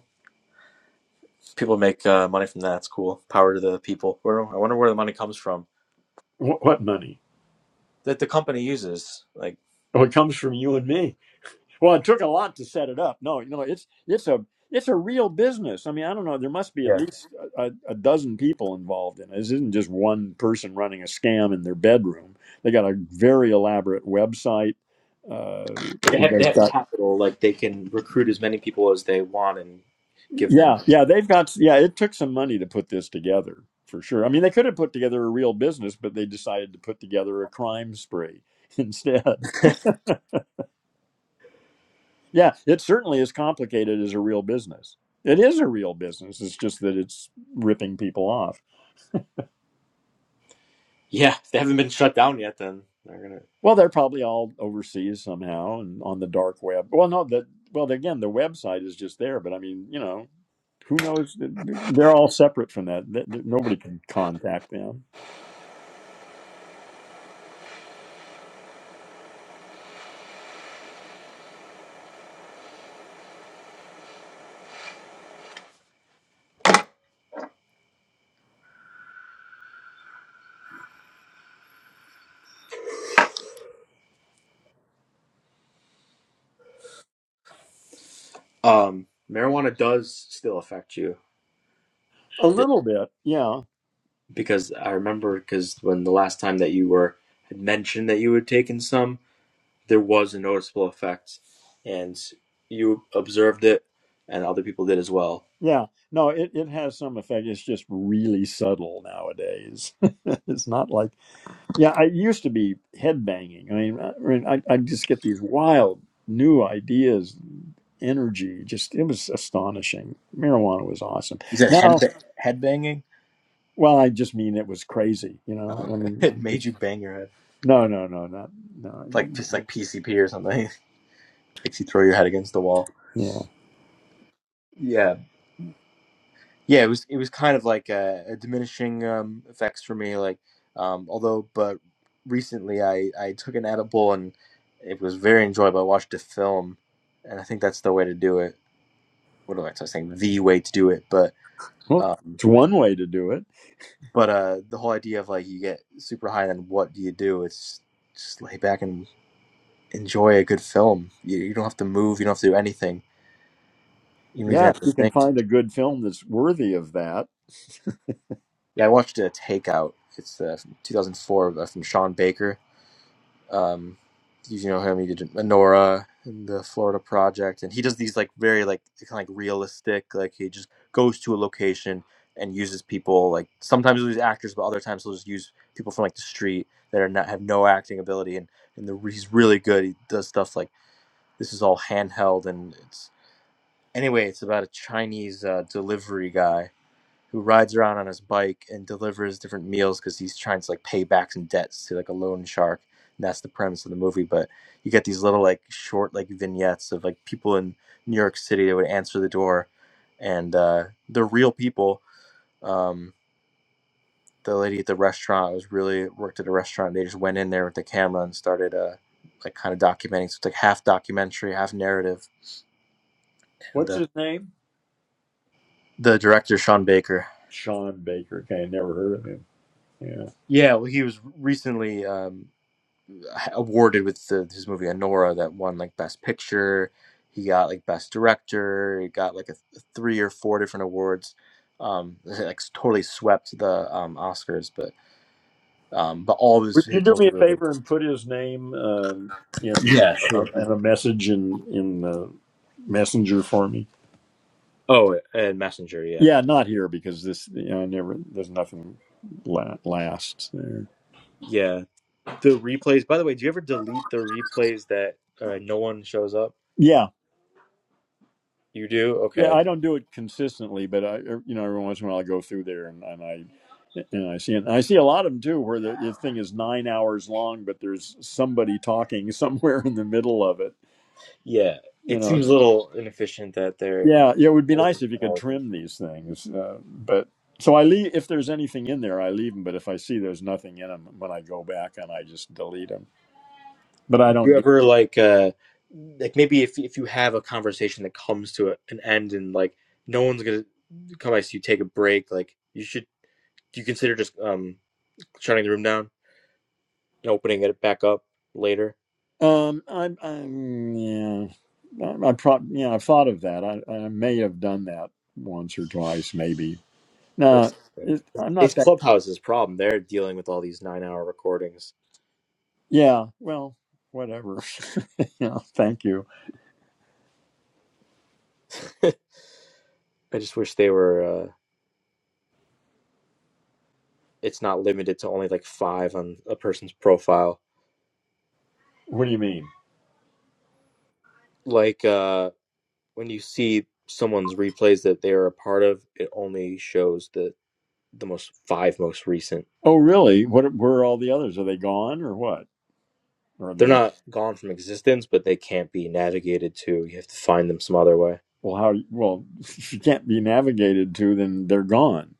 people make uh, money from that. It's cool. Power to the people. Where I wonder where the money comes from
What, what money?
that the company uses. Like.
Oh, it comes from you and me. Well, it took a lot to set it up. No, you know, it's it's a it's a real business. I mean, I don't know. There must be at
yeah.
least a, a dozen people involved in it. This isn't just one person running a scam in their bedroom. They got a very elaborate website. Uh,
They have they
they've
have
got
capital, like they can recruit as many people as they want and give them.
yeah, yeah. They've got yeah. It took some money to put this together for sure. I mean, they could have put together a real business, but they decided to put together a crime spree instead. Yeah, it certainly is complicated as a real business. It is a real business. It's just that it's ripping people off.
Yeah, if they haven't been shut down yet. Then they're
Well, they're probably all overseas somehow and on the dark web. Well, no, that well again, the website is just there, but I mean, you know, who knows? They're all separate from that. Th- th- Nobody can contact them.
gonna. Um, marijuana does still affect you
A little bit, yeah,
because I remember because when the last time that you were had mentioned that you had taken some, there was a noticeable effect, and you observed it, and other people did as well.
yeah. No, it it has some effect. It's just really subtle nowadays. it's not like Yeah, I used to be headbanging. I mean, I, I, mean, I I'd just get these wild new ideas, energy. Just it was astonishing. Marijuana was awesome.
You said head
Now,
ba- head banging.
well, I just mean it was crazy. You
Oh,
know, I
okay, it
mean,
made you
it's-
bang your head
no, no, no, not no.
like just
no.
like PCP or something. Makes you throw your head against the wall.
Yeah,
Yeah. Yeah, it was it was kind of like a, a diminishing um, effects for me. Like, um, although, but recently I I took an edible and it was very enjoyable. I watched a film, and I think that's the way to do it. What am I saying? The way to do it, but
well,
um,
it's one way to do it.
but uh, the whole idea of like you get super high, and then what do you do? It's just lay back and enjoy a good film. You, you don't have to move. You don't have to do anything. You don't even
Yeah,
have
if
to
you can
think.
find a good film that's worthy of that.
Yeah, I watched a Takeout. It's uh, from 2004 uh, from Sean Baker Um, you know him. He did Nora and the Florida Project, and he does these like very like kind of like realistic. Like he just goes to a location and uses people. Like sometimes he'll use actors, but other times he'll just use people from like the street that are not have no acting ability. And and the, he's really good. He does stuff like this is all handheld, and it's anyway. It's about a Chinese uh, delivery guy who rides around on his bike and delivers different meals because he's trying to like pay back some debts to like a loan shark. And that's the premise of the movie. But you get these little like short like vignettes of like people in New York City that would answer the door, and uh, they're real people. Um, the lady at the restaurant was really worked at a restaurant. They just went in there with the camera and started uh, like kind of documenting. So it's like half documentary, half narrative. And
What's
uh,
his name?
the director Sean Baker,
Sean Baker. Okay, I never heard of him. Yeah.
yeah, well, he was recently. Um, awarded with the, his movie Anora that won like Best Picture. He got like Best Director. He got like a, a three or four different awards. Um, like totally swept the um, Oscars, but um, but all of his
Would you
his
do me
were
a
really good.
favor and put his name uh, in
Yeah,
uh,
sure.
in a message in in uh, messenger for me?
Oh, and Messenger, yeah,
Yeah, not here because this you know I never there's nothing la- lasts there.
yeah. The replays. By the way, do you ever delete the replays that uh, no one shows up?
Yeah,
You do.
yeah,
Okay.
I don't do it consistently, but I er, you know every once in a while I go through there and, and I and I see and I see a lot of them too where the, the thing is nine hours long, but there's somebody talking somewhere in the middle of it.
Yeah.
You
It
know,
seems a little inefficient that they're
Yeah, yeah, it would be
recording.
nice if you could trim these things. Uh, but so I leave if there's anything in there, I leave them. But if I see there's nothing in them, when I go back and I just delete them. But I
Do
don't
you
do.
ever like uh like maybe if if you have a conversation that comes to a, an end and like no one's gonna come by so you take a break like you should do you consider just um shutting the room down and opening it back up later
Um, I'm, I'm yeah, I, I prob yeah, I thought of that. I, I may have done that once or twice, maybe. No,
What's it's
it, I'm
it's
not that.
clubhouse's problem they're dealing with all these nine hour recordings
Yeah, well, whatever. yeah, thank you.
i just wish they were uh it's not limited to only like five on a person's profile
What do you mean?
like uh when you see someone's replays that they're a part of it only shows the the most five most recent.
Oh, really? What? Where are all the others? Are they gone or what? Or are they?
They're not gone from existence, but they can't be navigated to. You have to find them some other way.
Well, how? Well, if you can't be navigated to, then they're gone.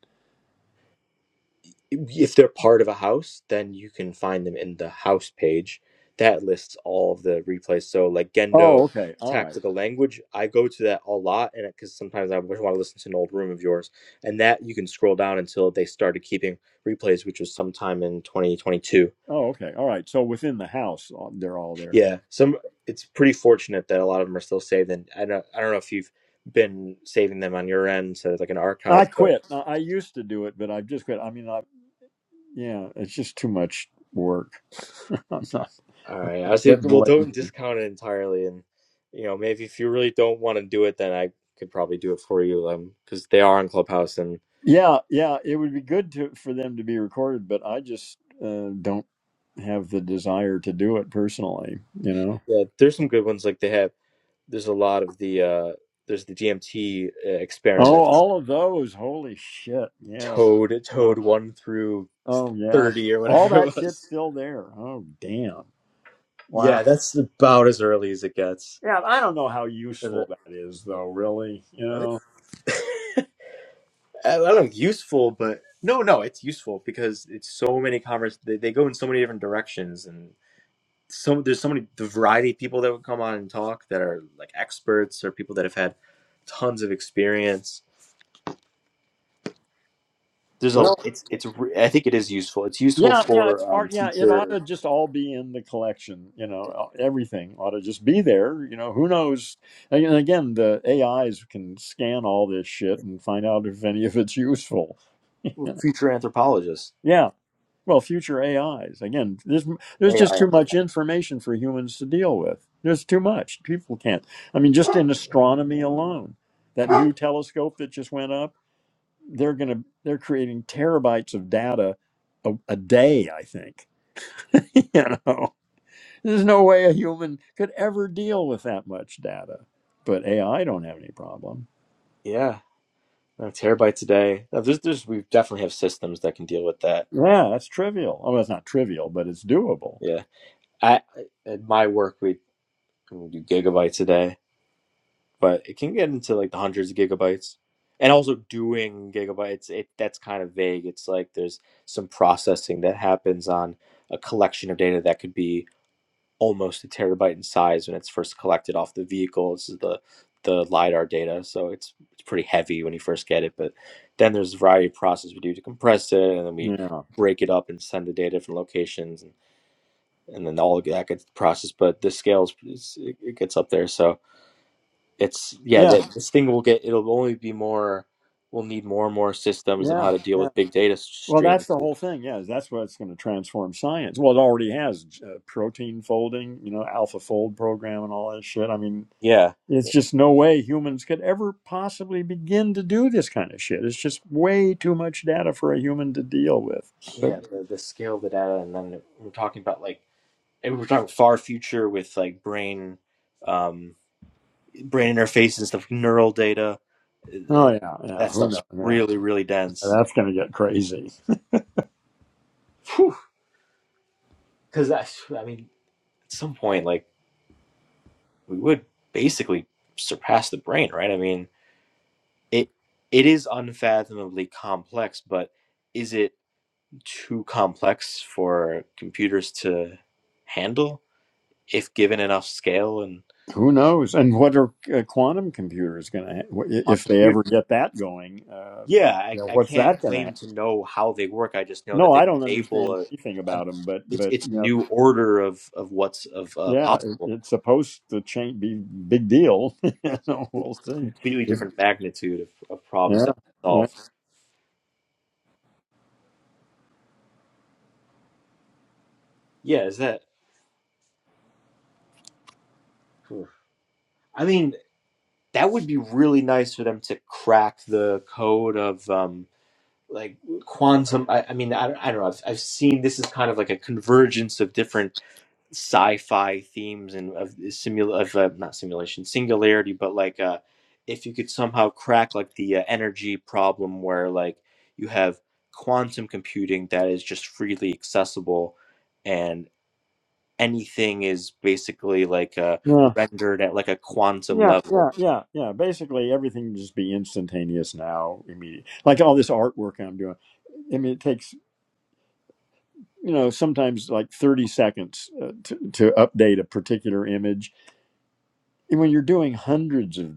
If they're part of a house, then you can find them in the house page. That lists all of the replays. So, like
Oh,
Gendo
okay. All right.
Tactical Language, I go to that a lot, and because sometimes I want to listen to an old room of yours, and that you can scroll down until they started keeping replays, which was sometime in 2022
Oh, okay. All right. So within the house, uh, they're all there.
Yeah, some it's pretty fortunate that a lot of them are still saved. And I don't, I don't know if you've been saving them on your end, so it's like an
I
archive. But
quit. I I used to do it, but I've just quit. I mean, I yeah, it's just too much work. I'm not
all right, I say,
getting
well, don't
lazy.
discount it entirely, and you know, maybe if you really don't want to do it, then I could probably do it for you, um, because they are on Clubhouse, and
Yeah, yeah. It would be good to for them to be recorded, but I just uh, don't have the desire to do it personally. You know.
yeah, there's some good ones. Like they have, there's a lot of the, uh, there's the DMT uh,
Oh,
experiments,
all of those. Holy shit. Yeah.
Toad, Toad one through
Oh yeah.
thirty or
All
whatever
that
it was.
shit's still there. Oh damn.
Yeah,
Wow.
that's about as early as it gets.
Yeah, I don't know how
Is
useful that is though, really. You
it?
know.
I don't know, useful, but no, no, it's useful because it's so many convers. They, they go in so many different directions, and so there's so many the variety of people that would come on and talk that are like experts or people that have had tons of experience. There's a
Well,
it's it's re- I think it is useful. It's useful
yeah, yeah, it's
for um,
part yeah, it ought
future
to just all be in the collection, you know, e, everything ought to just be there, you know, who knows. And again, the AIs can scan all this shit and find out if any of it's useful. Yeah.
future anthropologists.
Yeah. Well, future AIs. Again, there's there's
AI.
just too
anthropologists.
much information for humans to deal with. There's too much. People can't. I mean, just in astronomy alone, that new telescope that just went up, they're gonna they're creating terabytes of data a, a day. I think. you know, there's no way a human could ever deal with that much data. But AI don't have any problem.
Yeah, a terabyte a day. Uh, There's there's we definitely have systems that can deal with that.
Yeah, that's trivial. Oh, well, it's not trivial, but it's doable.
Yeah, I at my work we, we do gigabytes a day but it can get into like the hundreds of gigabytes and also doing gigabytes it that's kind of vague it's like there's some processing that happens on a collection of data that could be almost a terabyte in size when it's first collected off the vehicle this is the the lidar data so it's it's pretty heavy when you first get it but then there's a variety of process we do to compress it and then we
Yeah.
break it up and send the data to different locations and, and then all of that gets processed but the scales is, it it gets up there so it's yeah
Yeah.
that this thing will get it'll only be more we'll need more and more systems of
Yeah.
how to deal with big data s-
Well,
streams
that's the whole thing. Yes, that's what's going to transform science. Well, it already has uh, protein folding, you know, alpha fold program, and all that shit. I mean,
yeah
it's just no way humans could ever possibly begin to do this kind of shit. It's just way too much data for a human to deal with. But
yeah the, the scale of the data and then we're talking about like and we're talking far future with like brain um brain interfaces, and stuff neural data
oh
Uh,
yeah, yeah,
that
who
stuff's
knows? Yeah,
really really dense
that's going to get crazy.
because i mean at some point like we would basically surpass the brain right i mean it it is unfathomably complex, but is it too complex for computers to handle if given enough scale and
Who knows? And what are uh, quantum computers going to, ha-
on
if
a
they
computer?
ever get that going? Um,
Yeah,
you
I,
know,
I
what's
can't
that going
claim
to?
to know how they work. I just know that
No, I
they
don't
enable
understand
a,
anything
a
about them, but
it's
but
it's a
you know.
new order of of what's of uh,
yeah, it,
possible,
it's supposed to change, be big deal. so we'll see.
completely different magnitude of, of problems
Yeah,
that we
yeah,
solve. Yeah, is that? I mean, that would be really nice for them to crack the code of um, like quantum i, I mean I, don't- I don't know I've, I've seen this is kind of like a convergence of different sci-fi themes and of simul of uh, not simulation singularity but like uh if you could somehow crack like the uh, energy problem where like you have quantum computing that is just freely accessible and anything is basically like uh
yeah,
rendered at like a quantum
yeah, yeah,
level
yeah, yeah. Basically, everything can just be instantaneous now, immediate. Like all this artwork I'm doing. I mean, it takes you know sometimes like 30 seconds uh, to, to update a particular image, and when you're doing hundreds of,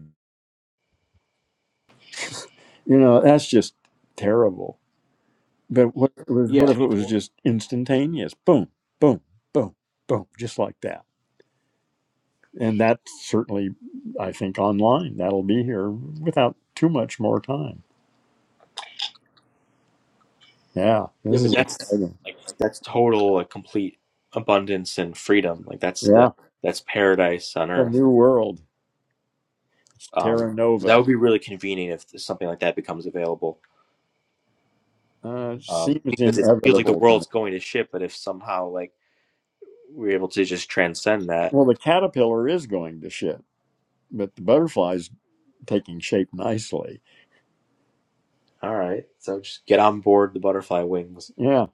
you know, that's just terrible. But what was
yeah
what if it was just instantaneous? Boom, boom, boom, boom, just like that. and that certainly i think online that'll be here without too much more time yeah
Yeah,
this
but
is
that's
exciting
like that's total like complete abundance and freedom. Like that's the
yeah
that's paradise on
the
earth.
new world it's
Um,
terra
that
nova
would be really convenient if something like that becomes available.
uh,
Um,
seems
because it feels like the
inevitable to me
world's going to shit, but if somehow like we're able to just transcend that,
well the caterpillar is going to shit but the butterfly's taking shape nicely
all right. So just get on board the butterfly wings.
yeah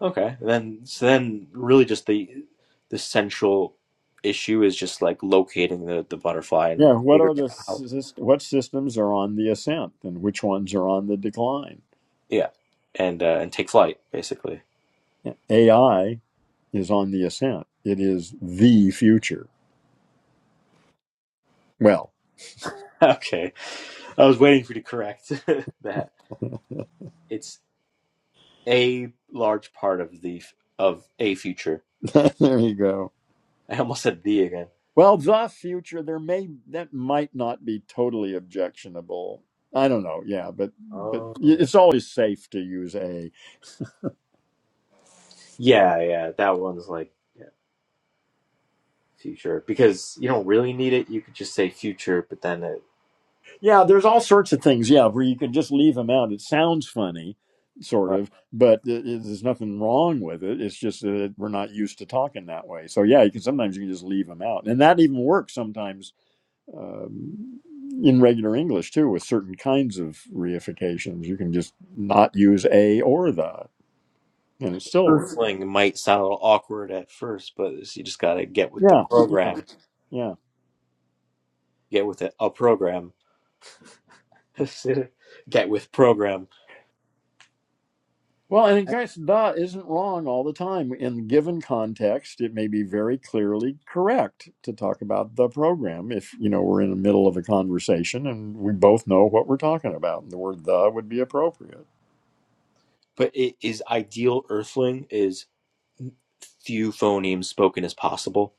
Okay. And then so then really just the the central issue is just like locating the the butterfly and
yeah what
figuring
are the
out how
sys- what systems are on the ascent and which ones are on the decline
yeah and uh, and take flight basically.
ai is on the ascent it is the future well
Okay. I was waiting for you to correct that. It's a large part of the of a future.
there you go
I almost said the again.
Well, the future there may that might not be totally objectionable. I don't know. Yeah, but but
Oh.
y- it's always safe to use a.
Yeah, yeah. That one's like yeah, future because you don't really need it. You could just say future, but then it
Yeah, there's all sorts of things. Yeah, where you can just leave them out. It sounds funny, sort
right.
of, but it, it- there's nothing wrong with it. It's just that we're not used to talking that way. So yeah, you can sometimes you can just leave them out, and that even works sometimes um, in regular English too with certain kinds of reifications. You can just not use a or the, and it still works.
Earthling might sound a little awkward at first, but you just gotta get with the
Yeah, yeah,
program.
yeah.
Get with it. A program. get with program.
Well, and in case da isn't wrong all the time. In given context, it may be very clearly correct to talk about the program if, you know, we're in the middle of a conversation and we both know what we're talking about. And the word the would be appropriate.
But it is ideal. Earthling is few phonemes spoken as possible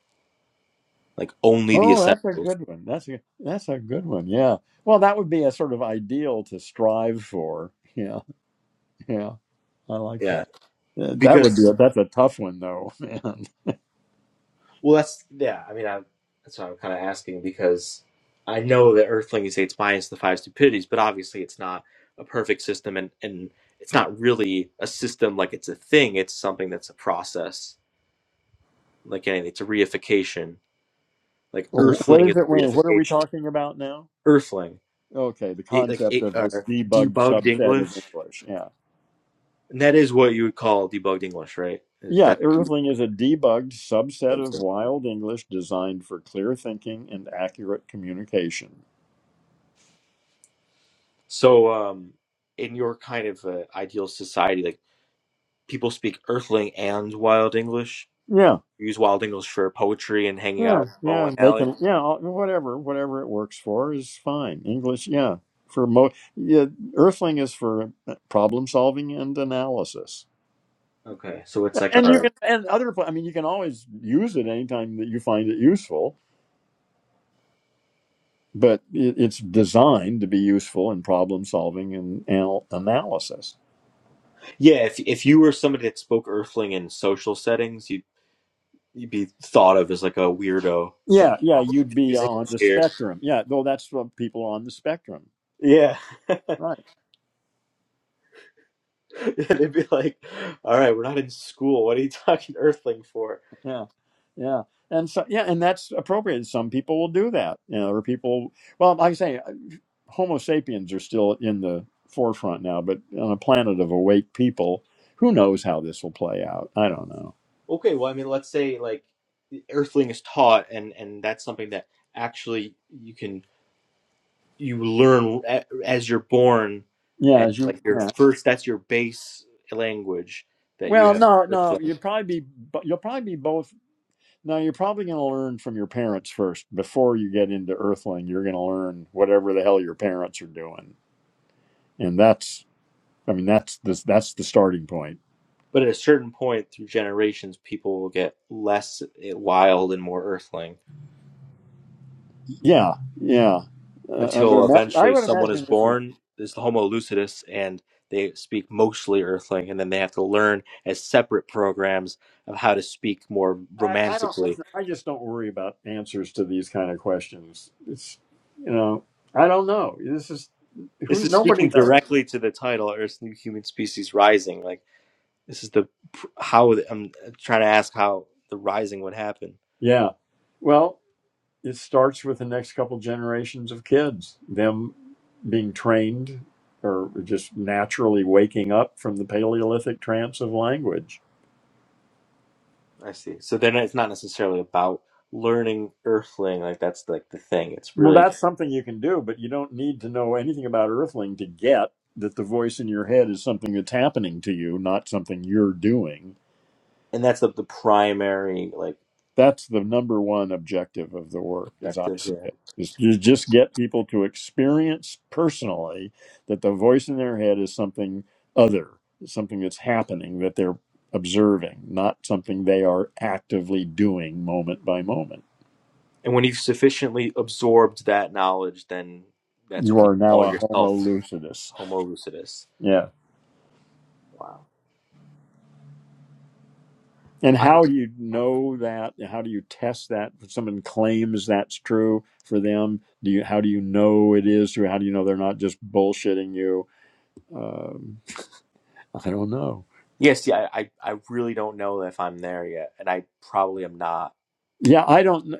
like only the
Oh, that's a
essentials.
good one. That's a that's a good one. Yeah. Well, that would be a sort of ideal to strive for. Yeah, yeah. I like
Yeah,
that. Uh, That would be
because
a, that's a tough one though, man.
well, that's yeah. I mean, I, that's what I'm kind of asking because I know that Earthling is it's minus the five stupidities, but obviously it's not a perfect system, and and it's not really a system like it's a thing. It's something that's a process, like anything. It's a reification. Like
What
Earthling is
is it? Wait, What are we
reification.
talking about now?
Earthling,
Okay, the
it, like
concept
it,
of
uh,
this debugged
debugged
subset of
English,
English. Yeah.
and that is what you would call debugged English, right? Is
Yeah,
that
Irving is a debugged subset of wild English designed for clear thinking and accurate communication.
So, um, in your kind of uh, ideal society, like people speak Earthling and Wild English.
Yeah.
You use Wild English for poetry and hanging out
Yeah,
at a bowling
yeah,
alley.
making yeah, whatever, whatever it works for is fine. English, yeah, for mo, yeah, Earthling is for uh, problem solving and analysis,
Okay, so it's like
and you
our
can and other. pla- I mean, you can always use it anytime that you find it useful. but it, it's designed to be useful in problem solving and anal- analysis.
yeah. If if you were somebody that spoke Earthling in social settings, you'd you'd be thought of as like a weirdo. It's like
Yeah, yeah,
"Oh, we
you'd
just
be
use
on
English
the
here.
spectrum. Yeah, though that's what people are on the spectrum,
Yeah,
right?
they'd be like, "All right, we're not in school. What are you talking Earthling for?"
Yeah, yeah, and so yeah, and that's appropriate. Some people will do that. You know, or people. Well, like I say, uh, Homo sapiens are still in the forefront now, but on a planet of awake people, who knows how this will play out? I don't know.
Okay, well, I mean, let's say like Earthling is taught, and and that's something that actually you can you learn a- as you're born,
Yeah,
and
as you.
like your
Yeah.
first that's your base language that you
Well,
have
no, no,
Earthling.
you'd probably be. You'll probably be both Now you're probably going to learn from your parents first before you get into Earthling. You're going to learn whatever the hell your parents are doing, and that's I mean that's the that's the starting point.
But at a certain point through generations, people will get less eh, wild and more Earthling
Yeah, yeah. Uh, I would
until
imagine I
eventually
would
someone is
imagine this would.
born is the Homo lucidus and they speak mostly Earthling, and then they have to learn as separate programs of how to speak more
I, I don't
romantically
listen. I just don't worry about answers to these kind of questions. It's you know I don't know. This is
This
who
is speaking
nobody knows.
directly to the title, Earth's New Human Species Rising. Like, this is the how I'm trying to ask how the rising would happen.
Yeah. Well. it starts with the next couple generations of kids, them being trained or just naturally waking up from the Paleolithic trance of language.
I see. So then it's not necessarily about learning Earthling. Like, that's like the thing. It's
Well,
really,
that's something you can do, but you don't need to know anything about Earthling to get that the voice in your head is something that's happening to you, not something you're doing.
and that's the, the primary, like,
that's the number one objective of the work as i
objective
see
here.
it is to just get people to experience personally that the voice in their head is something other something that's happening that they're observing not something they are actively doing moment by moment
And when you've sufficiently absorbed that knowledge, then that's
you
when you
are now
call
a homo
yourself
lucidus
Homo lucidus.
yeah
Wow.
and
I,
how do you know that how do you test that if someone claims that's true for them do you how do you know it is true how do you know they're not just bullshitting you Um, I don't know.
yes, yeah, I, I really don't know if I'm there yet, and I probably am not.
Yeah, I don't know.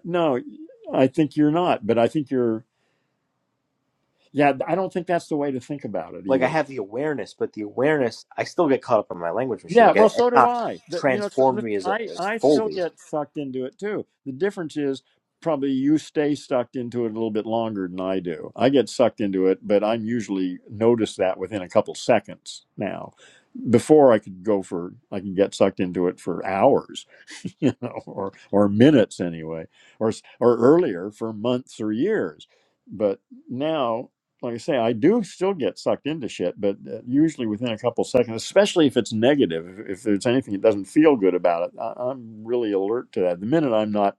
I think you're not, but I think you're yeah, I don't think that's the way to think about it
like I
either.
have the awareness, but the awareness I still get caught up in my language machine.
Yeah,
Like
well,
it, it's
so do
not
I. That you know, so,
transformed
listen,
me as, a,
I
as
I still
fully.
get sucked into it too. The difference is probably you stay sucked into it a little bit longer than I do. I get sucked into it, but I'm usually notice that within a couple seconds now. Before I could go for, I can get sucked into it for hours, you know, or or minutes anyway, or s- or earlier for months or years. But now like I say, I do still get sucked into shit, but uh, usually within a couple seconds, especially if it's negative, if, if there's anything that doesn't feel good about it, I, I'm really alert to that. The minute I'm not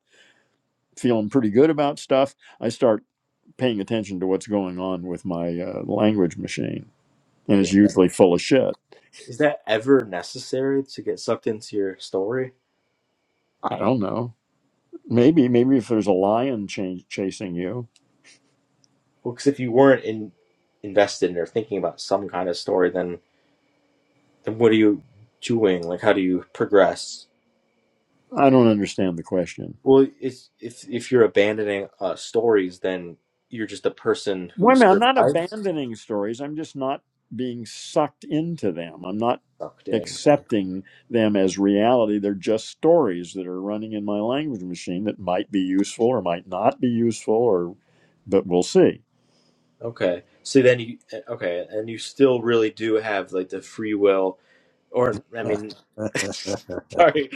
feeling pretty good about stuff, I start paying attention to what's going on with my uh, language machine, and
Yeah,
it's usually full of shit.
is that ever necessary to get sucked into your story?
I don't know. Maybe, maybe if there's a lion ch- chasing you,
Well, because if you weren't in, invested in or thinking about some kind of story, then then what are you doing? Like how do you progress?
I don't understand the question.
Well, it's, if if you're abandoning uh, stories, then you're just a person
Wait
who
a minute, I'm not
survives
abandoning stories. I'm just not being sucked into them. I'm not
sucked in.
accepting them as reality. They're just stories that are running in my language machine that might be useful or might not be useful or but we'll see.
Okay. So then you uh, okay, and you still really do have like the free will, or I
oh,
mean, sorry,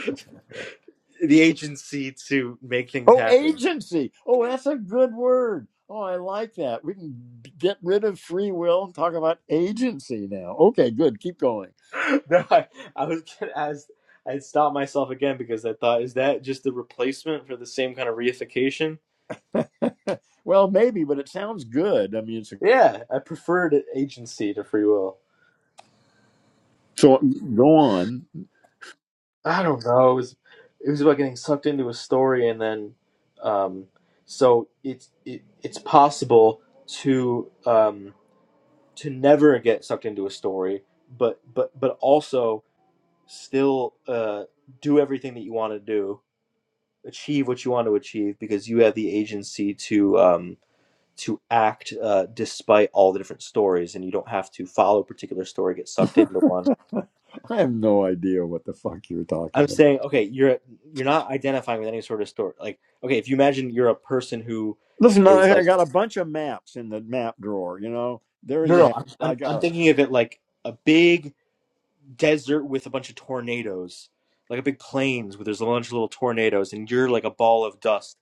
the agency to make things happen.
agency. Oh, that's a good word. Oh, I like that. We can get rid of free will and talk about agency now. Okay, good. Keep going.
No, I, I was gonna ask. I stopped myself again because I thought, is that just the replacement for the same kind of reification?
well, maybe, but it sounds good. I mean, it's a,
Yeah, I preferred agency to free will.
so go on.
I don't know. It was it was about getting sucked into a story, and then um, so it's it, it's possible to um, to never get sucked into a story, but but but also still uh, do everything that you want to do, achieve what you want to achieve, because you have the agency to um, to act uh, despite all the different stories, and you don't have to follow a particular story, get sucked into one.
I have no idea what the fuck you're talking
I'm
about.
saying, okay, you're you're not identifying with any sort of story. Like, okay, if you imagine you're a person who
Listen,
is
I, I
like,
got a bunch of maps in the map drawer. You know, there
no,
you
no,
have
I'm
it. I
I'm,
got
I'm
them.
thinking of it like a big desert with a bunch of tornadoes, like a big plains where there's a bunch of little tornadoes, and you're like a ball of dust,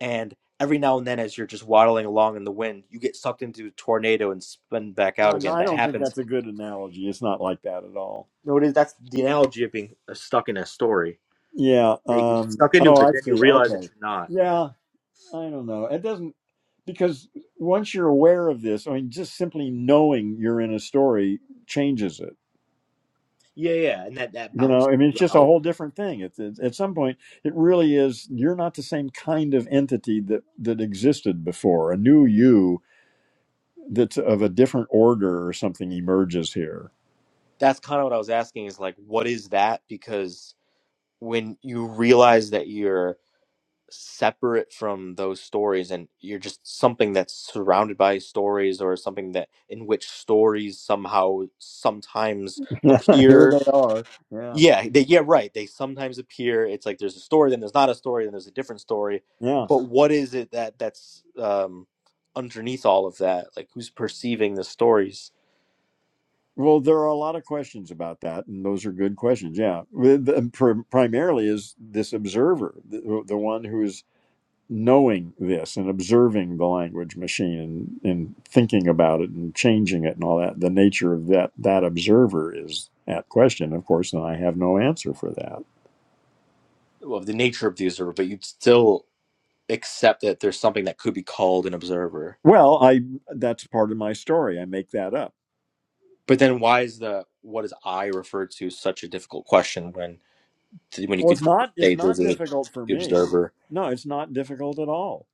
and every now and then, as you're just waddling along in the wind, you get sucked into a tornado and spun back out
Uh, no,
again.
I
That
don't think
happens.
that's a good analogy. It's not like that at all.
No, it is. That's the analogy of being uh, stuck in a story.
Yeah.
Like, you're
Um,
stuck into it,
oh,
but
I
then you
see.
realize
Okay.
that you're not.
Yeah. I don't know. It doesn't because once you're aware of this, I mean, just simply knowing you're in a story changes it.
Yeah, yeah, and that that
you
bounces
know i mean it's
you
just a
out.
whole different thing it's, it's at some point it really is you're not the same kind of entity that that existed before a new you that's of a different order or something emerges here
that's kind of what I was asking is like, what is that? Because when you realize that you're separate from those stories and you're just something that's surrounded by stories or something that in which stories somehow sometimes
here
appear.
they are yeah
Yeah, they, yeah, right. They sometimes appear. It's like there's a story, then there's not a story, then there's a different story.
yeah
But what is it that that's um, underneath all of that? Like who's perceiving the stories?
well there are a lot of questions about that and those are good questions yeah With- the- prim- primarily is this observer the, the one who's knowing this and observing the language machine and, and thinking about it and changing it and all that, the nature of that that observer is at question, of course, and I have no answer for that.
Well, the nature of the observer, but you'd still accept that there's something that could be called an observer.
Well, I that's part of my story. I make that up.
But then why is the what is I referred to such a difficult question when when you
Well,
could
it's not
say
it's
there's
not
a
difficult for
the
me.
observer?
No, it's not difficult at all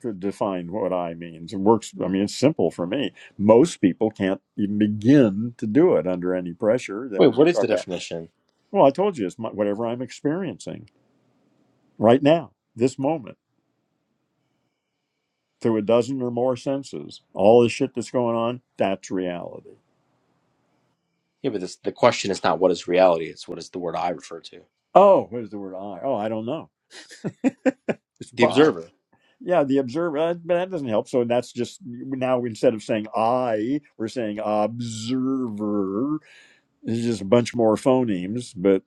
to define what I means. It works. I mean, it's simple for me. Most people can't even begin to do it under any pressure. I
Wait,
mean, you
what is the
start.
definition?
Well, I told you it's my, whatever I'm experiencing. right now, this moment, through a dozen or more senses. All this shit that's going on, that's reality.
Yeah, but this, the question is not what is reality; it's what is the word I refer to,
Oh, where's the word I? Oh, I don't know. It's
the
Bob.
observer.
Yeah, the observer, uh, but that doesn't help. So that's just now instead of saying I, we're saying observer. It's just a bunch more phonemes, but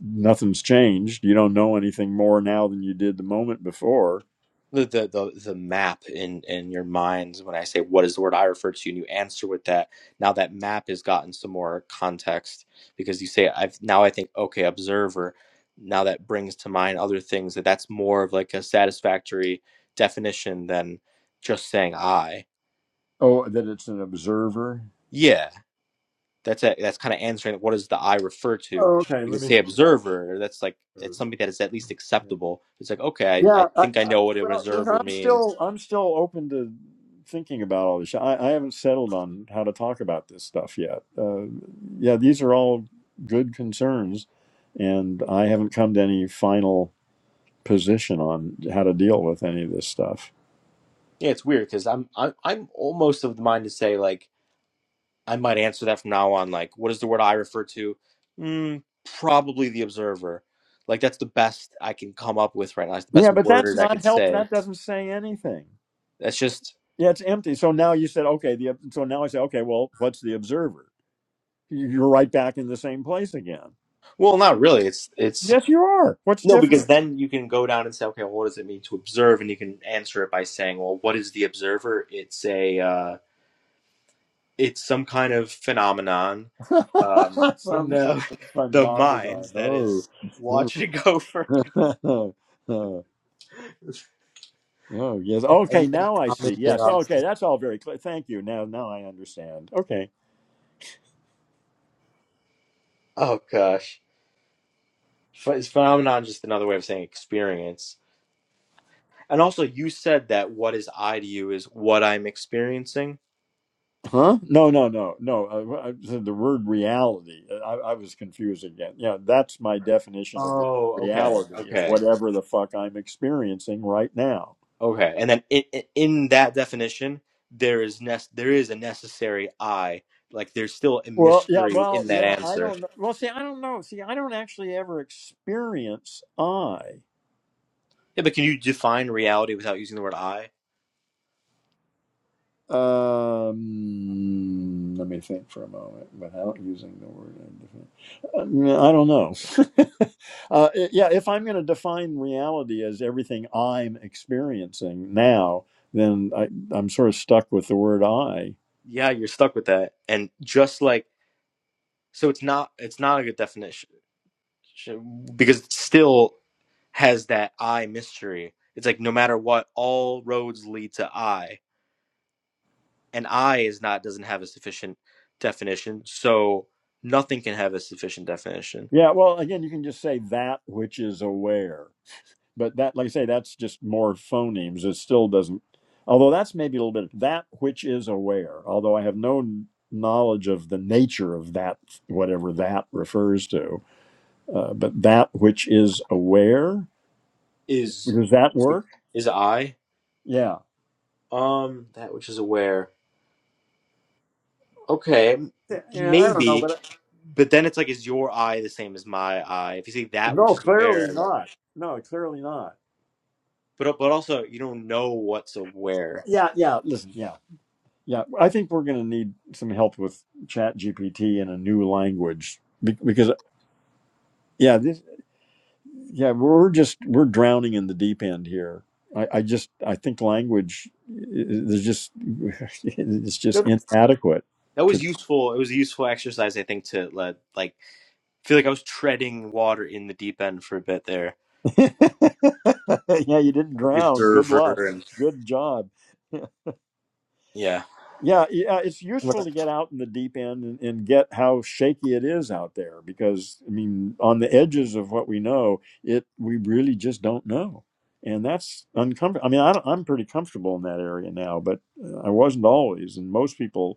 nothing's changed. You don't know anything more now than you did the moment before.
the the the, the map in in your minds when i say what is the word i refer to and you answer with that now that map has gotten some more context because you say i've now i think okay observer now that brings to mind other things that that's more of like a satisfactory definition than just saying i
Oh, that it's an observer.
yeah that's a, that's kind of answering what does the i refer to
Oh, okay.
you
Let
could
me
say
think about
observer that's like it's something
it.
that is at least acceptable it's like okay i,
Yeah,
I
I,
think i
I,
know what an
well, listen,
observer
I'm
means
still I'm still open to thinking about all this. I, I haven't settled on how to talk about this stuff yet. Uh, yeah, these are all good concerns, and I haven't come to any final position on how to deal with any of this stuff.
Yeah, it's weird because I'm I'm I'm almost of the mind to say like I might answer that from now on. Like, what is the word I refer to? Mm, probably the observer. Like that's the best I can come up with right now. It's the best
Yeah, but that's
word I could
not help.
say.
That doesn't say anything.
That's just
Yeah, it's empty. So now you said okay. The so now I say okay. Well, what's the observer? You- You're right back in the same place again.
well, not really. It's it's
Yes, you are. What's
no
different?
because then you can go down and say, okay, well, what does it mean to observe? And you can answer it by saying, well, what is the observer? It's a uh, it's some kind of phenomenon um, in
Some kind
the
of
the
phenomenon.
minds that
Oh.
is watching over
oh, Oh, yes.
and,
Okay,
and, and
now I see.
commenting
Yes.
on
Okay,
stuff.
that's all very clear. Thank you. Now, now I understand. Okay.
Oh gosh, Ph- it's phenomenon just another way of saying experience. And also, you said that what is I to you is what I'm experiencing.
Huh? No, no, no, no. Uh, I said the word reality. uh, I, I was confused again. Yeah, that's my definition of the word
Oh, okay,
reality is
okay,
whatever the fuck I'm experiencing right now.
okay. And then in, in in that definition, there is nec- there is a necessary I. Like there's still a
Well, yeah,
mystery
well,
in that
yeah, I
answer.
don't know. Well, see, I don't know. See, I don't actually ever experience I.
Yeah, but can you define reality without using the word I?
Um, let me think for a moment without using the word indifferent. Uh, I don't know. uh, i- yeah, if I'm going to define reality as everything I'm experiencing now, then I, I'm sort of stuck with the word I.
Yeah, you're stuck with that. And just like so, it's not it's not a good definition because it's still has that I mystery. It's like no matter what, all roads lead to I, and I is not doesn't have a sufficient definition, so nothing can have a sufficient definition.
Yeah, well, again, you can just say that which is aware. but that like i say that's just more phonemes it still doesn't although that's maybe a little bit that which is aware although i have no knowledge of the nature of that whatever that refers to uh, but that which is aware
Is
does that work
is I
yeah
um that which is aware? Okay, m-
yeah yeah, i don't know
maybe,
but
but then it's like is your I the same as my I? If you say that which
no
is aware,
clearly
like,
not no clearly not
but but also you don't know what's aware.
yeah yeah listen yeah yeah i think we're going to need some help with chat gpt in a new language be- because yeah This. yeah we're just we're drowning in the deep end here i, I just i think language is just it's just inadequate
that was
to
useful. It was a useful exercise, I think, to let like feel like I was treading water in the deep end for a bit there.
yeah you didn't
The
drown good luck
observer and
good job
yeah,
yeah yeah it's useful to get out in the deep end and, and get how shaky it is out there because i mean on the edges of what we know it we really just don't know and that's uncomfortable i mean I don't, i'm pretty comfortable in that area now but uh, i wasn't always and most people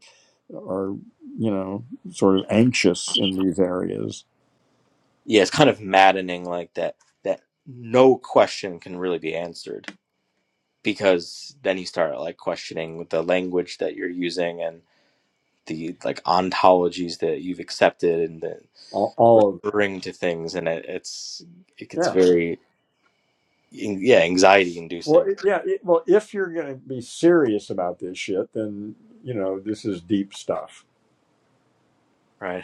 are you know sort of anxious in these areas
yeah, it's kind of maddening like that. That no question can really be answered because then you start like questioning the language that you're using and the like ontologies that you've accepted and the
All, all of that.
referring to things, and it, it's it gets
yeah
very yeah anxiety
well
inducing,
it, yeah it, well if you're going to be serious about this shit then you know this is deep stuff
right?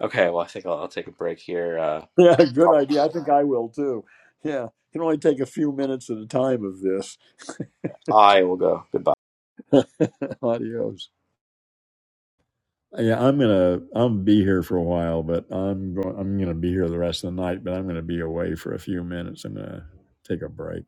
Okay, well, I think I'll, I'll take a break here. Uh,
yeah good
probably for
idea i
the
think
night.
i will too yeah can only take a few minutes at a time of this
I will go. Goodbye.
adios Yeah, I'm gonna I'm be here for a while, but I'm going I'm gonna be here the rest of the night, but I'm gonna be away for a few minutes. I'm gonna take a break.